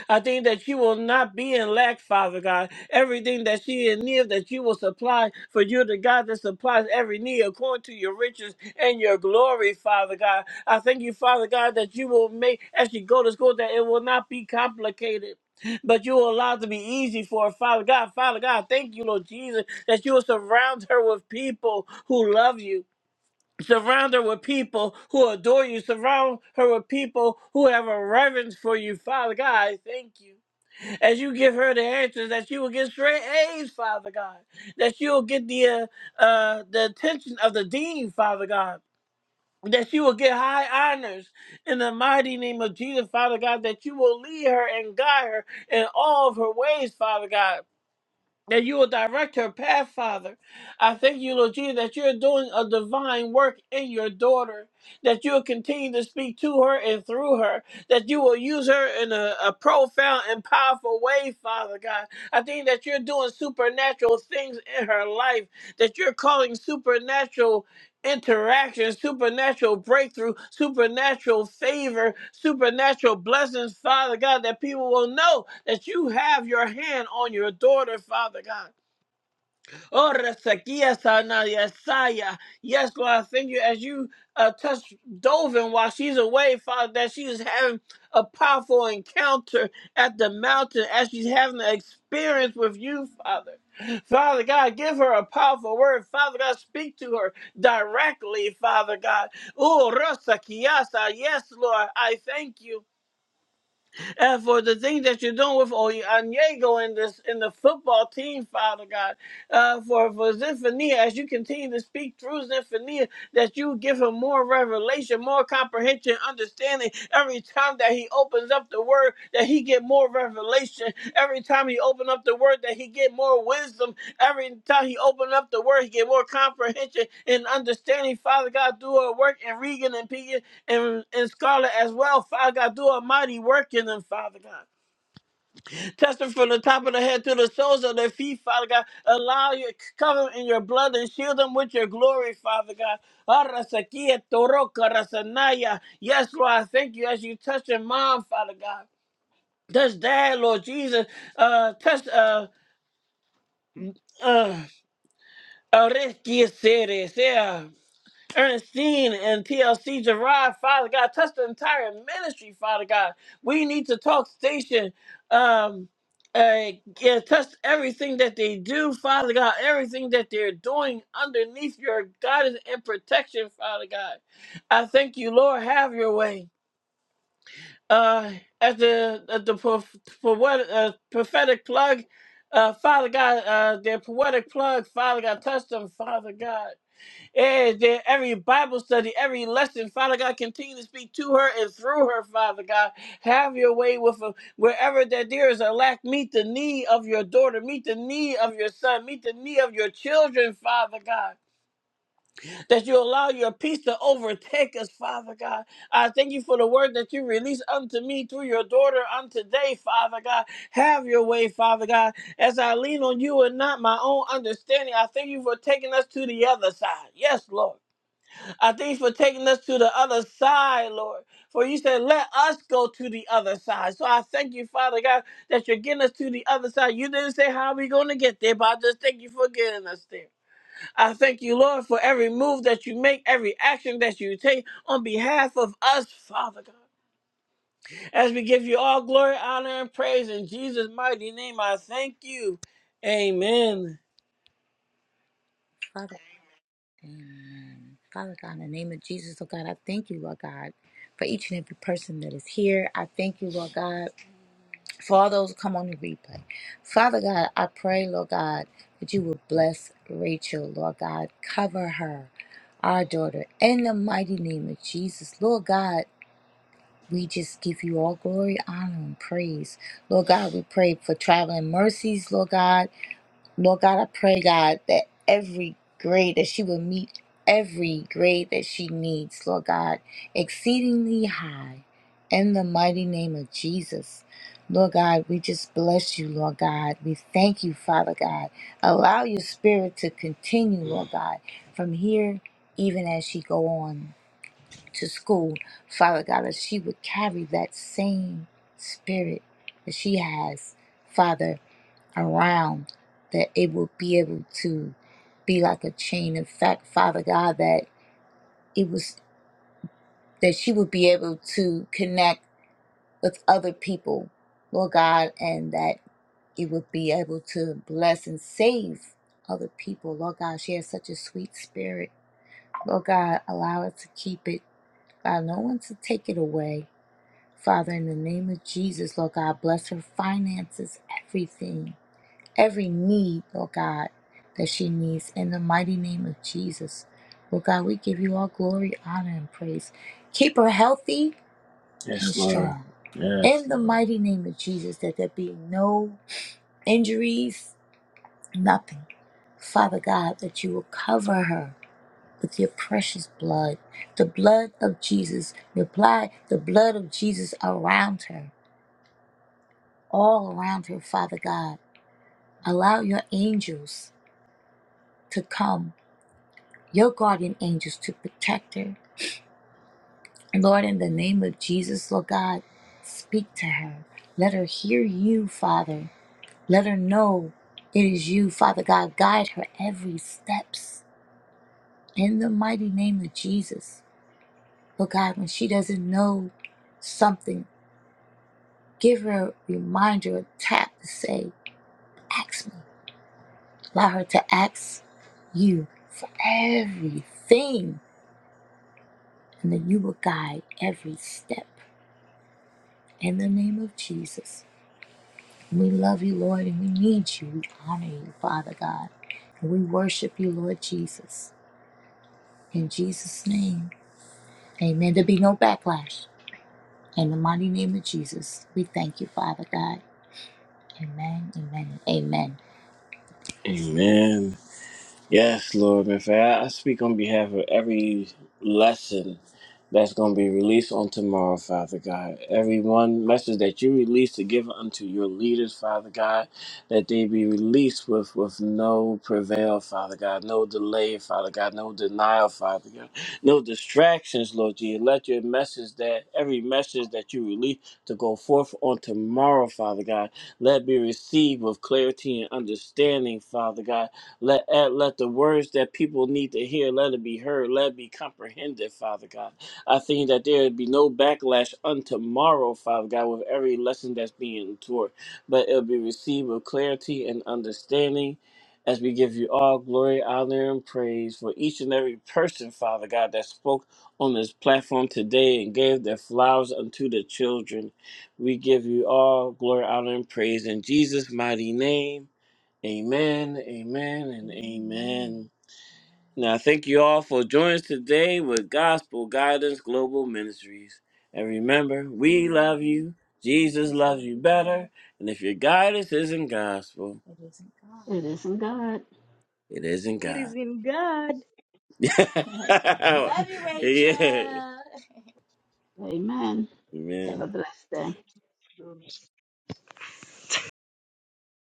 Speaker 1: I think that she will not be in lack, Father God. Everything that she is near, that you will supply, for you're the God that supplies every need according to your riches and your glory, Father God. I thank you, Father God, that you will make, as she go to school, that it will not be complicated. But you will allow it to be easy for her, Father God. Father God, thank you, Lord Jesus, that you will surround her with people who love you. Surround her with people who adore you. Surround her with people who have a reverence for you, Father God. I Thank you as you give her the answers, that she will get straight A's, Father God. That she will get the uh, uh, the attention of the dean, Father God. That she will get high honors in the mighty name of Jesus, Father God. That you will lead her and guide her in all of her ways, Father God that you will direct her path, Father. I thank you, Lord Jesus, that you're doing a divine work in your daughter, that you'll continue to speak to her and through her, that you will use her in a, a profound and powerful way, Father God. I think that you're doing supernatural things in her life, that you're calling supernatural interaction, supernatural breakthrough, supernatural favor, supernatural blessings, Father God, that people will know that you have your hand on your daughter, Father God. Oh, Resekia Sana Yesaya. Yes, Lord, I thank you as you uh, touch Dovin while she's away, Father, that she is having a powerful encounter at the mountain as she's having an experience with you, Father. Father God, give her a powerful word. Father God, speak to her directly, Father God. Oh, Rasa Kiasa. Yes, Lord, I thank you and for the things that you're doing with Oyanyego in this in the football team, Father God, uh, for for Zephaniah, as you continue to speak through Zephaniah, that you give him more revelation, more comprehension, understanding. Every time that he opens up the word, that he get more revelation. Every time he open up the word, that he get more wisdom. Every time he open up the word, he get more comprehension and understanding. Father God, do a work in Regan and P. E and, and scarlet as well. Father God, do a mighty work in them, Father God. Touch them from the top of the head to the soles of their feet, Father God. Allow you, cover them in your blood and shield them with your glory, Father God. Arasakia toroka rasanaya. Yes, Lord, I thank you as you touch their mom, Father God. Touch dad, Lord Jesus. Uh, touch uh, uh, Arekia Ernestine and TLC Gerard, Father God, touch the entire ministry, Father God. We need to talk station. Um, uh, yeah, touch everything that they do, Father God, everything that they're doing underneath your guidance and protection, Father God. I thank you, Lord. Have your way. Uh, at the at the pro- for what uh, prophetic plug, uh, Father God, uh, their poetic plug, Father God, touch them, Father God. Yeah, dear, every Bible study, every lesson, Father God, continue to speak to her and through her, Father God. Have your way with her. Wherever that there is a lack, meet the need of your daughter, meet the need of your son, meet the need of your children, Father God. That you allow your peace to overtake us, Father God. I thank you for the word that you release unto me through your daughter unto today, Father God. Have your way, Father God. As I lean on you and not my own understanding, I thank you for taking us to the other side. Yes, Lord. I thank you for taking us to the other side, Lord. For you said, let us go to the other side. So I thank you, Father God, that you're getting us to the other side. You didn't say how we going to get there, but I just thank you for getting us there. I thank you, Lord, for every move that you make, every action that you take on behalf of us, Father God. As we give you all glory, honor, and praise in Jesus' mighty name, I thank you. Amen. Amen. Father God, in the name of Jesus, Lord God, I thank you, Lord God, for each and every person that is here. I thank you, Lord God, for all those who come on the replay. Father God, I pray, Lord God, that you will bless Rachel, Lord God. Cover her, our daughter, in the mighty name of Jesus. Lord God, we just give you all glory, honor, and praise. Lord God, we pray for traveling mercies, Lord God. Lord God, I pray, God, that every grade that she will meet, every grade that she needs, Lord God, exceedingly high, in the mighty name of Jesus. Lord God, we just bless you, Lord God. We thank you, Father God. Allow your spirit to continue, Lord God, from here, even as she go on to school, Father God, that she would carry that same spirit that she has, Father, around that it will be able to be like a chain In fact, father god that it was that she would be able to connect with other people lord god and that it would be able to bless and save other people lord god she has such a sweet spirit lord god allow her to keep it allow no one to take it away father in the name of jesus lord god bless her finances everything every need, Lord God, that she needs in the mighty name of Jesus. Lord God, we give you all glory, honor, and praise. Keep her healthy and Yes, Lord. strong. Yes, In the Lord. mighty name of Jesus, that there be no injuries, nothing. Father God, that you will cover her with your precious blood, the blood of Jesus, the blood, the blood of Jesus around her, all around her, Father God. Allow your angels to come your guardian angels to protect her. Lord, in the name of Jesus, Lord God, speak to her. Let her hear you, Father. Let her know it is you, Father God. Guide her every steps in the mighty name of Jesus. Lord God, when she doesn't know something, give her a reminder, a tap to say, ask me. Allow her to ask you for everything, and then you will guide every step. in the name of Jesus. We love you, Lord, and we need you. We honor you, Father God. And we worship you, Lord Jesus. In Jesus' name, amen. There be no backlash. In the mighty name of Jesus, we thank you, Father God. Amen, amen, amen. Amen. Yes, Lord, in fact, I I speak on behalf of every lesson that's going to be released on tomorrow, Father God. Every one message that you release to give unto your leaders, Father God, that they be released with, with no prevail, Father God, no delay, Father God, no denial, Father God, no distractions, Lord Jesus. Let your message that every message that you release to go forth on tomorrow, Father God, let it be received with clarity and understanding, Father God let, eh, let the words that people need to hear, let it be heard, let it be comprehended, Father God. I think that there would be no backlash unto tomorrow, Father God, with every lesson that's being taught, but it'll be received with clarity and understanding as we give you all glory, honor, and praise for each and every person, Father God, that spoke on this platform today and gave their flowers unto the children. We give you all glory, honor, and praise in Jesus' mighty name. Amen, amen, and amen. Now, thank you all for joining us today with Gospel Guidance Global Ministries. And remember, we love you. Jesus loves you better. And if your guidance isn't gospel, it isn't God.
Speaker 2: It isn't God.
Speaker 1: It isn't
Speaker 3: It is
Speaker 1: God.
Speaker 3: in God.
Speaker 1: love you, Rachel. Yeah.
Speaker 2: Amen.
Speaker 1: Amen.
Speaker 2: Have a blessed day.